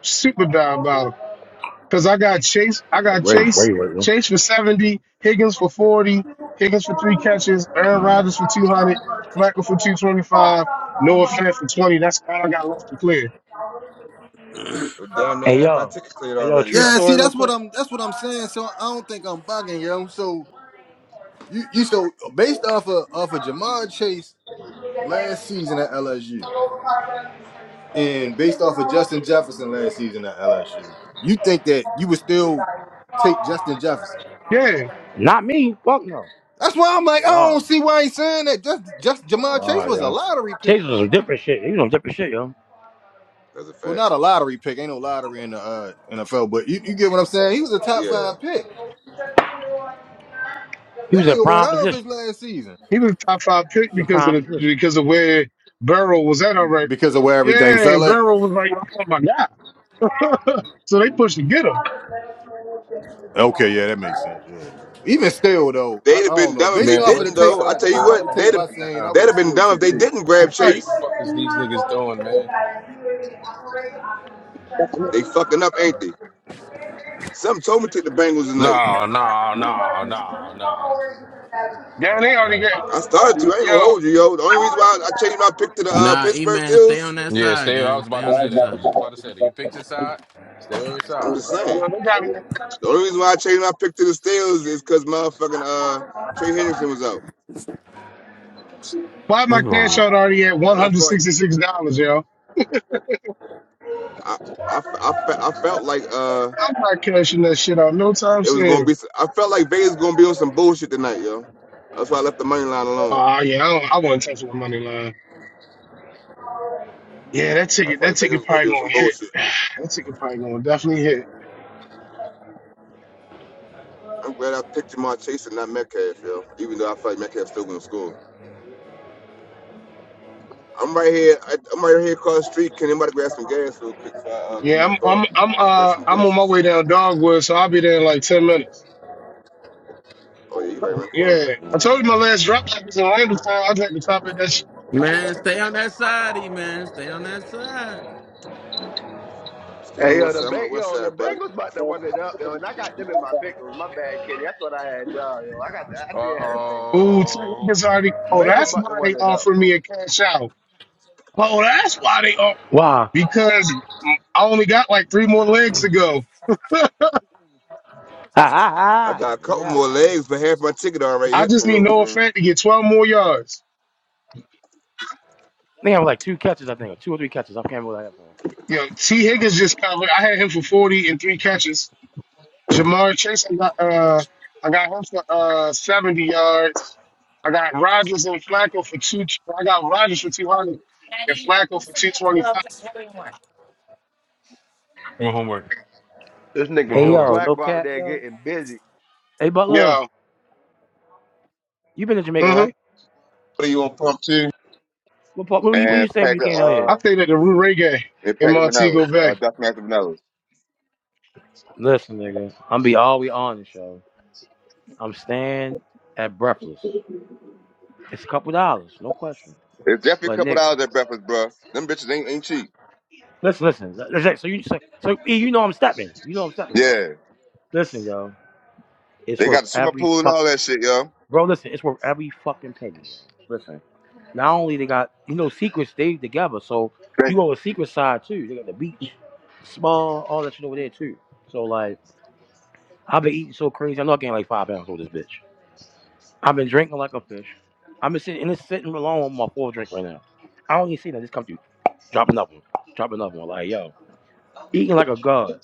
Super diabolical. Cause I got Chase, I got Wait, Chase, wait, wait. wait. Chase for seventy, Higgins for forty, Higgins for three catches, Aaron Rodgers for two hundred, Flacco for two twenty five, Noah Fant for twenty. That's all I got left to clear. Yo, damn, that Hey half my yo, ticket cleared hey yo, already, true yo. Yeah, see, story, real that's what quick. I'm. That's what I'm saying. So I don't think I'm bugging, yo. So you, you, so based off of off of Jamar Chase last season at LSU, and based off of Justin Jefferson last season at LSU, you think that you would still take Justin Jefferson? Yeah, Not me. Fuck no. That's why I'm like, I don't No. see why he's saying that. Just, just Jamar Chase was a lottery Chase pick. was some different shit. He was on different shit, yo. That's a Well, fact. not a lottery pick. Ain't no lottery in the uh, NFL, but you, you get what I'm saying. He was a top Yeah. five pick. He That was in nigga went prime off position. his last season he was a top five pick He was in because of prime the position. because of where Burrow was at. All right, because of where everything yeah, fell and at. Burrow was like, oh my god, so they pushed to get him. Okay, yeah, that makes sense. Yeah. Even still though, I, They'd I have don't been know. dumb if Based they Man, off of what the didn't, the tape though. fuck I by tell you based going off what, the on tape they'd have, by right saying I now? would they'd have have been still dumb if took they Chief. didn't grab Right? Chase. Fuck is these niggas doing, man? They fucking up, ain't they? Something told me to take the Bengals tonight. No, no, no, no, no. Yeah, they already got I started to. I ain't yo. gonna hold you, yo. The only reason why I changed my pick to the uh, Nah, E Pittsburgh man, stay Steelers, on that Yeah, side, stay. I gang. was Stay about to on Yo, say that that. I was side. just about to say that. You picked your side. Stay on your I'm side, just man. saying. they got me. The only reason why I changed my pick to the Steelers is because motherfucking uh, Trey Hendrickson was out, Why What's my going cash on? out already at one and I hundred felt like sixty six dollars, yo? I I, I, I felt like uh I'm not cashing that shit out no time it was gonna soon. be. I felt like Vegas was gonna be on some bullshit tonight, yo. That's why I left the money line alone. Oh yeah, I, don't, I wouldn't touch my money line. Yeah, that I ticket, felt that like Vegas ticket was gonna probably be on gonna some hit. bullshit. (sighs) That ticket probably gonna definitely hit. I'm glad I picked Jamar Chase and not Metcalf, yo. Even though I feel like Metcalf's still gonna score. I'm right here. I, I'm right here across the street. Can anybody grab some gas real quick before I uh, come Yeah, in the I'm, bar? I'm, I'm, Grab uh, some I'm blunts on my and way shit. down Dogwood, so I'll be there in like ten minutes. Oh yeah, you right around the corner. Yeah, there. I told you my last drop back was in Randallstown. I was at the top of that shit. Man, stay on that side, E man. Stay on that side. Stay on Hey the yo, west the side. I'm on the bang west yo, the side, brother. Bengals about to run it up, yo, and I got them in my pickles. My bad, Kenny. I thought I had y'all, yo. I got the, I Uh did have the Bengals, Ooh, yo. oh. tickets already. Oh, Bengals that's about to why run they it up, offer me bro. a cash out. Oh, that's why they offer Wow. because I only got like three more legs to go. Ha I got ha ha. a couple Yeah. more I legs, but half my ticket already I hit just for need real, for Noah real. Fant to get 12 more yards. think I was like two catches, I think, or two or three catches. I can't remember that. You know, T. Higgins just covered. I had him for 40 and three catches. Jamar Chase, I got uh, I got him for uh 70 yards. I got Rodgers and Flacco for two. I got Rodgers for 200 and Flacco for 225. What homework? This What nigga Hey Joe homework? yo, no Flacco out cap, there yo. getting busy. Hey Butler, Yo, you been to Jamaica, mm-hmm. right? What do you want, pump two? What part? What you, what you And say if pack you the came out here? I uh, stayed at the Rue Ray game and in pack the Montego vanillas. Uh, Bay. definitely have vanillas. Listen, nigga, I'm be all we on the show. I'm staying at Breathless. It's a couple dollars, no question. It's definitely a But couple nigga, dollars at breakfast, bro. Them bitches ain't ain't cheap. listen, listen. listen, So you so, so E, you know I'm stepping. You know I'm stepping, bro. Yeah, Listen, yo, it's they got worth the swimming every pool and fuck. all that shit, yo. Bro, listen, it's worth every fucking penny. Yo. Listen, not only they got you know secrets stayed together, so you go with secret side too. They got the beach, small, all that shit over there too. So like. I've been eating so crazy. I know I gained like five pounds with this bitch. I've been drinking like a fish. I've been sitting and it's sitting alone on my fourth drink right now. I don't even see that. Just come through. Drop another one. Drop another one. Like, yo. Eating like a god.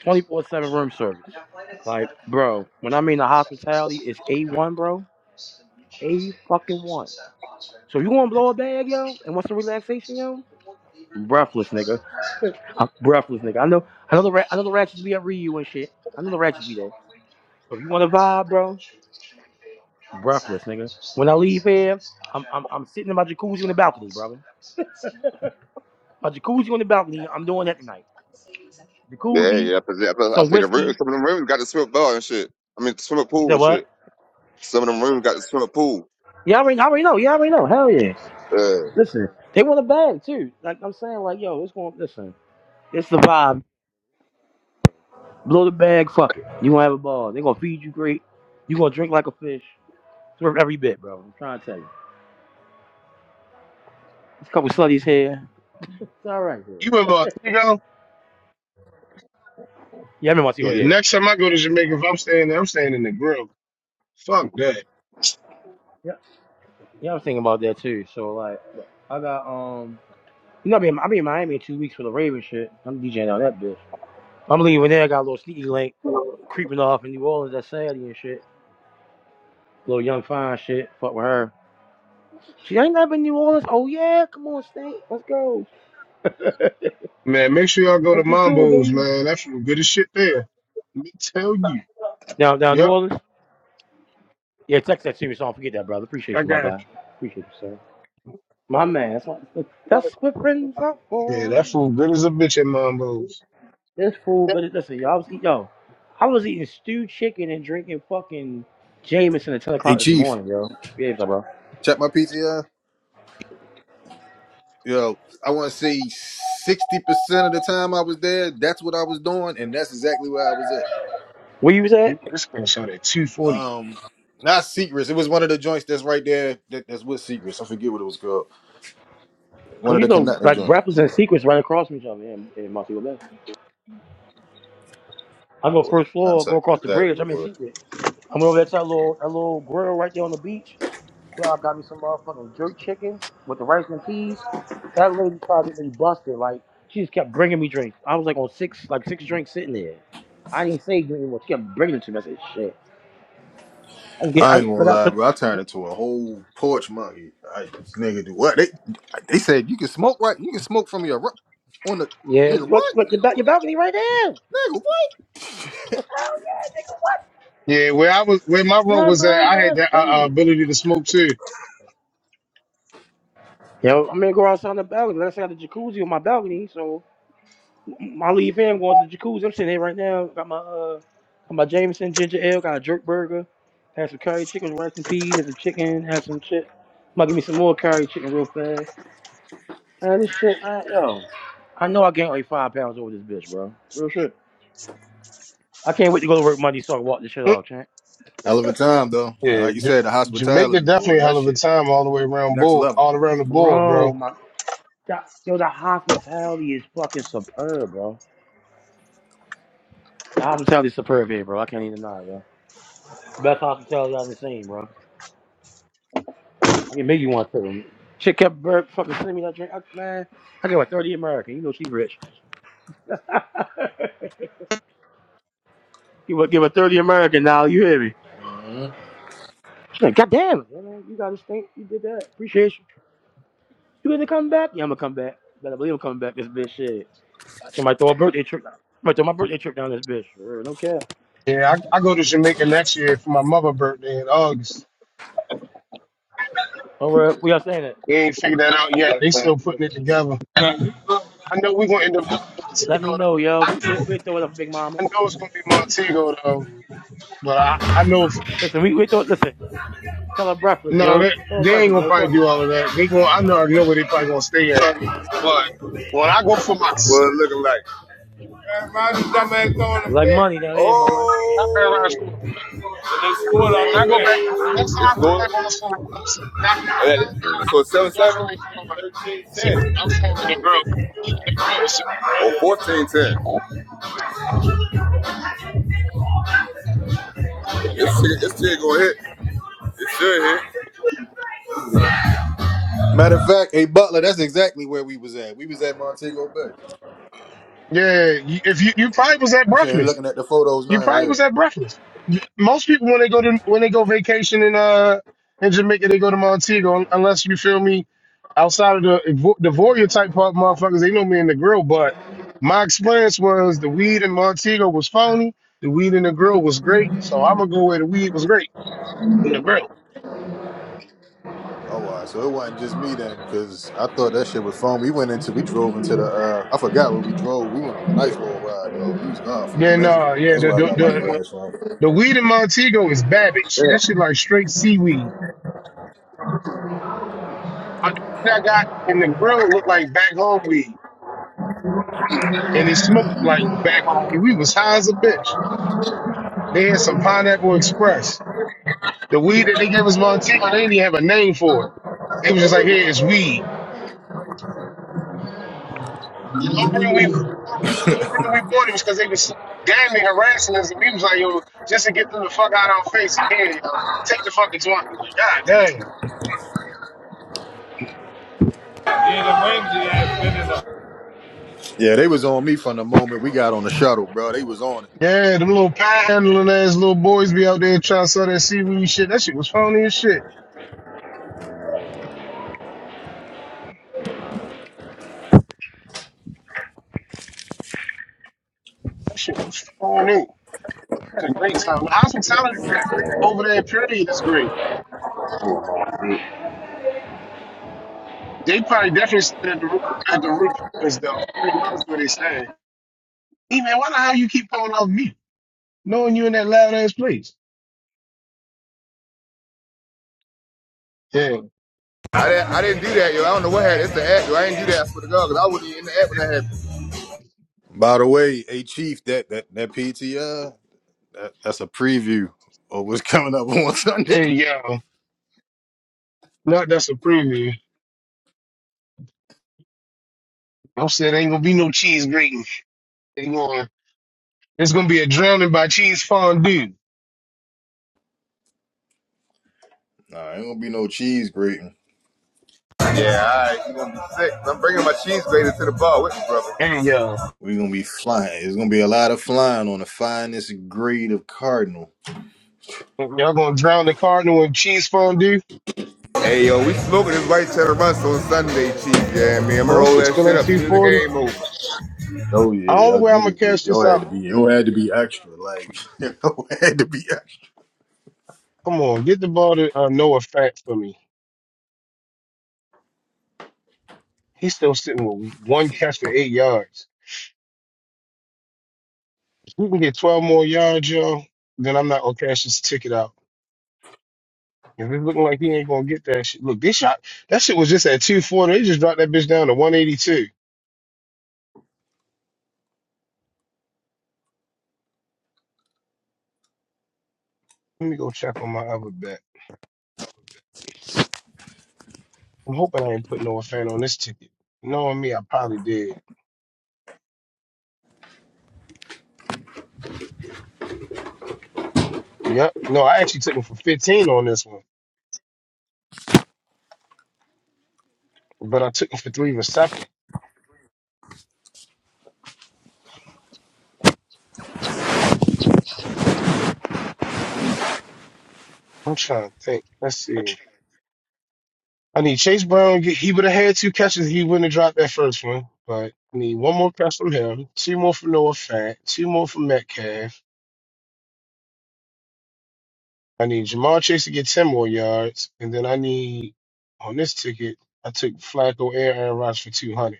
24 7 room service. Like, bro, when I mean the hospitality, it's A1, bro. A fucking one. So if you want to blow a bag, yo, and want some relaxation, yo? Breathless, nigga. I'm breathless, nigga. I know, I know the, ra- I know the ratchets be at Ryu and shit. I know the ratchets be there. So if you want to vibe, bro, Breathless, nigga. When I leave here, I'm I'm, I'm sitting in my jacuzzi on the balcony, brother. My jacuzzi on the balcony. I'm doing that tonight. Yeah, yeah. Jacuzzi, yeah, 'cause- yeah, 'cause I some say the room. whiskey. Some of them rooms got the swimming bar and shit. I mean, swimming You pool said and what? shit. Some of them rooms got the swimming pool. Yeah, I already, I already know. Yeah, I already know. Hell yeah. Yeah. Listen, they want a bag too. Like I'm saying, like yo, it's going. Listen, it's the vibe. Blow the bag. Fuck it. You gonna have a ball. They gonna feed you great. You gonna drink like a fish. It's worth every bit, bro. I'm trying to tell you. There's a couple slutties here. It's all right here. You in Montego? Yeah, I remember. I see, oh Yeah. yeah. Next time I go to Jamaica, if I'm staying there, I'm staying in the grill. Fuck that. Yeah, yeah. I was thinking about that too. So like, I got um. You know, I'll be in, I'll be in Miami in two weeks for the Ravens shit. I'm DJing on that bitch. I'm leaving there. I got a little sneaky link creeping off in New Orleans that Saturday and shit. Little young fine shit. Fuck with her. She ain't never been to New Orleans. Oh yeah, come on, State. Let's go. Man, make sure y'all go Let's to get to it, Mambo's, baby. man. That food good as shit there. Let me tell you. Now, now New Yep, Orleans. Yeah, text that to me so I don't forget that, brother. Appreciate I you, my got guy. you. Appreciate you, sir. My man. That's what, that's what friends are Yeah, for. that food good as a bitch at Mambo's. This fool, but listen, y'all. I was eat, yo. I was eating stewed chicken and drinking fucking Jameson at ten Hey o'clock this Chief, morning, yo. Behave yourself, bro. check my PTR. Yo, I want to say sixty percent of the time I was there, that's what I was doing, and that's exactly where I was at. Where you was Ooh, at? This thing shot at 240. Um, not Secrets. It was one of the joints that's right there. That, that's with Secrets. I forget what it was called. One Cause of you the know, connecting like joint. rappers and secrets right across from each other in, in Montego Bay. I go first floor, go Contact. across the bridge. Exactly. I'm in secret. I'm over at that little that little grill right there on the beach. Yeah, I got me some motherfucking jerk chicken with the rice and peas. That lady tried to get me busted. Like she just kept bringing me drinks. I was like on six like six drinks sitting there. I didn't say drink anymore. She kept bringing it to me. I said, shit. i get, I I, ain't gonna look, I, lie, look, bro. I turned into a whole porch monkey. I nigga do what? They they said you can smoke right. You can smoke from your ru- on the yeah, nigga What? what? What? your, ba- your balcony right there. Nigga what? Yeah, where I was, where my room What, was at, bro? I had that's that uh, crazy. uh, ability to smoke too. Yo, I'm gonna go outside on the balcony. Let's say I got the jacuzzi on my balcony, so I leave here and go into the jacuzzi. I'm sitting here right now. Got my uh, got my Jameson ginger ale. Got a jerk burger. Had some curry chicken with rice and peas. Had some chicken. Had some chip. I'm gonna give me some more curry chicken real fast. Man, this shit, man, yo. I know I gained like five pounds over this bitch, bro. Real shit. I can't wait to go to work Monday so I can walk this shit Mm. off, champ. Hell of a time though. And Yeah, Like you J- said, the Jamaica hospitality boy, definitely a that hell of a shit time all the way around next board, level. all around the board, Bro, bro. my God. yo, the hospitality is fucking superb, bro. The hospitality is superb here, bro. I can't even deny it, bro. Best hospitality I've ever seen, bro. I can make you want to. Chick kept Burke fucking sending me that drink. I, man, I give her 30 American. You know she rich. (laughs) you would give her 30 American now, you hear me? hmm She's like, God damn it, man. You got to stink. You did that. Appreciate you. You gonna come back? Yeah, I'm gonna come back. Better believe I'm coming back this bitch shit. I think I might throw a birthday trip down. might throw my birthday trip down this bitch. For real, No cap. Yeah, I, I go to Jamaica next year for my mother birthday in August. All right, we are saying it. We ain't figured that out yet. They still putting it together. I know we're gonna end up going to Let me Montego. Though. know, yo. We, we, we throw it up, Big Mama. I know it's gonna be Montego though. But I, I know if, Listen, we, we throw Listen, tell her breakfast, no, yo. they, Tell her they ain't breakfast, gonna yo. probably Fuck it. do all of that. They going I know already know where they probably gonna stay at. But when I go for my, What s- it looking like? Why this throwing a Like fit? money down here, my boy. I ran around Oh, school. Pull out When the I go back, fit. when next time it's I go full. back on school, I'm sitting down with Yeah, my family. I So it's seven seven definitely feel like 13 so ten. I'm saying to the girl, even the girl was or fourteen ten. so This shit, this shit gonna hit. It should hit. Matter of fact, hey Butler, that's exactly where we was at. We was at Montego Bay. yeah, you- if I'm saying, looking at the photos now. yeah. he my Oh, all right. So it wasn't just me then, because I thought that shit was fun. We went into, we drove into the, uh, I forgot where we drove. We went on a nice little ride, though. We was gone for a then minute. uh yeah That's the where I the got my the, grass from. the weed in Montego is Babbage. Yeah. That shit like straight seaweed. I, what I got in the grill looked like back home weed, and it smoked like back home weed. We was high as a bitch. They had some Pineapple Express. The weed that they gave us Montego, they didn't even have a name for it. They was just like, here, it's weed. The only reason we, the only reason we bought it was because they was damn near harassing us. And we was like, yo, just to get them the fuck out of our face. Here, yo, take the fucking 20. Like, God damn. Yeah, they was on me from the moment we got on the shuttle, bro. They was on it. Yeah, them little panhandling ass little boys be out there trying to sell that seaweed shit. That shit was phony as shit. That shit was phony. had a great time. The hospitality over there. Period. They probably definitely stayed at the Ru- at the root place though. Pretty much where they saying. Hey man, why the hell you keep calling off me? Knowing you in that loud ass place. Yeah. I didn't, I didn't do that, yo. I don't know what happened. It's the act, yo. I didn't do that. I swear to Cause I wasn't even in the act when that happened. By the way, hey, Chief, that that, that PTR, that, that's a preview of what's (laughs) coming up on (laughs) Sunday. Hey yo. No, that's a preview. I'm saying ain't gonna be no cheese grating. They going it's gonna be a drowning by cheese fondue. Nah, ain't gonna be no cheese grating. Yeah, all right. You gonna be sick. I'm bringing my cheese grater to the bar with me, brother. Hey yo. we gonna be flying. It's gonna be a lot of flying on the finest grade of Cardinal. Y'all gonna drown the cardinal in cheese fondue? Hey, yo, we smoking this white cheddar rust on Sunday, Chief. Yeah, me. I'm gonna Oh, that roll shit's that still shit at up soon as the 240. game over. Oh The yeah, only y'all way I'm gonna niggas, be- catch y'all this had out, to be, y'all had to be extra. Like, (laughs) y'all had to be extra. come on, get the ball to uh, Noah Fat for me. He's still sitting with one catch for eight yards. If he can get 12 more yards, yo, then I'm not gonna cash this ticket out. If it's looking like he ain't gonna get that shit. Look, this shot that shit was just at 240. They just dropped that bitch down to 182. Let me go check on my other bet. I'm hoping I ain't put no fan on this ticket. Knowing me, I probably did. Yep. No, I actually took him for 15 on this one. All right. I need Jamal Chase to get 10 more yards. And then I need on this ticket, I took Flacco and Aaron Rodgers for 200.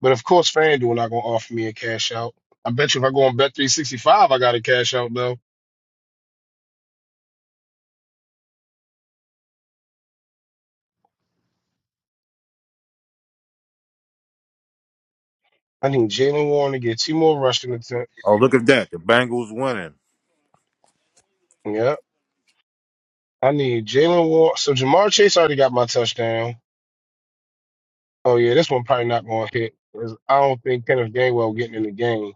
But of course, FanDuel not gonna offer me a cash out. I bet you if I go on Bet three sixty five, I got a cash out though. I need Jalen Warren to get two more rushing attempts. Oh look at that, the Bengals winning. Yeah, I need Jalen Warren. So Jamar Chase already got my touchdown. Oh yeah, this one probably not gonna hit 'cause I don't think Kenneth Gainwell getting in the game.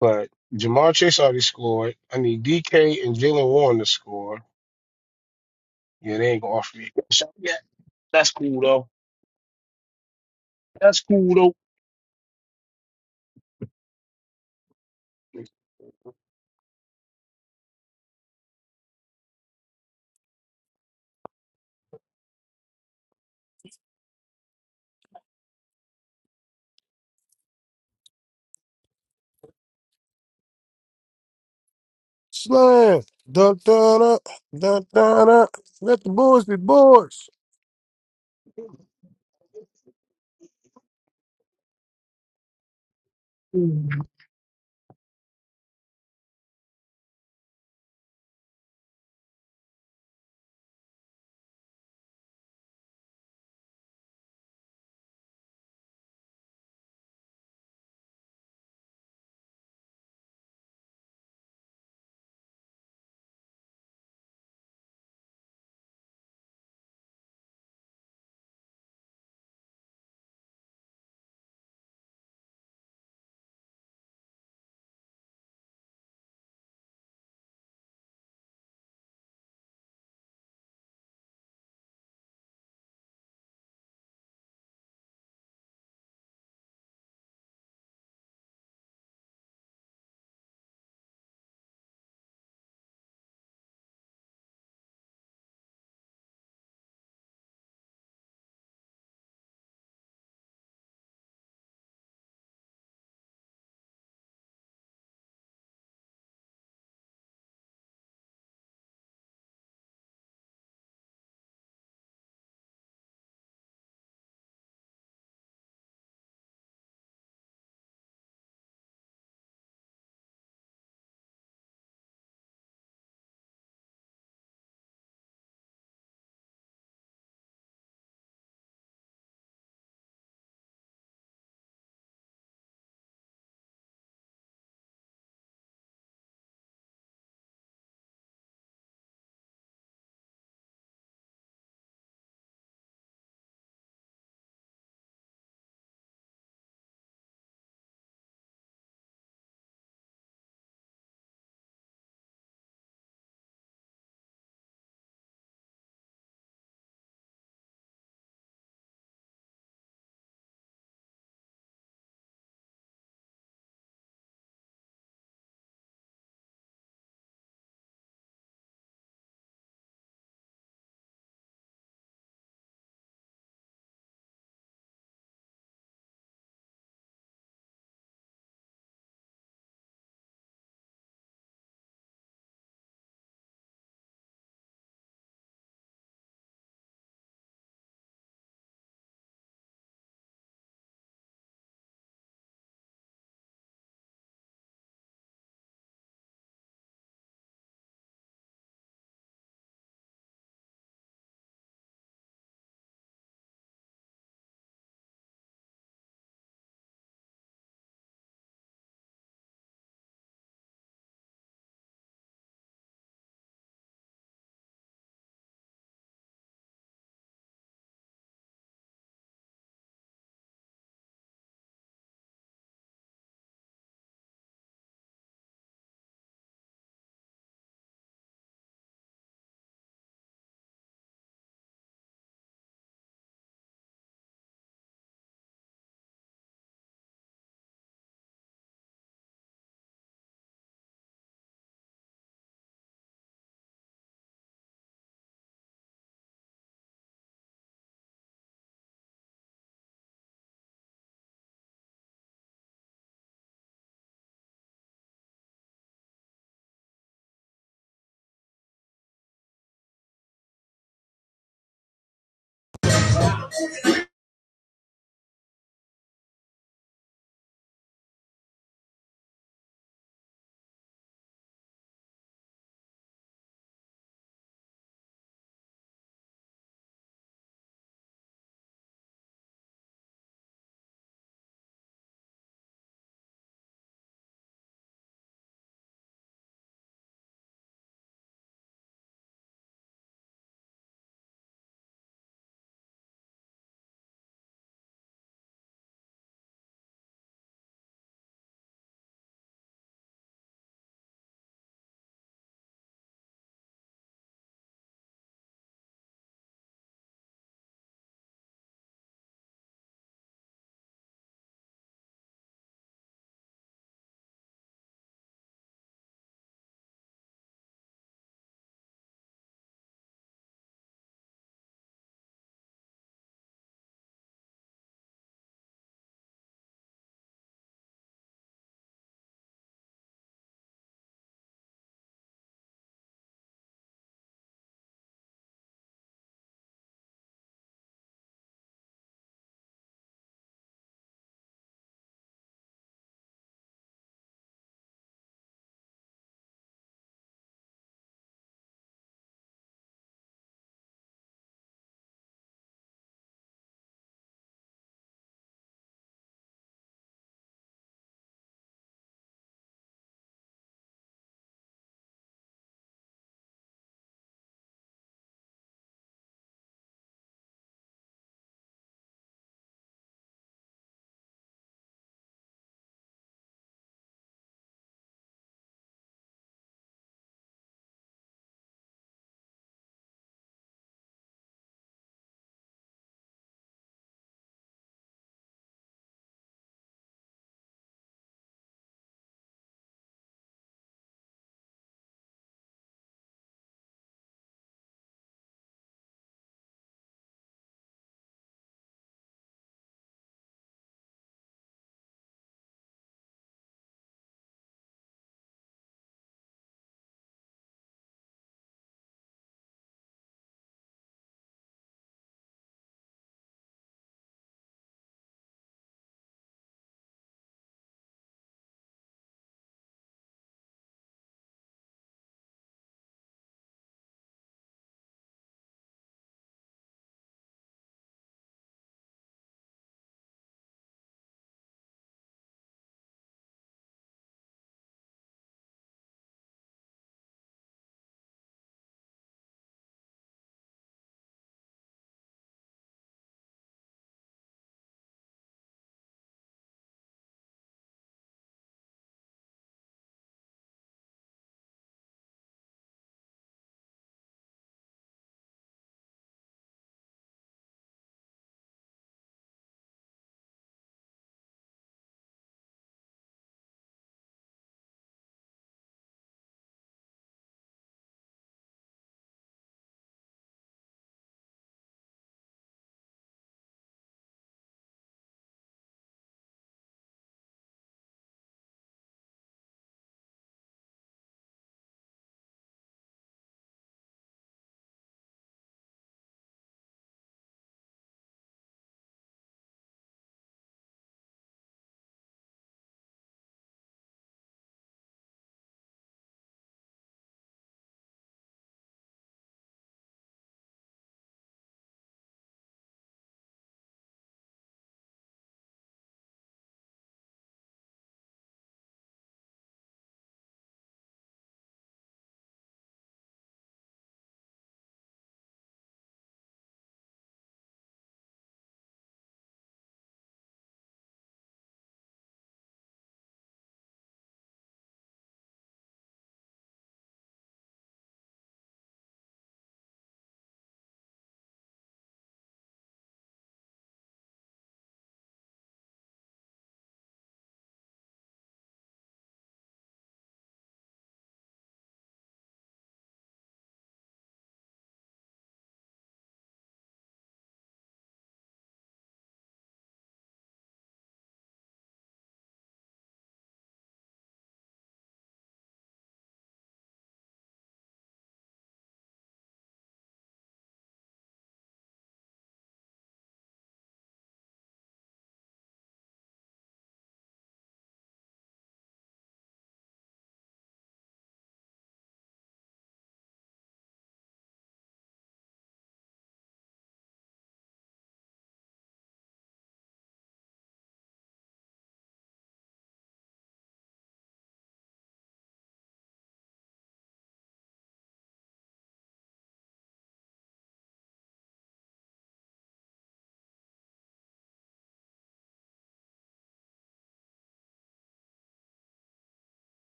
But Jamar Chase already scored. I need DK and Jalen Warren to score. Yeah, they ain't gonna offer me a cash out yet. That's cool though. That's cool though.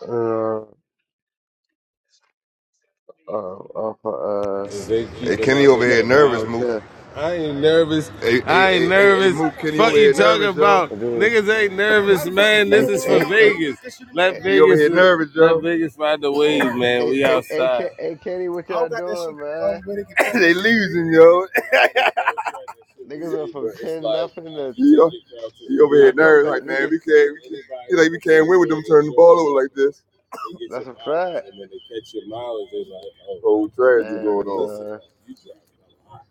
Uh, uh, uh, uh, uh, Hey, Kenny over it's here next to the nervous, body. Mook. hotel. I ain't nervous. Hey, hey, I ain't hey, nervous. hey, hey, nervous. Mook, Fuck you talking nervous, yo. about. It Yo. is. Niggas ain't nervous, man. This Hey, is for hey, hey, Vegas. Let hey. Vegas here nervous, let yo. Vegas ride the Hey, wave, man. hey, We hey, hey, outside. Ka- hey, Katie, what y'all doing, man? (laughs) they losing, yo. Niggas went from But it's 10 like nothing to You he over I here come nervous, back, like man, niggas. we can't, we can't. He like we can't win with them turning the ball over like this. They get That's your a mileage, fact. and when they catch your mileage, they're like, oh, Whole tragedy Damn, going on. son. you driving a lot.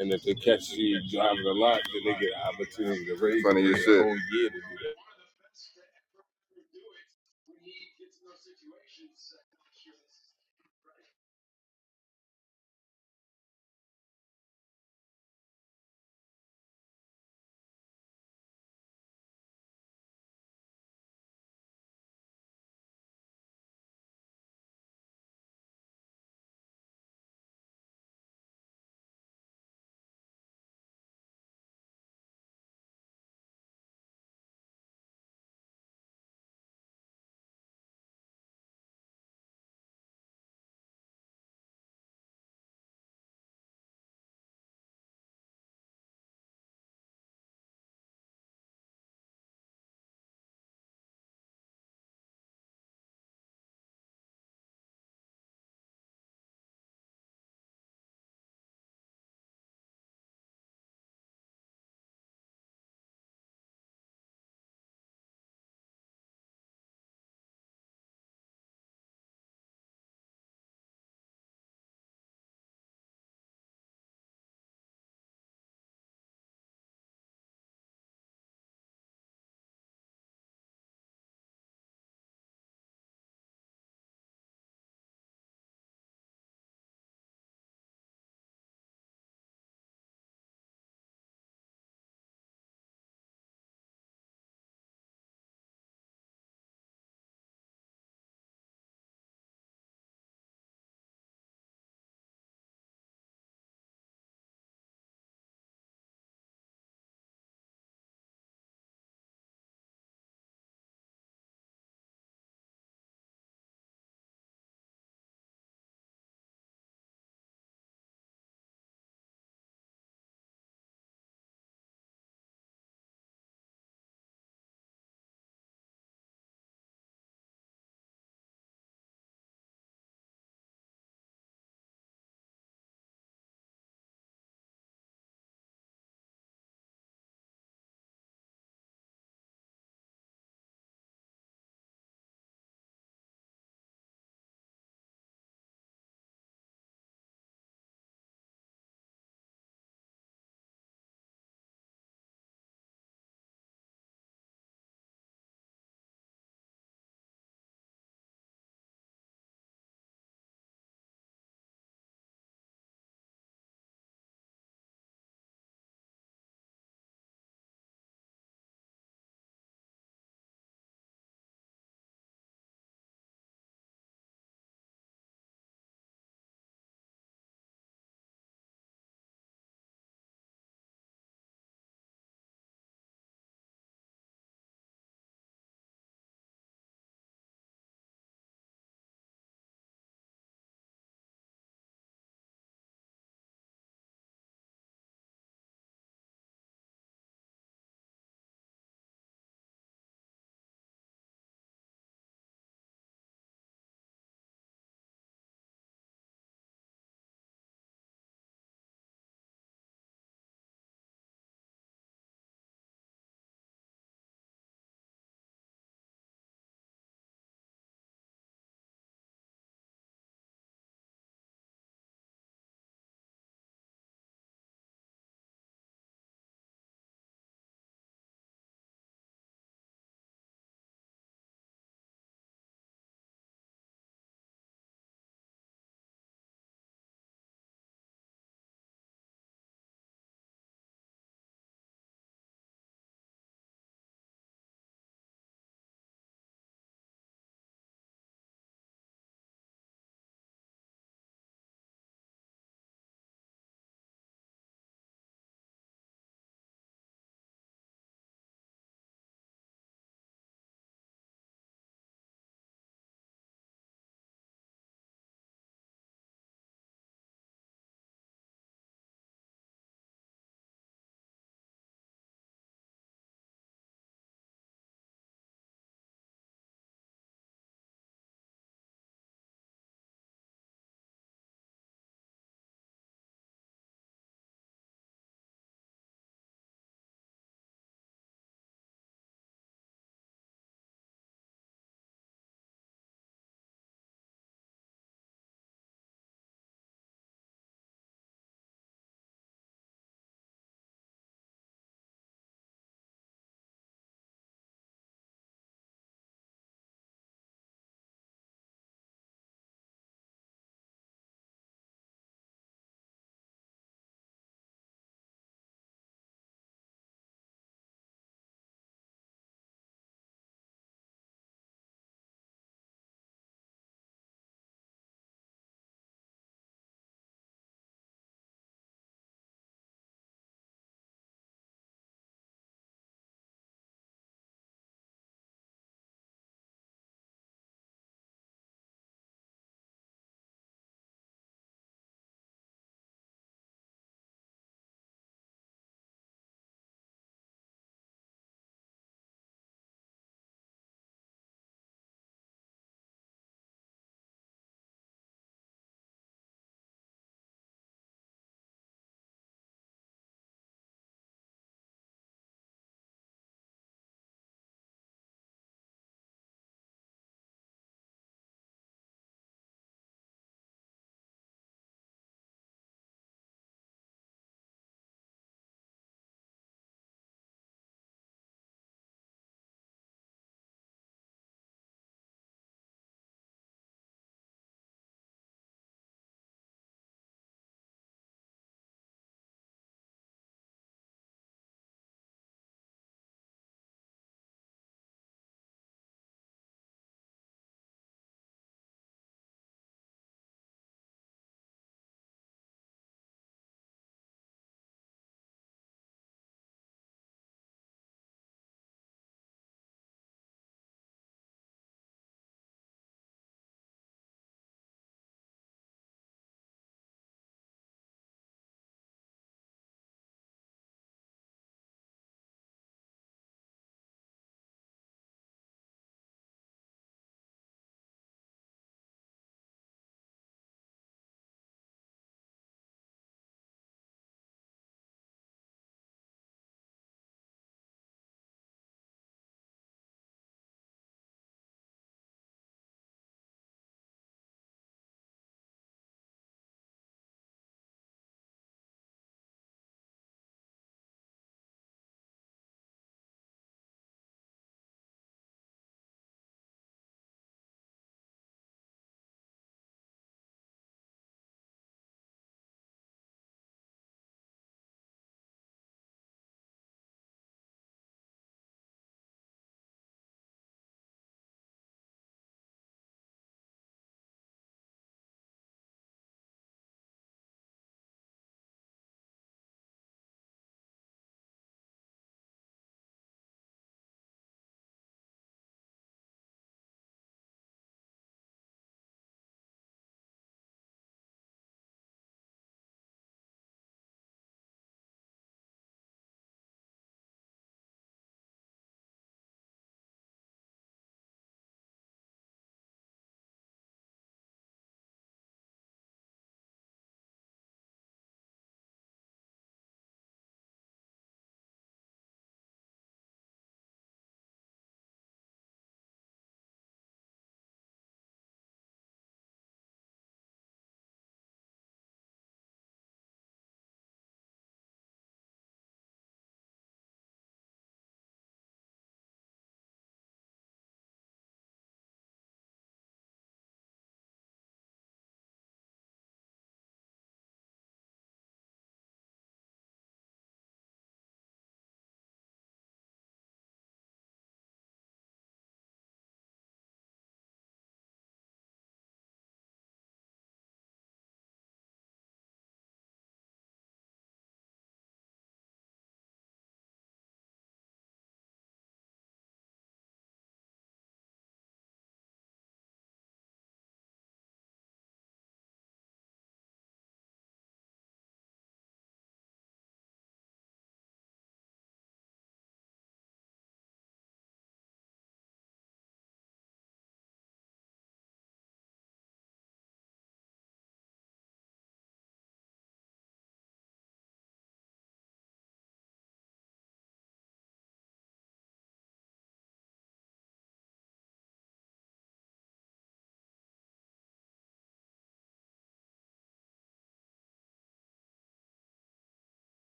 And if they catch you driving a lot, then they get an opportunity to raise you Funny for as year to do that.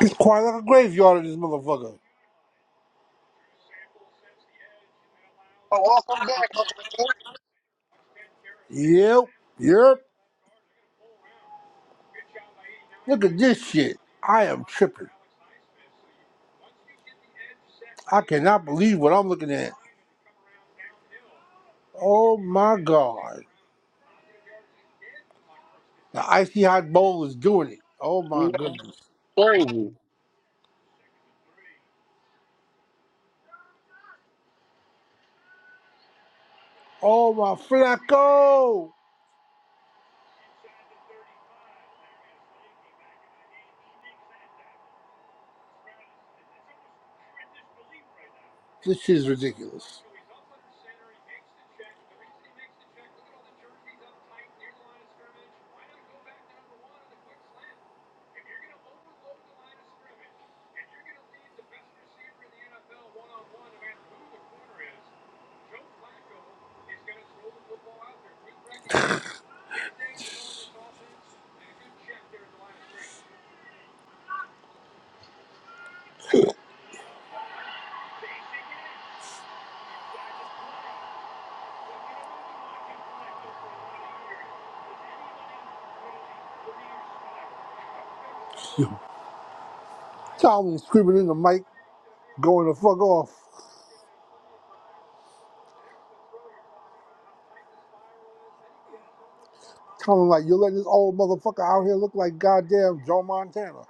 It's quiet like a graveyard in this motherfucker. Oh, welcome back, Uncle Nick. Yep, yep. Look at this shit. I am tripping. I cannot believe what I'm looking at. Oh my god. The icy hot bowl is doing it. Oh my You know, goodness. thank you. Oh my Flacco. This shit is ridiculous. Tommy screaming in the mic. going the fuck off, telling like you're letting this old motherfucker out here look like goddamn Joe Montana.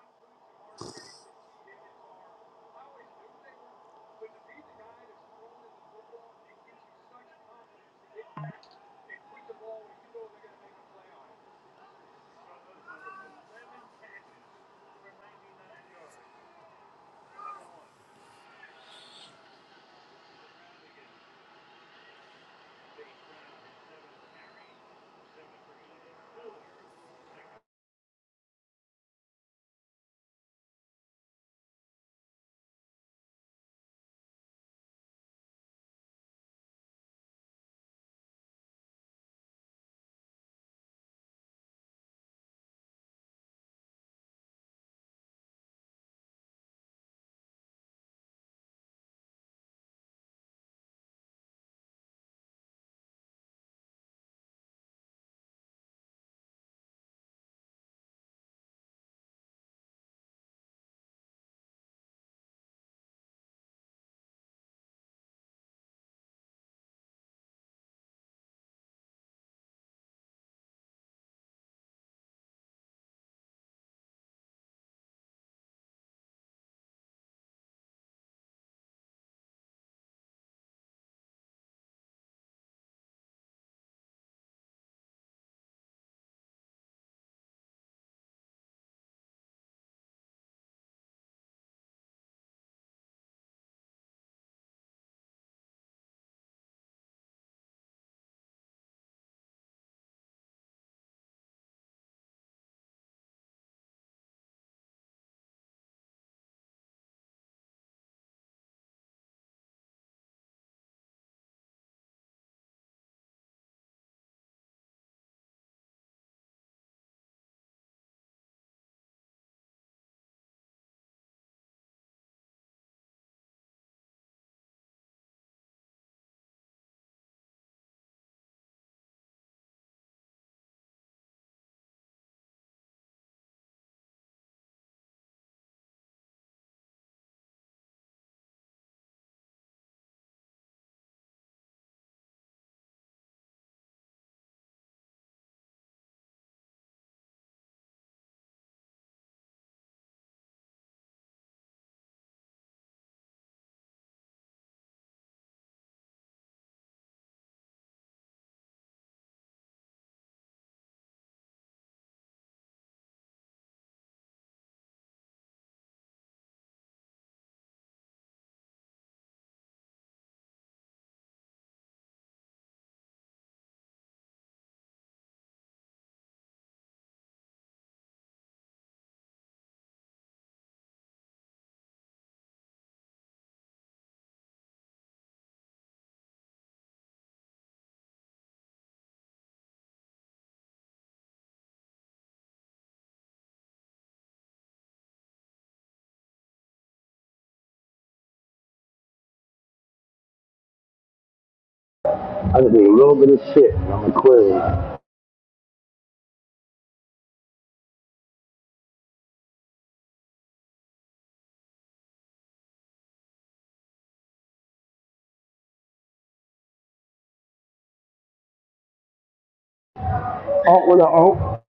Oh, what the oh,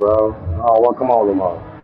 bro. Oh, well, come on, Lamar.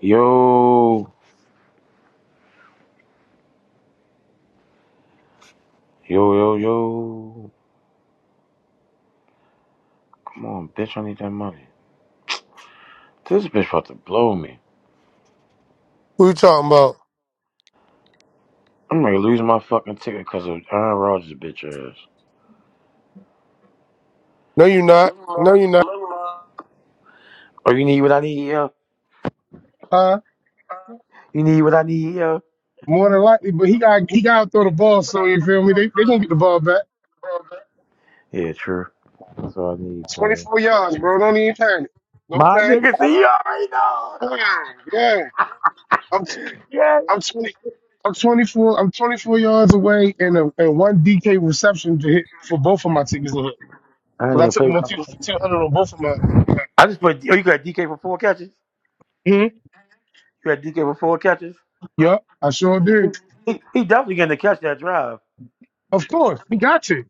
Yo, yo, yo, yo. Come on, bitch. I need that money. This bitch about to blow me. Who you talking about? I'm gonna lose my fucking ticket because of Aaron Rodgers' bitch ass. No, you're not. No, you're not. Oh, you need what I need, yo? Uh, You need what I need, yo? more than likely, but he got he got to throw the ball. So you feel me? They they gonna get the ball back. Yeah, true. That's all I need, Twenty cuz. four yards, bro. Don't even panic. Don't My panic. nigga, see, you already know. Yeah, yeah. I'm Yeah. I'm twenty. I'm 24. I'm 24 yards away, and a, and one DK reception to hit for both of my tickets to hit. I didn't But I even took play. them on 200 on both of my. I just played. Oh, you got DK for four catches? mm You got DK for four catches? Yup, I sure He, did. he, he definitely getting to catch that drive. Of course, we got you.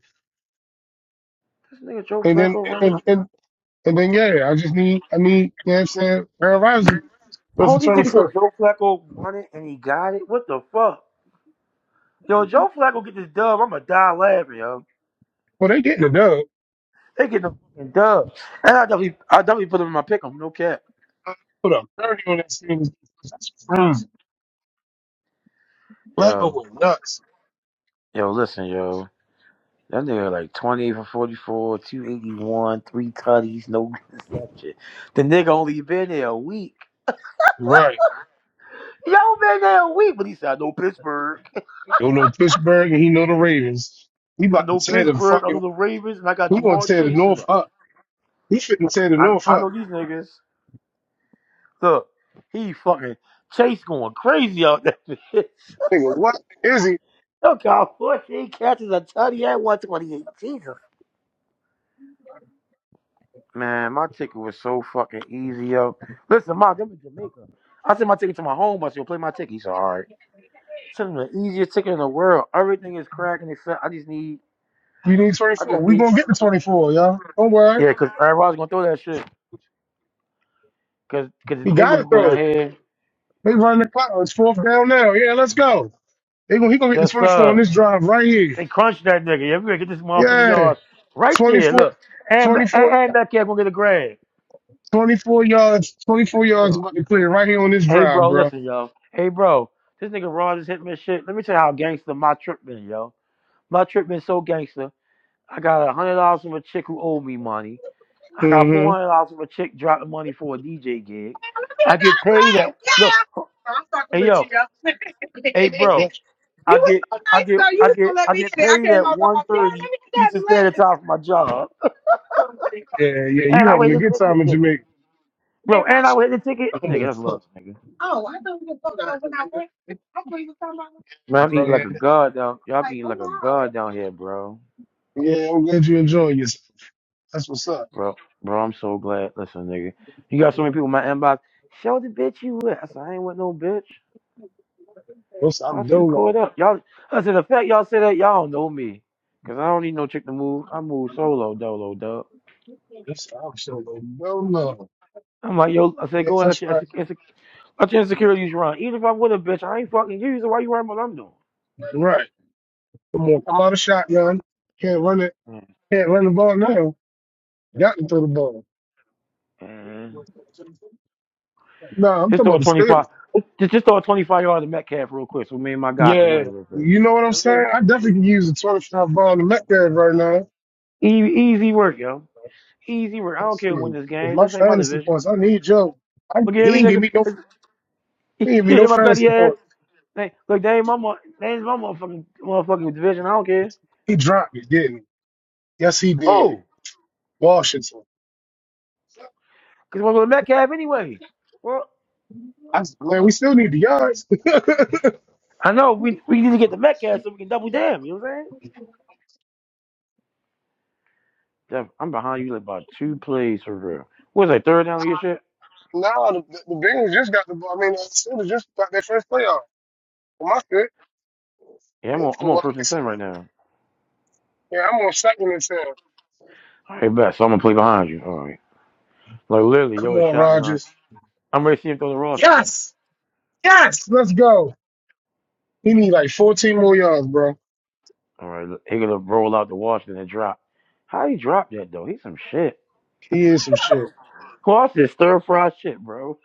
This nigga Joe And then Flacco running. and and and then yeah, I just need I need. You know what I'm saying Aaron Rodgers, but for Holy nigga said 24. Joe Flacco won it and he got it. What the fuck? Yo, Joe Flacco get this dub. I'ma die laughing, yo. Well, they didn't. They get the fucking dub. And I definitely I definitely put him in my pick 'em, no cap. put up 30 on that series. Right. Oh, Yo, well, nuts. yo, listen, yo. That nigga like 20 for 44, 281, three tutties, no interception. The nigga only been there a week. Right. Yo, been there a week, but he said, I know Pittsburgh. He'll know Pittsburgh and he know the Ravens. He I about to know tear the Pittsburgh, I know fucking, the Ravens, and I got he going to Jamar tear the chasing North them. up. He shouldn't tear the I, North I up. know these niggas. Look, he fucking Chase going crazy out there. Nigga, what is he? Look how (laughs) 14 catches a tutty at 128. Jesus. Man, my ticket was so fucking easy, yo. Listen, Mark, I'm in Jamaica. I sent my ticket to my home. I said, "Yo, play my ticket. He said, all right. Sent him the easiest ticket in the world. Everything is cracking except I just need, You need I 24. just We need, going to get the 24, y'all. Don't worry. yeah, because everybody's going to throw that shit. Because cause 'cause the He got to Bengals going down throw it. here. They running the clock. It's fourth down now. Yeah, let's go. They gonna, he going to get the Yes, 24 on sir. this drive right here. They crunched that nigga. Yeah, we going to get this motherfucking Yeah. yard right there. 24, Look. And, and, 24, and that cat going to get a grab. 24 yards, 24 yards about to clear right here on this Hey, drive, bro, bro. listen, yo. Hey, bro, this nigga Ron just hit me with shit. Let me tell you how gangster my trip been, yo. My trip been so gangster. I got a hundred dollars from a chick who owed me money. I got four Mm-hmm. hundred dollars from a chick dropping money for a DJ gig. I get paid at look. Hey, yo. Hey, bro. I get, I get, I get, I get paid at one thirty Eastern Standard Time for my job, Yeah, yeah, you and I having wait a the good ticket, time in nigga. Jamaica. Bro, and I wait the ticket, nigga. That's love, nigga. Man, I'm bro. eating like Yeah, a god down. Y'all eating like a god down here, bro. I'm glad you enjoying yourself. Bro, bro, I'm so glad. Listen, nigga, you got so many people in my inbox. Show the bitch you with. I said, I ain't with no bitch. That's, Y'all I'm too dolo. caught up. Y'all, I said, the fact y'all say that, y'all don't know me. Cause I don't need no chick to move. I move solo, dolo, dub. That's, I'm solo dolo. I'm like, yo, I said, go Yes, and let that's your, right. inse- inse- let your insecurities run. Even if I'm with a bitch, I ain't fucking you, so why you worrying about what I'm doing? Right. Come on, come out of shotgun. Can't run it. Can't run the ball now. Got to throw the ball. Mm-mm. No, I'm Just talking throw a about the 25, Steelers. just, just throw a 25 yard to Metcalf real quick so me and my guy can win Yeah. real quick. You know what I'm saying? I definitely can use a 25 ball in the Metcalf right now. E- easy work, yo. Easy work. I don't Let's care who win see. this With game. my This ain't my fantasy division. points, I need Joe. I, Look at he every ain't give nigga. me no. (laughs) He ain't give me no Hit my petty fantasy ass. points. They, look, they ain't my mo- they ain't my motherfucking motherfucking division. I don't care. He dropped it, didn't he? Yes, he did. Oh, Washington. cause we're going to Metcalf anyway. Well, I, man, uh, we still need the yards. I know we we need to get the Metcalf so we can double down. You know what I'm saying? Damn, I'm behind you like about two plays for real. What's that third down on your shit? No, the, the Bengals just got the ball. I mean, the Steelers just got their first playoff. For my good, Yeah, I'm and on I'm for on what first I and see. ten right now. Yeah, I'm on second and ten. All right, bet. So I'm gonna play behind you. All right. Like literally, yo, Come a on, shotgun. Rogers. I'm ready to see him throw the Washington. Yes, let's go. He need like 14 more yards, bro. All right, look, he gonna roll out the Washington and drop. How he dropped that though? He's some shit. He is some shit. Who else is stir fried shit, bro?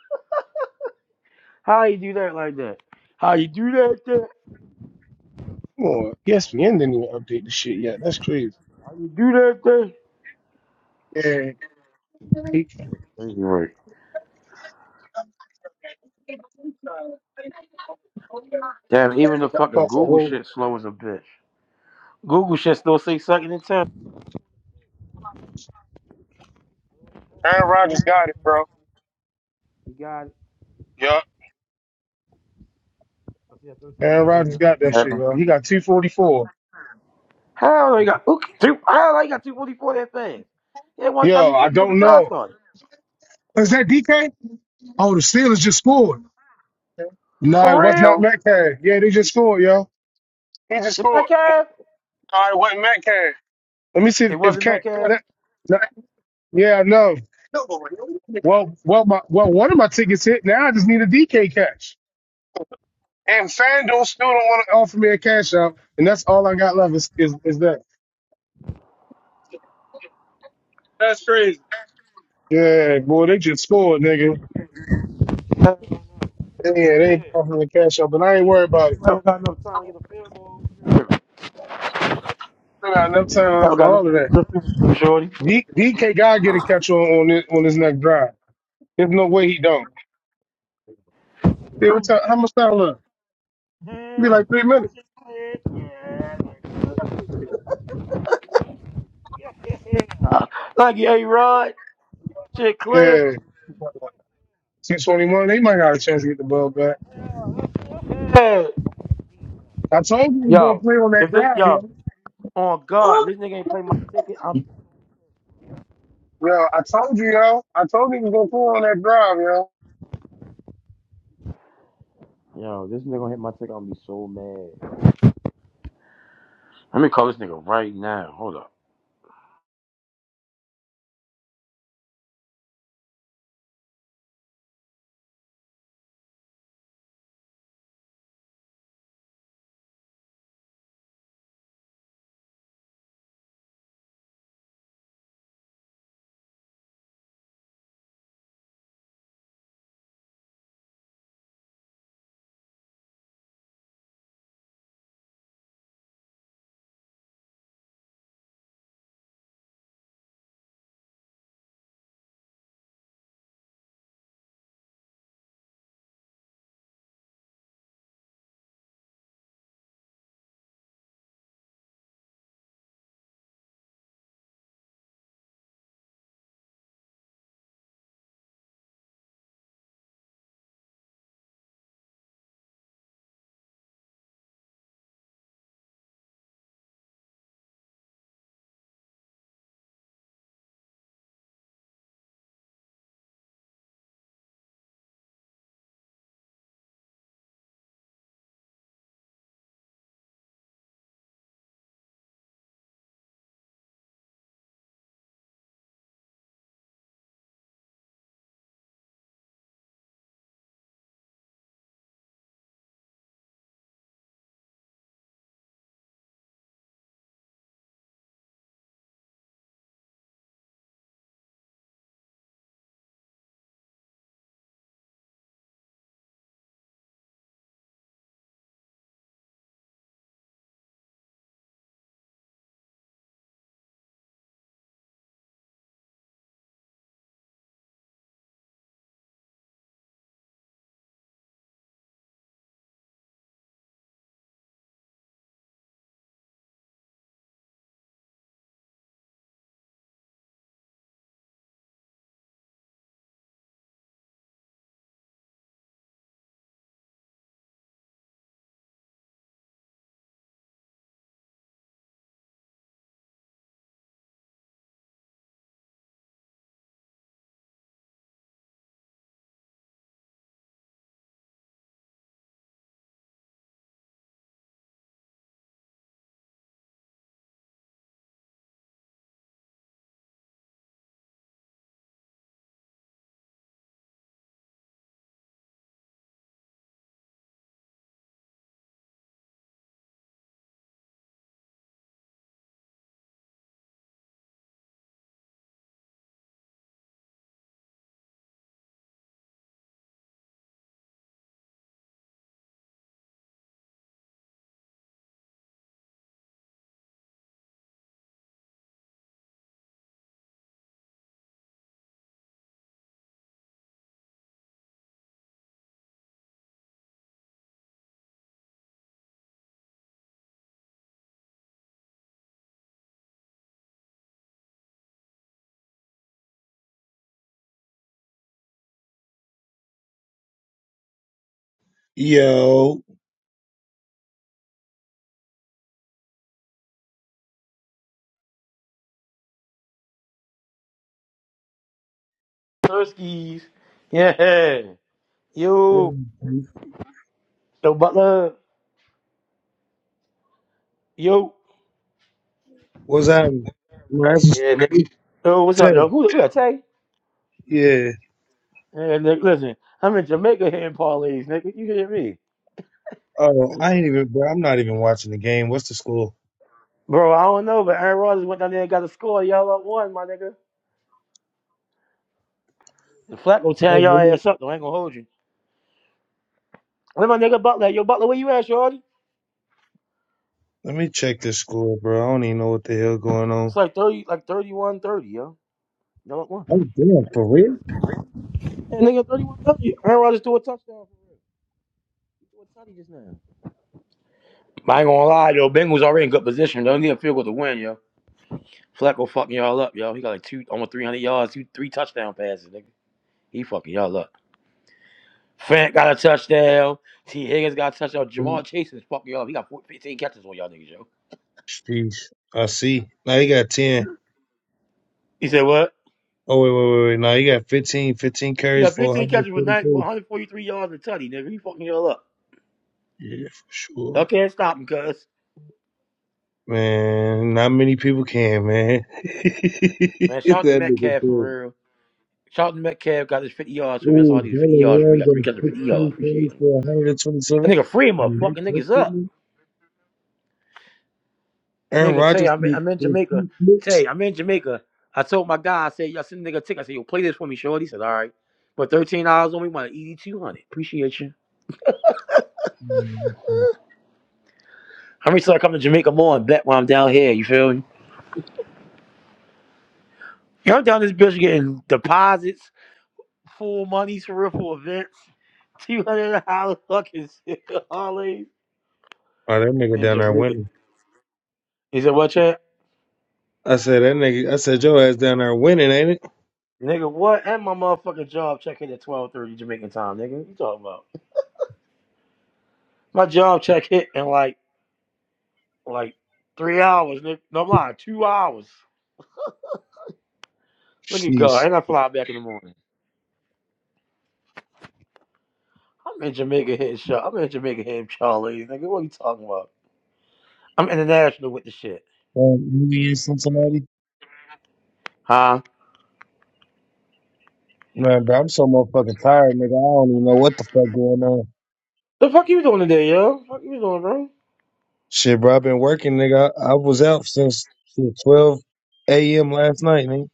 How you do that like that? How you do that thing? Come on, Yes, ESPN didn't even update the shit yet. That's crazy. How you do that thing? Yeah, he Anyway. Damn, even he the got fucking off a Google whole. shit slow as a bitch. Google shit still say second and ten. arrow. You got it. yeah. Aaron Rodgers got that shit, Second. yo. He got 244. Huh? Two eyes. It Yo, I don't know. was. Is that DK? Oh, just scored. No, For it was not real? Metcalf. Yeah, they just scored, yo. The math? Let me see It if wasn't that Cat. oh, cast. that- no, Yeah, no. Well, well, my well, one of my tickets hit. Now I just need a DK cash. And FanDuel still don't want to offer me a cash out, and that's all I got left is is, is that. That's crazy. Yeah, boy, they just scored, nigga. Yeah, they ain't offering me a cash out, but I ain't worried about it. Still got enough time for Got all of that. nothing. (laughs) Shorty. D, DK gotta get a catch on on this, on his next drive. There's no way he don't. Yeah, what time? How much time left? Be like three minutes. Uh, like, hey, Rod. Shit clear. Yeah. 621, they might not have a chance to get the ball back. Yeah. I told you we was gonna Yo. play on If that this, drive, yo. yo. On God, if this nigga ain't play my ticket, I'm. Yo, I told you, yo. I told you we was gonna play on that drive, yo. Yo, this nigga gonna hit my ticket, I'm gonna be so mad. Let me call this nigga right now. Hold up. Yo, Turskies. Yeah. Yo, the butler. Yo. what's happening? Man, that's just Yeah, nigga. Yo, what's up, Tay. yo? Who yeah, Tay? Yeah. Yeah, nigga, listen. I'm in Jamaica hitting parlays, nigga. You hear me? Oh, I ain't even, bro. I'm not even watching the game. What's the score? Bro, I don't know, but Aaron Rodgers went down there and got a score. Y'all up one, my nigga. The flat gonna tear Like, y'all really? ass up, though. I ain't gonna hold you. Where my nigga Butler? at? Yo, Butler, where you at, shorty? Let me check this score, bro. I don't even know what the hell going on. It's like 30, like 31, 30, yo. Y'all up one. Oh, damn, for real? Hey, nigga, thirty-one, thirty. Aaron Rodgers threw a touchdown. threw a touchdown just now. I ain't gonna lie, yo. Bengals already in good position. Don't need a field goal to win, yo. Flacco fucking y'all up, yo. He got like two, almost 300 yards, two, three touchdown passes, nigga. He fucking y'all up. Fant got a touchdown. T. Higgins got a touchdown. Jamal Chase is fucking y'all up. He got 15 catches on y'all niggas, yo. Jeez, I see. Now he got 10. He said what? Oh, wait, wait, wait, wait. Now he got 15. 15 He carries got for 15 catches with nine, for 142. 143 yards and tutty, nigga. He fucking y'all up. Yeah, for Y'all sure. can't stop him, cuz. Man, not many people can, man. (laughs) Man, shout out to that nigga Metcalf good. for real. Shout out to Metcalf got his 50 yards from him. That's all Ooh, I need is 50 Jalen yards from him. He Warren got three catches for got 50 yards. 16 Appreciate carries him. for That 127. nigga free him up. And Fucking he took niggas up. Aaron Nigga, Tay, Rodgers I'm in, with I'm in with Jamaica. two picks. Tay, I'm in Jamaica. I told my guy, I said, yo, send the nigga a ticket. I said, yo, play this for me, shorty. He said, all right. But $13 only want to eat 200 Appreciate you. Man, How many times I come to Jamaica more and bet while I'm down here? You feel me? Yo, I'm down this bitch getting deposits, full monies for real for events, $200 fucking shit, (laughs) Harley Oh, that nigga in down there Jamaica. winning. He said, what, chat? I said that nigga. I said your ass down there winning, ain't it? Nigga, what? And my motherfucking job check hit at 12.30 Jamaican time, nigga. What you talking about? My job check hit in like Like three hours, nigga. No, I'm lying. Two hours. Look at God. Jeez. And I fly back in the morning. I'm in Jamaica hitting Char- I'm in Jamaica hitting Charlie, nigga. What are you talking about? I'm international with the shit. Um, you mean Cincinnati? Huh? Man, bro, I'm so motherfucking tired, nigga. I don't even know what the fuck going on. The fuck you doing today, yo? Fuck you doing, bro? Shit, bro, I've been working, nigga. I, I was out since shit, 12 a.m. last night, nigga.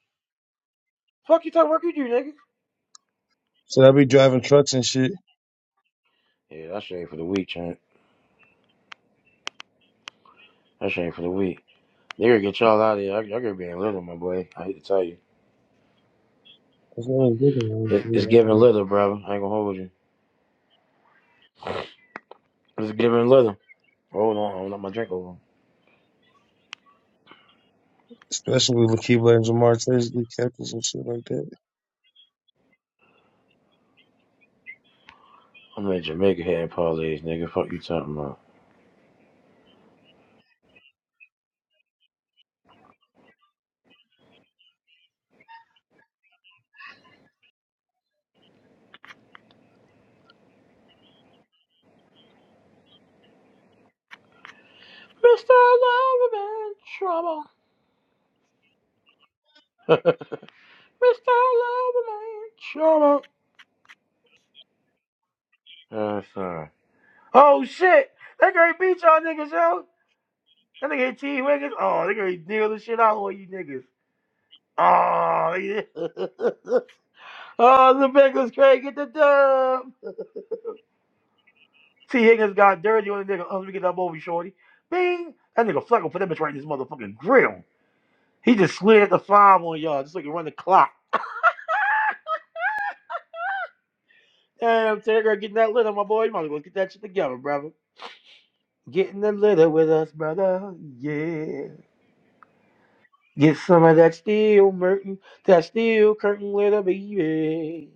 Fuck you talking work you do, nigga. So I be driving trucks and shit. Yeah, that shit ain't for the week, Trent. That shit ain't for the week. They gonna get y'all out of here. I, I could be in little, my boy. I hate to tell you. That's what I was It, it's looking giving at. little, brother. I ain't gonna hold you. It's giving little. Hold on, I'm not my drink over. Especially with Keyblade and Jamar Chase, Lee Capers and shit like that. I'm in Jamaica hitting parlays, nigga. Fuck you talking about. Mr. Loverman Trouble. (laughs) Mr. Loverman Trouble. Uh, sorry. Oh shit! That girl beat y'all niggas, yo! That nigga ain't T Wiggins. Oh, that gonna deal the shit out on you niggas. Oh, yeah. (laughs) oh, the Bengals great, get the dub. T Higgins got dirty on the nigga. Oh, let me get that over, shorty. Bing! That nigga Flacco put that bitch right in his motherfucking grill. He just slid the five on y'all just so he can run the clock. Damn, T. That girl getting that lit on my boy. You might as well get that shit together, brother. Get in the litter with us, brother. Yeah. Get some of that steel Merton, that steel curtain litter, baby.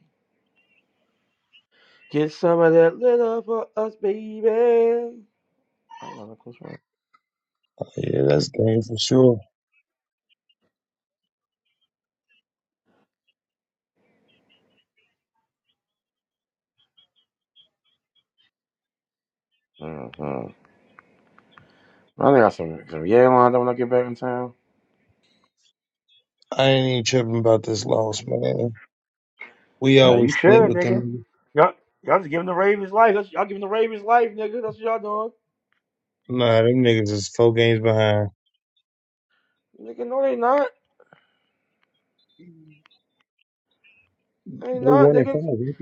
Get some of that litter for us, baby. I know that close one. Yeah, that's game for sure. Mm-hmm. I think I got some some yeah lined up when I get back in town. I ain't even tripping about this loss, man. We Yeah, you always split should, with nigga. them. Y'all, y'all just giving the Ravens life. That's, y'all giving the Ravens life, nigga. That's what y'all Nah, them niggas is four games behind. doing. Nigga, no, they not. They They not, won in nigga. five, didn't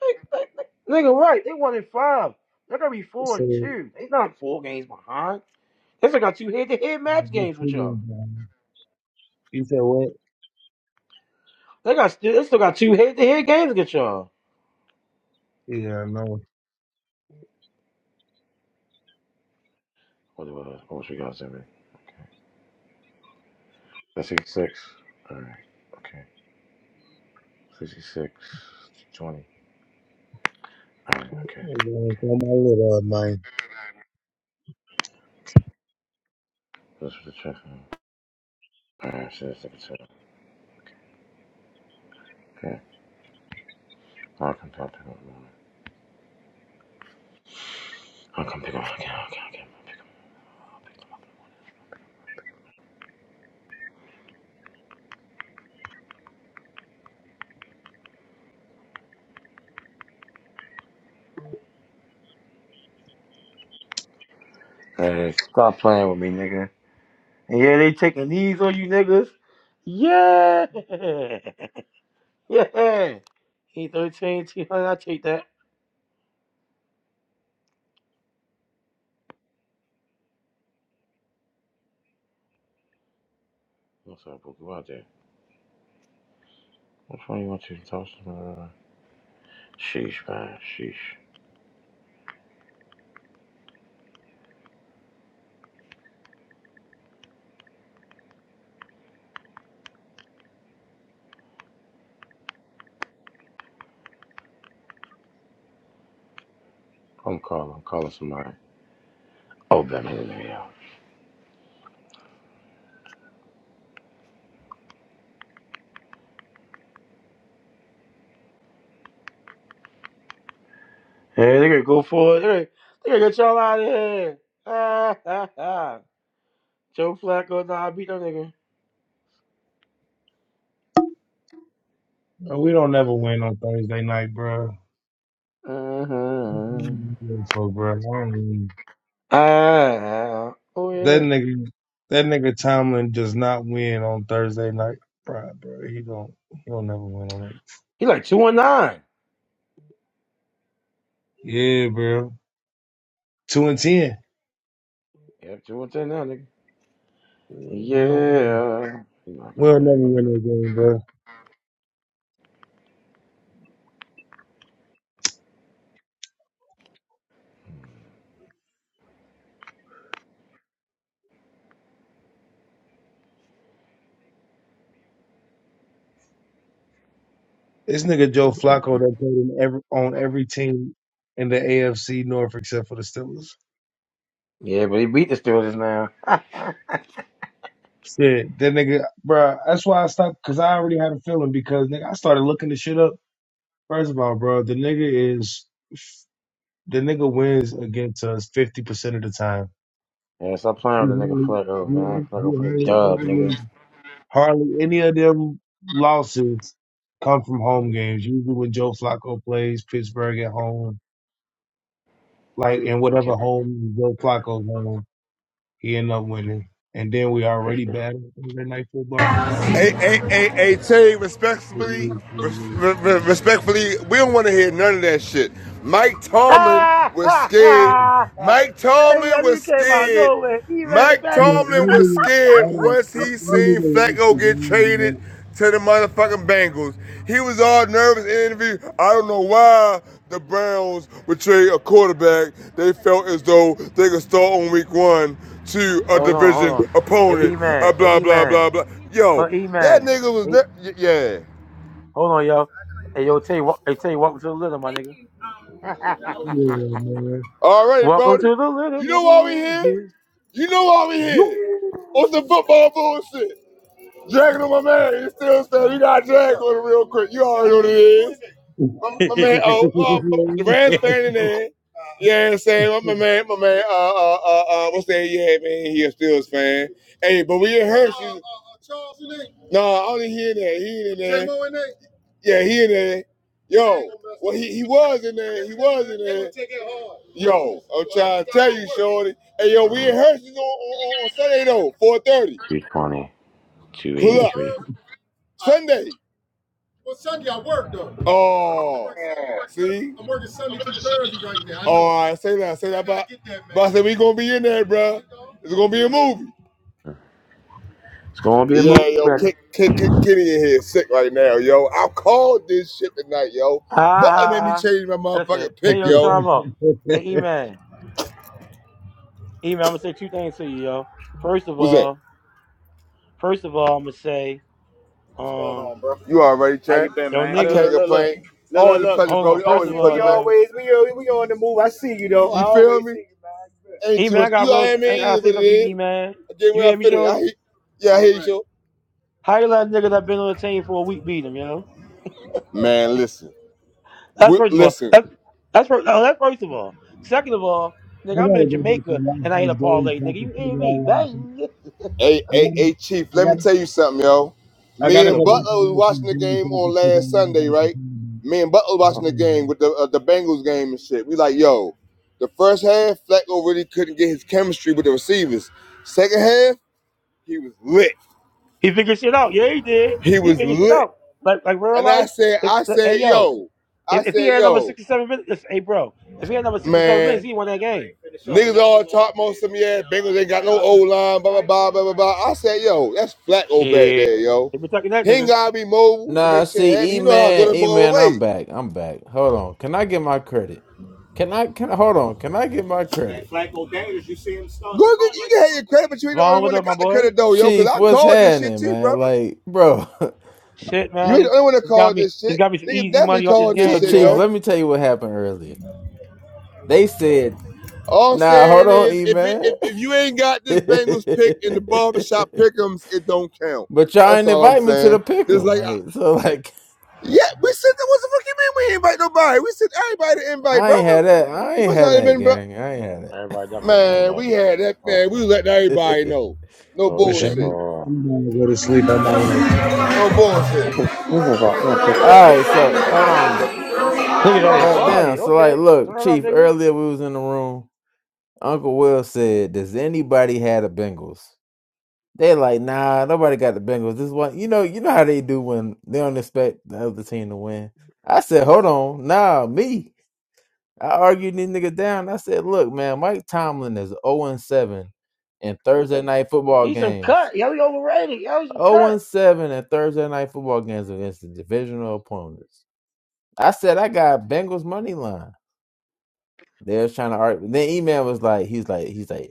They, they, they, nigga, right? They one and five. They're gonna be they? four So and they two. They not four games behind. They still got two head to head match games with two y'all. games behind. You said what? They got still they still got two head to head games against y'all. Yeah, I know. What about us? What you got, Zimmy? Okay. That's 86. Alright. Okay. 66. 20. Alright, okay. Yeah, Okay. On my little uh, man. This is the check. Alright, so that's the check. Okay. I'll come talk to him. I'll come pick up. Okay, okay, okay. Hey, stop playing with me, nigga. And yeah, they taking knees on you niggas. Yeah. (laughs) Yeah. He 13, two hundred. I take that. What's up, Booker? Out there? What phone you want to talk to? Uh, sheesh, man. Sheesh. I'm calling. I'm calling somebody. Oh, damn it. There you are. Hey, they gonna go for it. They gonna they gonna get y'all out of here. (laughs) Ah, ah, ah. Joe Flacco, nah, I beat that nigga. No, We don't ever win on Thursday night, bro. What you Uh-huh. even doing For bro, I don't even. Ah, oh That yeah. nigga, that nigga Tomlin does not win on Thursday night pride, bro. He don't, he don't never win on that. He like two one nine. Yeah, bro. Two and ten. Yeah, two and now, nigga. We don't, Yeah. You know, I got we'll that. never I got win that. that game, bro. This nigga Joe Flacco that played in every, on every team in the AFC North except for the Steelers. Yeah. Shit, that nigga, bro. That's why I stopped because I already had a feeling because nigga, I started looking the shit up. First of all, bro, the nigga is the nigga wins against us fifty percent of the time. Yeah, stop playing He with the nigga hardly Flacco, man. he, he Flacco for the hardly, dub, never nigga. hardly any of them losses come from home games. Usually when Joe Flacco plays Pittsburgh at home, like in Okay, whatever home Joe Flacco's home, he end up winning. And then we already appreciate it. bad at Thursday night football, bro. I Hey, don't hey, think it hey, hey, Terry, respectfully, really- res- really- re- really- respectfully, we don't want to hear none of that shit. Mike Tomlin Ah, was ah, scared. really- ah. Mike Hey, Tomlin yo, he was came out of scared. nowhere. E-Man, Mike Yeah, I Patty. Tomlin don't was even I scared don't once I I he don't seen even watch the Flacco get game, traded bro. to the motherfucking Bengals. He was all nervous in the interview. I don't know why the Browns would trade a quarterback they felt as though they could start on week one to a Hold division on. Hey, opponent. Uh, blah, blah, E-Man. blah, blah. Yo, Oh, that E-Man. nigga was, Hey, ne- y- yeah. hold on, yo. Hey, yo, Tay, wel- welcome to the little, my Thank nigga. you. Um, Yeah, man. All right, Welcome Brody. to the little, You know why we nigga. here? You. You know why we here? On some You. football bullshit. Dragging on my man. You still said we got drag on it real quick. You already know what it is. my, my man, oh, uh, Duran's fan in there. Yeah, I'm saying my, man, my man, uh, uh, uh, uh what's that? Yeah, man, he a Steelers fan. Hey, but we in Hershey. Uh, uh, uh, Charles in there? No, I only hear that. He ain't in there. J-Mo in there? Yeah, he in there. Yo, well, he, he was in there. He was in there. Take it hard. Yo, I'm trying to tell you, Shorty. Hey, yo, we in Hershey's on, on on Sunday though, 4:30. Two eight (laughs) Pull up. three. Sunday. Well, Sunday I work though. I Oh, I work Sunday. see? I'm working Sunday through Thursday right now. I know. Oh, know, I I said, get that, man. but I said, we gonna be in, bro. It's gonna be a movie. It's going to be a Yeah, movie, yo, brother. kick, kick, kick, Kenny in here, sick right now, yo. I called this shit tonight, yo. Ha But it made me ha. change my Listen, motherfucking hey, pick, (laughs) I yo, yo. time up. Hey, E-Man. E-Man, I'm going to say two things to you, yo. First of What's that? all, first of all, I'm going to say, What's going um, on, bro? You already, changed. How you been, yo, man? I Look, can't look, niggas, complain. look, look, Always look. a pleasure, hold bro. on. First Always a of see we all, pleasure, man. yo, always we we on the move. I see you though. I You I feel me? you, Ain't too E-Man, much. I You got know what real, I I mean? It got is to say what it something to is. you, E-Man. Again, You where I hear me, fit in. I shorty? hate, yeah, I hate you. How you let niggas that been on the team for a week beat them, know Man, listen, That's we, first of all. listen, That's that's first, no, that's first of all. Second of all, nigga, I'm gotta in go back Jamaica and watch and I hit a these days parlay, so I nigga. can You hear figure me? out what I think. Bang. hey, I hey, gotta, hey, Chief. I Let me gotta, tell you something, yo. I Me gotta The and go Butler back and fool. was watch watching these the days game so I on can figure out last what I Sunday, gotta right? complain about. Me and Butler I Oh. watching the game with like the uh, the Bengals game and shit. We like, yo, the first half, Flacco really couldn't get his chemistry with the receivers. Second half, he was lit. He figured shit out. Yeah, he did. He He was figured shit lit. out. Like like real And I life. said, If, I like, hey said, yo, yo, I if, if he said, had number yo, six or seven minutes, if- hey bro, if he had number six or seven man. minutes, he won that game. Niggas all talk most of them, yeah. Bengals ain't got no O line, blah, blah, blah, blah, blah, blah. I said, yo, that's Flacco back Shit. there, yo. They been talking that He ain't nigga. gotta be mobile to Nah, make shit happen. see, E He know how to throw man, the E ball man, I'm away. back. I'm back. Hold on. Can I get my credit? Can I can hold on? Can I get my Man, credit? Go get, you see him start. Good, good. You can have your credit, but you ain't the only Vaughn, what one that up, my got the boy? credit though, yo. Cause Chief, I what's called this shit happening, too, man? brother. Like, bro. (laughs) Shit, You man. ain't the It's, only one that it's got called me. this It's shit. got me some Niggas easy definitely money off this called this So, game. You shit, Chief, heard? yo. let me tell you what happened earlier. They said, All I'm "Nah, hold saying on, is, E if it, man." if, if you ain't got (laughs) this but Bengals pick in the barbershop pickems, it don't count. y'all That's ain't all I'm invite me to saying. the Just pickle, like like so. (laughs) Like, Yeah, we said that. What the fuck you mean we invite nobody? We sent everybody to invite, I ain't brother. had that. I You ain't must had not have that, been, bro. gang. I ain't had Everybody up Man, here, we had that, man. man. We let everybody that. know. No Oh, let me say, I'm, bullshit. hold I'm on. gonna go to sleep on my life, man. No bullshit. This is a- yeah, (laughs) pick- All right, so hold on. da- Niggas on your God party. damn. So, like, Okay. Turn look, it up, Chief. nigga. Earlier we was in the room. Uncle Will said, "Does anybody had the Bengals?" They are like, nah, nobody got the Bengals. This one, you know, you know how they do when they don't expect the other team to win. I said, hold on, nah, me. I argued these niggas down. I said, look, man, Mike Tomlin is 0 and 7 in Thursday night football He's some games. cut. Yo, he overrated. Yo, he's some 0 cut. and 7 in Thursday night football games against the divisional opponents. I said, I got Bengals money line. They was trying to argue. Then email was like, he's like, he's like,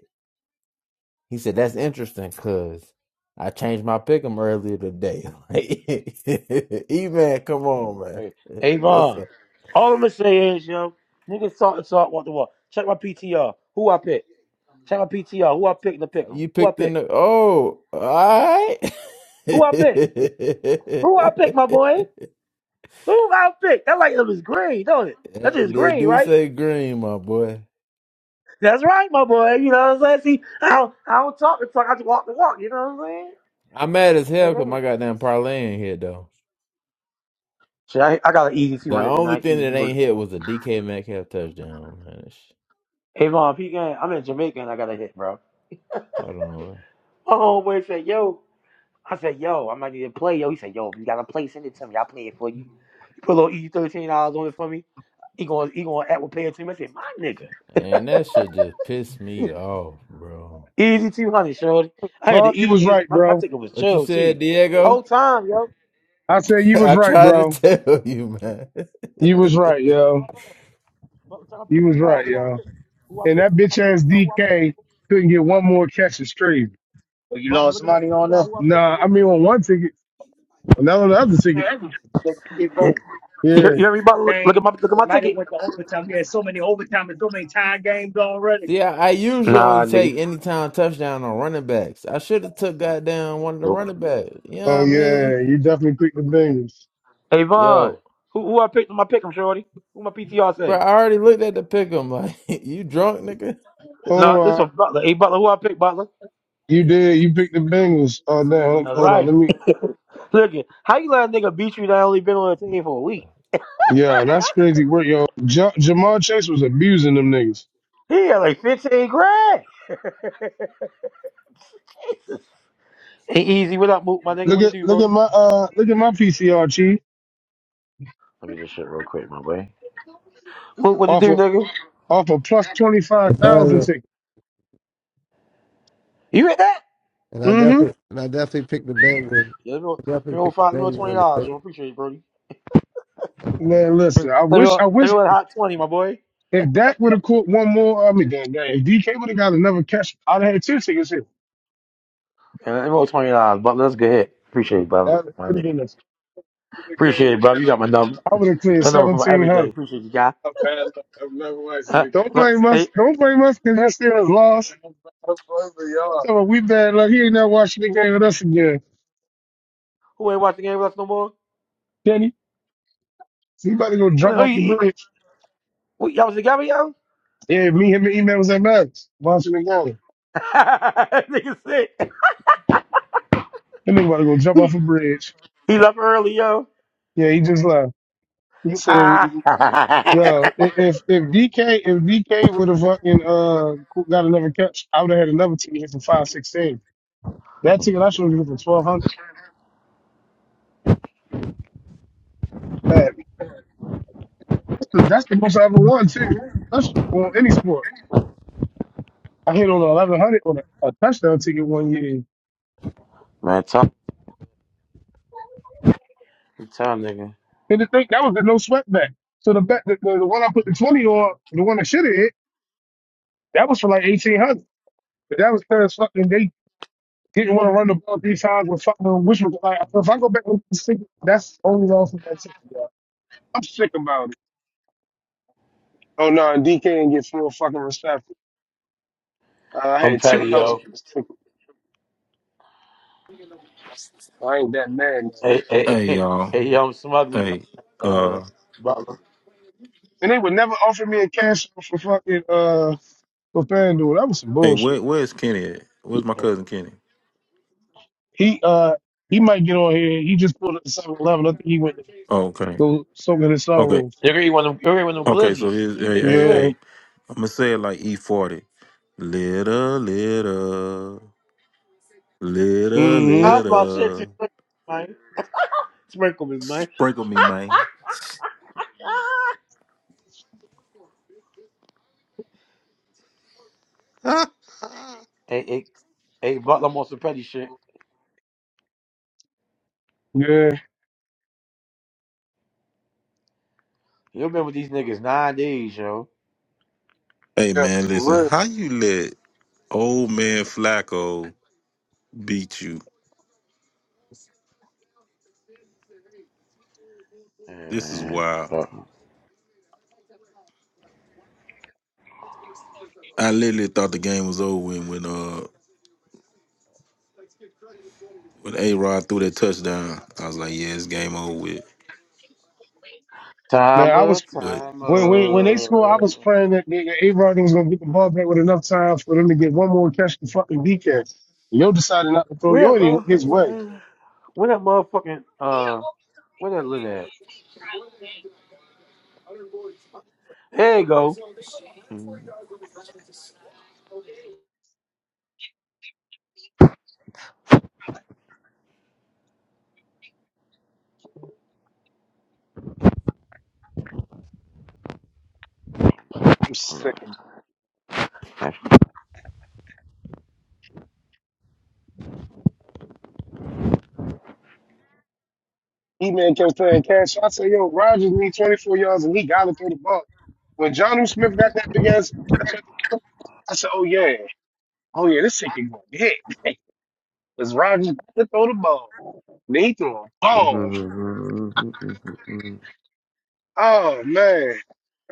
He said, "That's interesting, cause I changed my pick'em earlier today." (laughs) Like, (laughs) E man, come on, Hey, man. What's Avon. up? All I'm going to say is, yo, niggas salt and salt, walk the walk. Check my PTR. Who I pick? Check my PTR. Who I pick to Uh, pick him? You Who I picked in pick? the oh, all right. Who I pick? Who I pick, my boy? (laughs) Who I pick? That light up is green, don't it? That Yeah, is They green, do right? say green, my boy. That's right, my boy. You know what I'm saying? See, I don't, I don't talk the talk. I just walk the walk. You know what I'm mad as I'm hell because saying? my goddamn parlay ain't hit though. Shit, I, I got an easy two The hundred only tonight. thing Easy that ain't work. hit was a DK Metcalf touchdown. Man. Sh- Hey, Mom, P gang, I'm in Jamaica and I got a hit, bro. Hold on. My homeboy said, yo. I said, yo, I'm not even play, yo. He said, yo, if you got a play, send it to me. I'll play it for you. He put a little easy $13 on it for me. He going he gonna act with pay it to me. I said, my nigga. (laughs) And that shit just pissed me off, bro. Easy 200, shorty. I had the Bob, you was easiest. right, My, my bro. ticket was What you chill, said, too. Diego? Whole time, yo. I said you (laughs) was I right, tried to bro. tell you, man. You was right, yo. Turn my You was right, PTR, who I yo. picked. Who I And that picked. Turn my, bitch ass who I picked. DK couldn't get one more catch and straight. But look at my PTR, who I picked, Nah, I mean on one ticket, and not on the other ticket. nigga. (laughs) you, hear- Yeah. you hear me, Butler? Look, look at my, look at my ticket. (laughs) See, I, I usually only Nah, nigga. take anytime touchdown on running backs. I should have took goddamn one of the Nope. running backs. You know what Oh I mean? yeah, you definitely picked the Bengals. Hey Von, Yo, who who I picked? My pick him, Shorty. Who my PTR bro, say? I already looked at the pick 'em like (laughs) you drunk, nigga. Hold No, this on, I- one Butler. Hey Butler, who I picked Butler? you did. You picked the Bengals. Oh damn, That's hold on. right. Let me Look at how you let a nigga beat you that only been on the team for a week. Yeah, that's crazy work, yo. Ja Jamal Chase was abusing them niggas. He had like fifteen grand. (laughs) Jesus. Hey Easy, what up, Mook? My nigga, Look what to at do, look at Brody? my uh look at my PCRG Let me just shit real quick, my boy. Mook, what to off do, of nigga? off of plus twenty five Oh, thousand yeah. ticket. You read that? And I Mm-hmm. definitely, and I definitely picked the Bengals. Yeah, let me I let definitely me owe picked five, the let me owe Bengals. twenty on the dollars. I first. appreciate you, Brody. Man, Let listen, I me wish owe, I let me wish owe a hot twenty, my boy. if Dak would have caught one more. I mean, damn, damn, if DK would have got another catch, I'd have had two tickets here. Yeah, Let me owe twenty dollars, Butler. That's a good hit. Appreciate it, brother. That My would have nigga. been this. Appreciate it, brother. You got my number. I would have cleared Her number for my seventeen everyday. hundred. Appreciate you, guy. Uh, Don't look, blame hey, us. Don't blame us because that Steelers lost. So we bad luck. He ain't not watching the game with us again, who ain't watching the game with us no more? Kenny. He about to go jump Well, who off the you, bridge. who, y'all was together, yo? Yeah, me, him, and email was at Max, Washington County. (laughs) Nigga sick. That nigga about to go jump He, off a bridge. he's up early, yo. Yeah, he just left. He said, Ah. (laughs) "Yo, i- if if DK if DK would have fucking uh got another catch, I would have had another ticket here for five sixteen. That ticket I showed you for twelve hundred. Bad. That's the most I ever won too. That's on any sport. I hit on an eleven hundred on a, a touchdown ticket one year. Man, talk, nigga. And the thing that was the no sweat bet. So the bet the, the, the one I put the twenty on, the one I should have hit, that was for like eighteen hundred. But that was because fucking they didn't want to run the ball three times with fucking which was like if I go back and sick, that's only wrong for that shit, yeah. I'm sick about it. Oh no, and DK didn't get four fucking receptions. Uh, I I'm had two petty, outs yo. with this ticket. I ain't that mad. man. Hey, hey, Hey hey, y'all. hey, yo, I'm smugly, Hey, uh, uh butler. And they would never offer me a cash out for fucking uh for FanDuel. That was some hey, where bullshit. where's Kenny at? Where's my cousin Kenny? He uh he might get on here. He just pulled up to Seven Eleven. I think he went to Oh, okay. go soak in his Okay. sorrows. You're gonna eat one of them, you're gonna eat one of them Okay, so glizzies. here's You hey, think you hey, slick? Yeah. hey. I'ma say it like E forty. Little, little, little, Mm-hmm. How's my shit? too little. slick, man? Sprinkle me, man. Sprinkle me, man. Hey, hey, hey, butler, I'm on some petty shit. Yeah. You been with these niggas nine days, yo. hey Yeah. man, listen, For real. how you let old man Flacco beat you? This is Man, wild. so, I literally thought the game was over when when uh when A Rod threw that touchdown. I was like, yeah, it's game over with. time. Man, I was But When, when when they scored, I was praying that nigga A-Rod was gonna get the ball back with enough time for them to get one more catch to fucking DK. Yo decided not to throw. Where Yo that didn't even his motherfucking, way. uh, where that motherfucking, uh, where that lid at? There you go. I'm sick of it. (laughs) E-Man kept playing catch. So I said, yo, Rogers needs 24 yards and he gotta throw the ball. When John Smith got that big ass catch, I think- I said, oh yeah, oh yeah, this shit can go big. (laughs) Because Rogers got to throw the ball. Then he threw a ball. Oh man.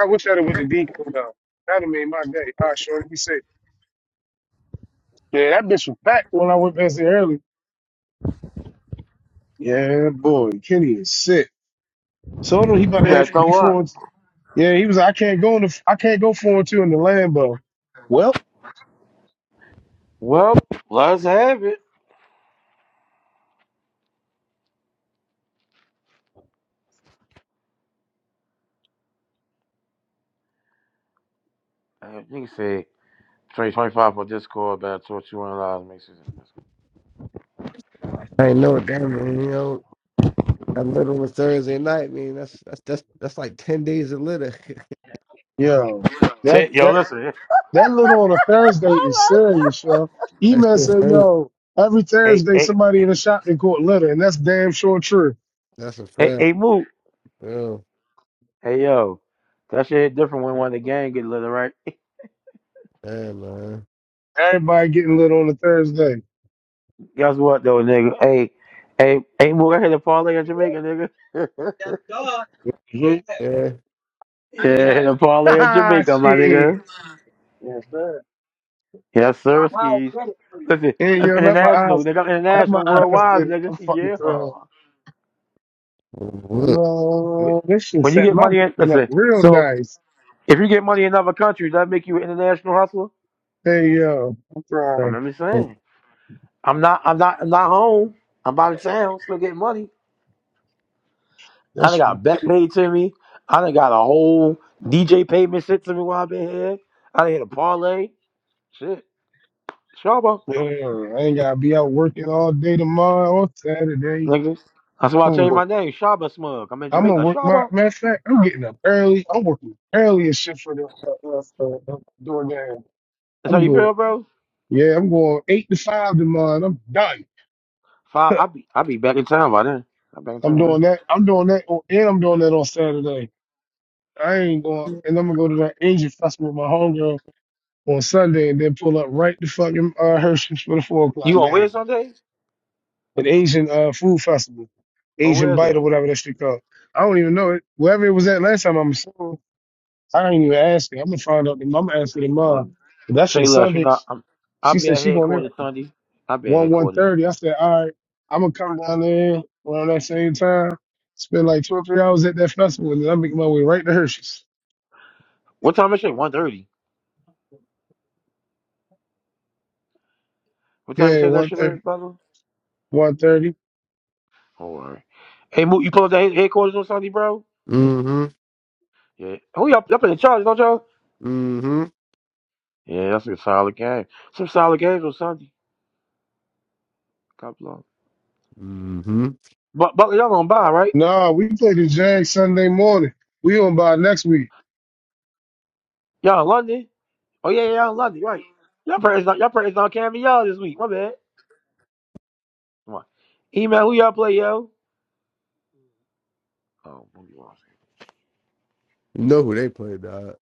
I wish I'd have went to DK though. That'd have made my day. All right, Shorty, be safe. Yeah, that bitch was back when I went past there early. Yeah, boy, Kenny is sick. So no, he about to have before. Yeah, he was. like, I can't go in the. I can't go four and two in the Lambo. Well, Well, let's have it. Uh, you can say trade 25 for Discord, about 21 dollars makes it. I ain't know what that mean. You know, I little was Thursday night. Man, that's that's that's that's like ten days of litter. (laughs) yo, that Shit, Yo, that listen. (laughs) that little on a Thursday is serious, yo. that's E-Man just said, crazy. yo, every Hey, Thursday hey, somebody in the shopping court litter, and that's damn sure true. That's a hey, fact. hey, move. Yo, Hey, yo. That shit hit different when one of the gang get lit, right? damn man. Everybody getting lit on a Thursday. (laughs) Guess what, though, nigga? Hey, hey, hey, move. I hit a parlay in Jamaica, nigga. (laughs) Yeah. Yeah, hit a parlay in Ha Jamaica, my shit. nigga. Yes, sir, skis. Listen, Yeah, that's yo, not my international, eyes. They got Not my International, eyes worldwide, did it. nigga. (laughs) I'm fucking thrown. Yeah. What? No, this should When you set get my money in, weekend up listen. real So nice. if you get money in other countries, that make you an international hustler. Hey, yo, I'm I'm trying. only saying. I'm not. I'm not. I'm not home. I'm out of town, still getting money. I That's, done got bet paid to me. I done got a whole DJ payment shit to me while I've been here. I done hit a parlay. Shit, Shaba, yeah, I ain't gotta be out working all day tomorrow or Saturday. nigga. That's why I I'm gonna changed my work. name, Shaba Smug. I'm in I'm gonna Jamaica, work my, Shaba. matter of fact, I'm getting up early. I'm working early and shit for the, uh, uh, uh, door game. That's how I'm you doing, feel, bro. yeah, I'm going eight to five tomorrow and I'm done. Five. I'll be I'll be back in town by then. I'm back in I'm town. by then. doing that. I'm doing that, on, and I'm doing that on Saturday. I ain't going, and I'm gonna go to that Asian festival with my homegirls. on Sunday and then pull up right to fucking uh, Hershey's for the four o'clock You to where game. Sunday? An Asian uh, food festival, Or Asian where is Bite it? or whatever that shit called. I don't even know it. Wherever it was at last time, I'm assuming. I ain't even asking. I'm gonna find out. I'm gonna ask her What? tomorrow. But that Say shit less. You Sunday. know I'm. I'll She be said at she going there headquarters like Sunday. I'll be at one one headquarters. thirty. I said all right. I'm gonna come down there around that same time. Spend like two or three hours at that festival, and then I make my way right to Hershey's. What time is it? One thirty. What time you Yeah, say that one shit is, thirty. brother? One thirty. Don't worry. Hey, Moot, you pull up that head- headquarters on Sunday, bro? Mm-hmm. Yeah. Who y'all? Y'all in charge, don't y'all? Mm-hmm. Yeah, that's a solid game. Some solid games on Sunday. God bless. Mm-hmm. But but y'all gonna buy right? Nah, we play the Jags Sunday morning. We on by next week. Y'all in London? Oh yeah, yeah, y'all in London, right? Y'all prayers not y'all prayers not cameo y'all this week. My bad. Come on. Email who y'all play, yo? Oh, Boogie Wall You know who they played? Uh,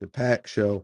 the Pack Show.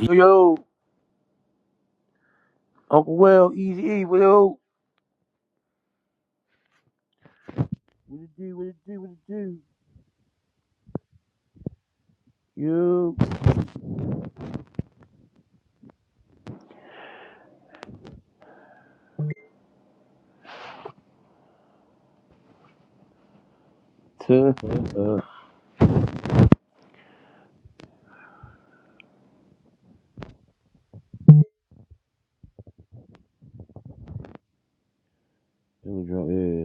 Yo, yo, Uncle Will, Easy E, what up? What it do? What it do? What it do? Yo. (laughs) Tuh. It was drunk,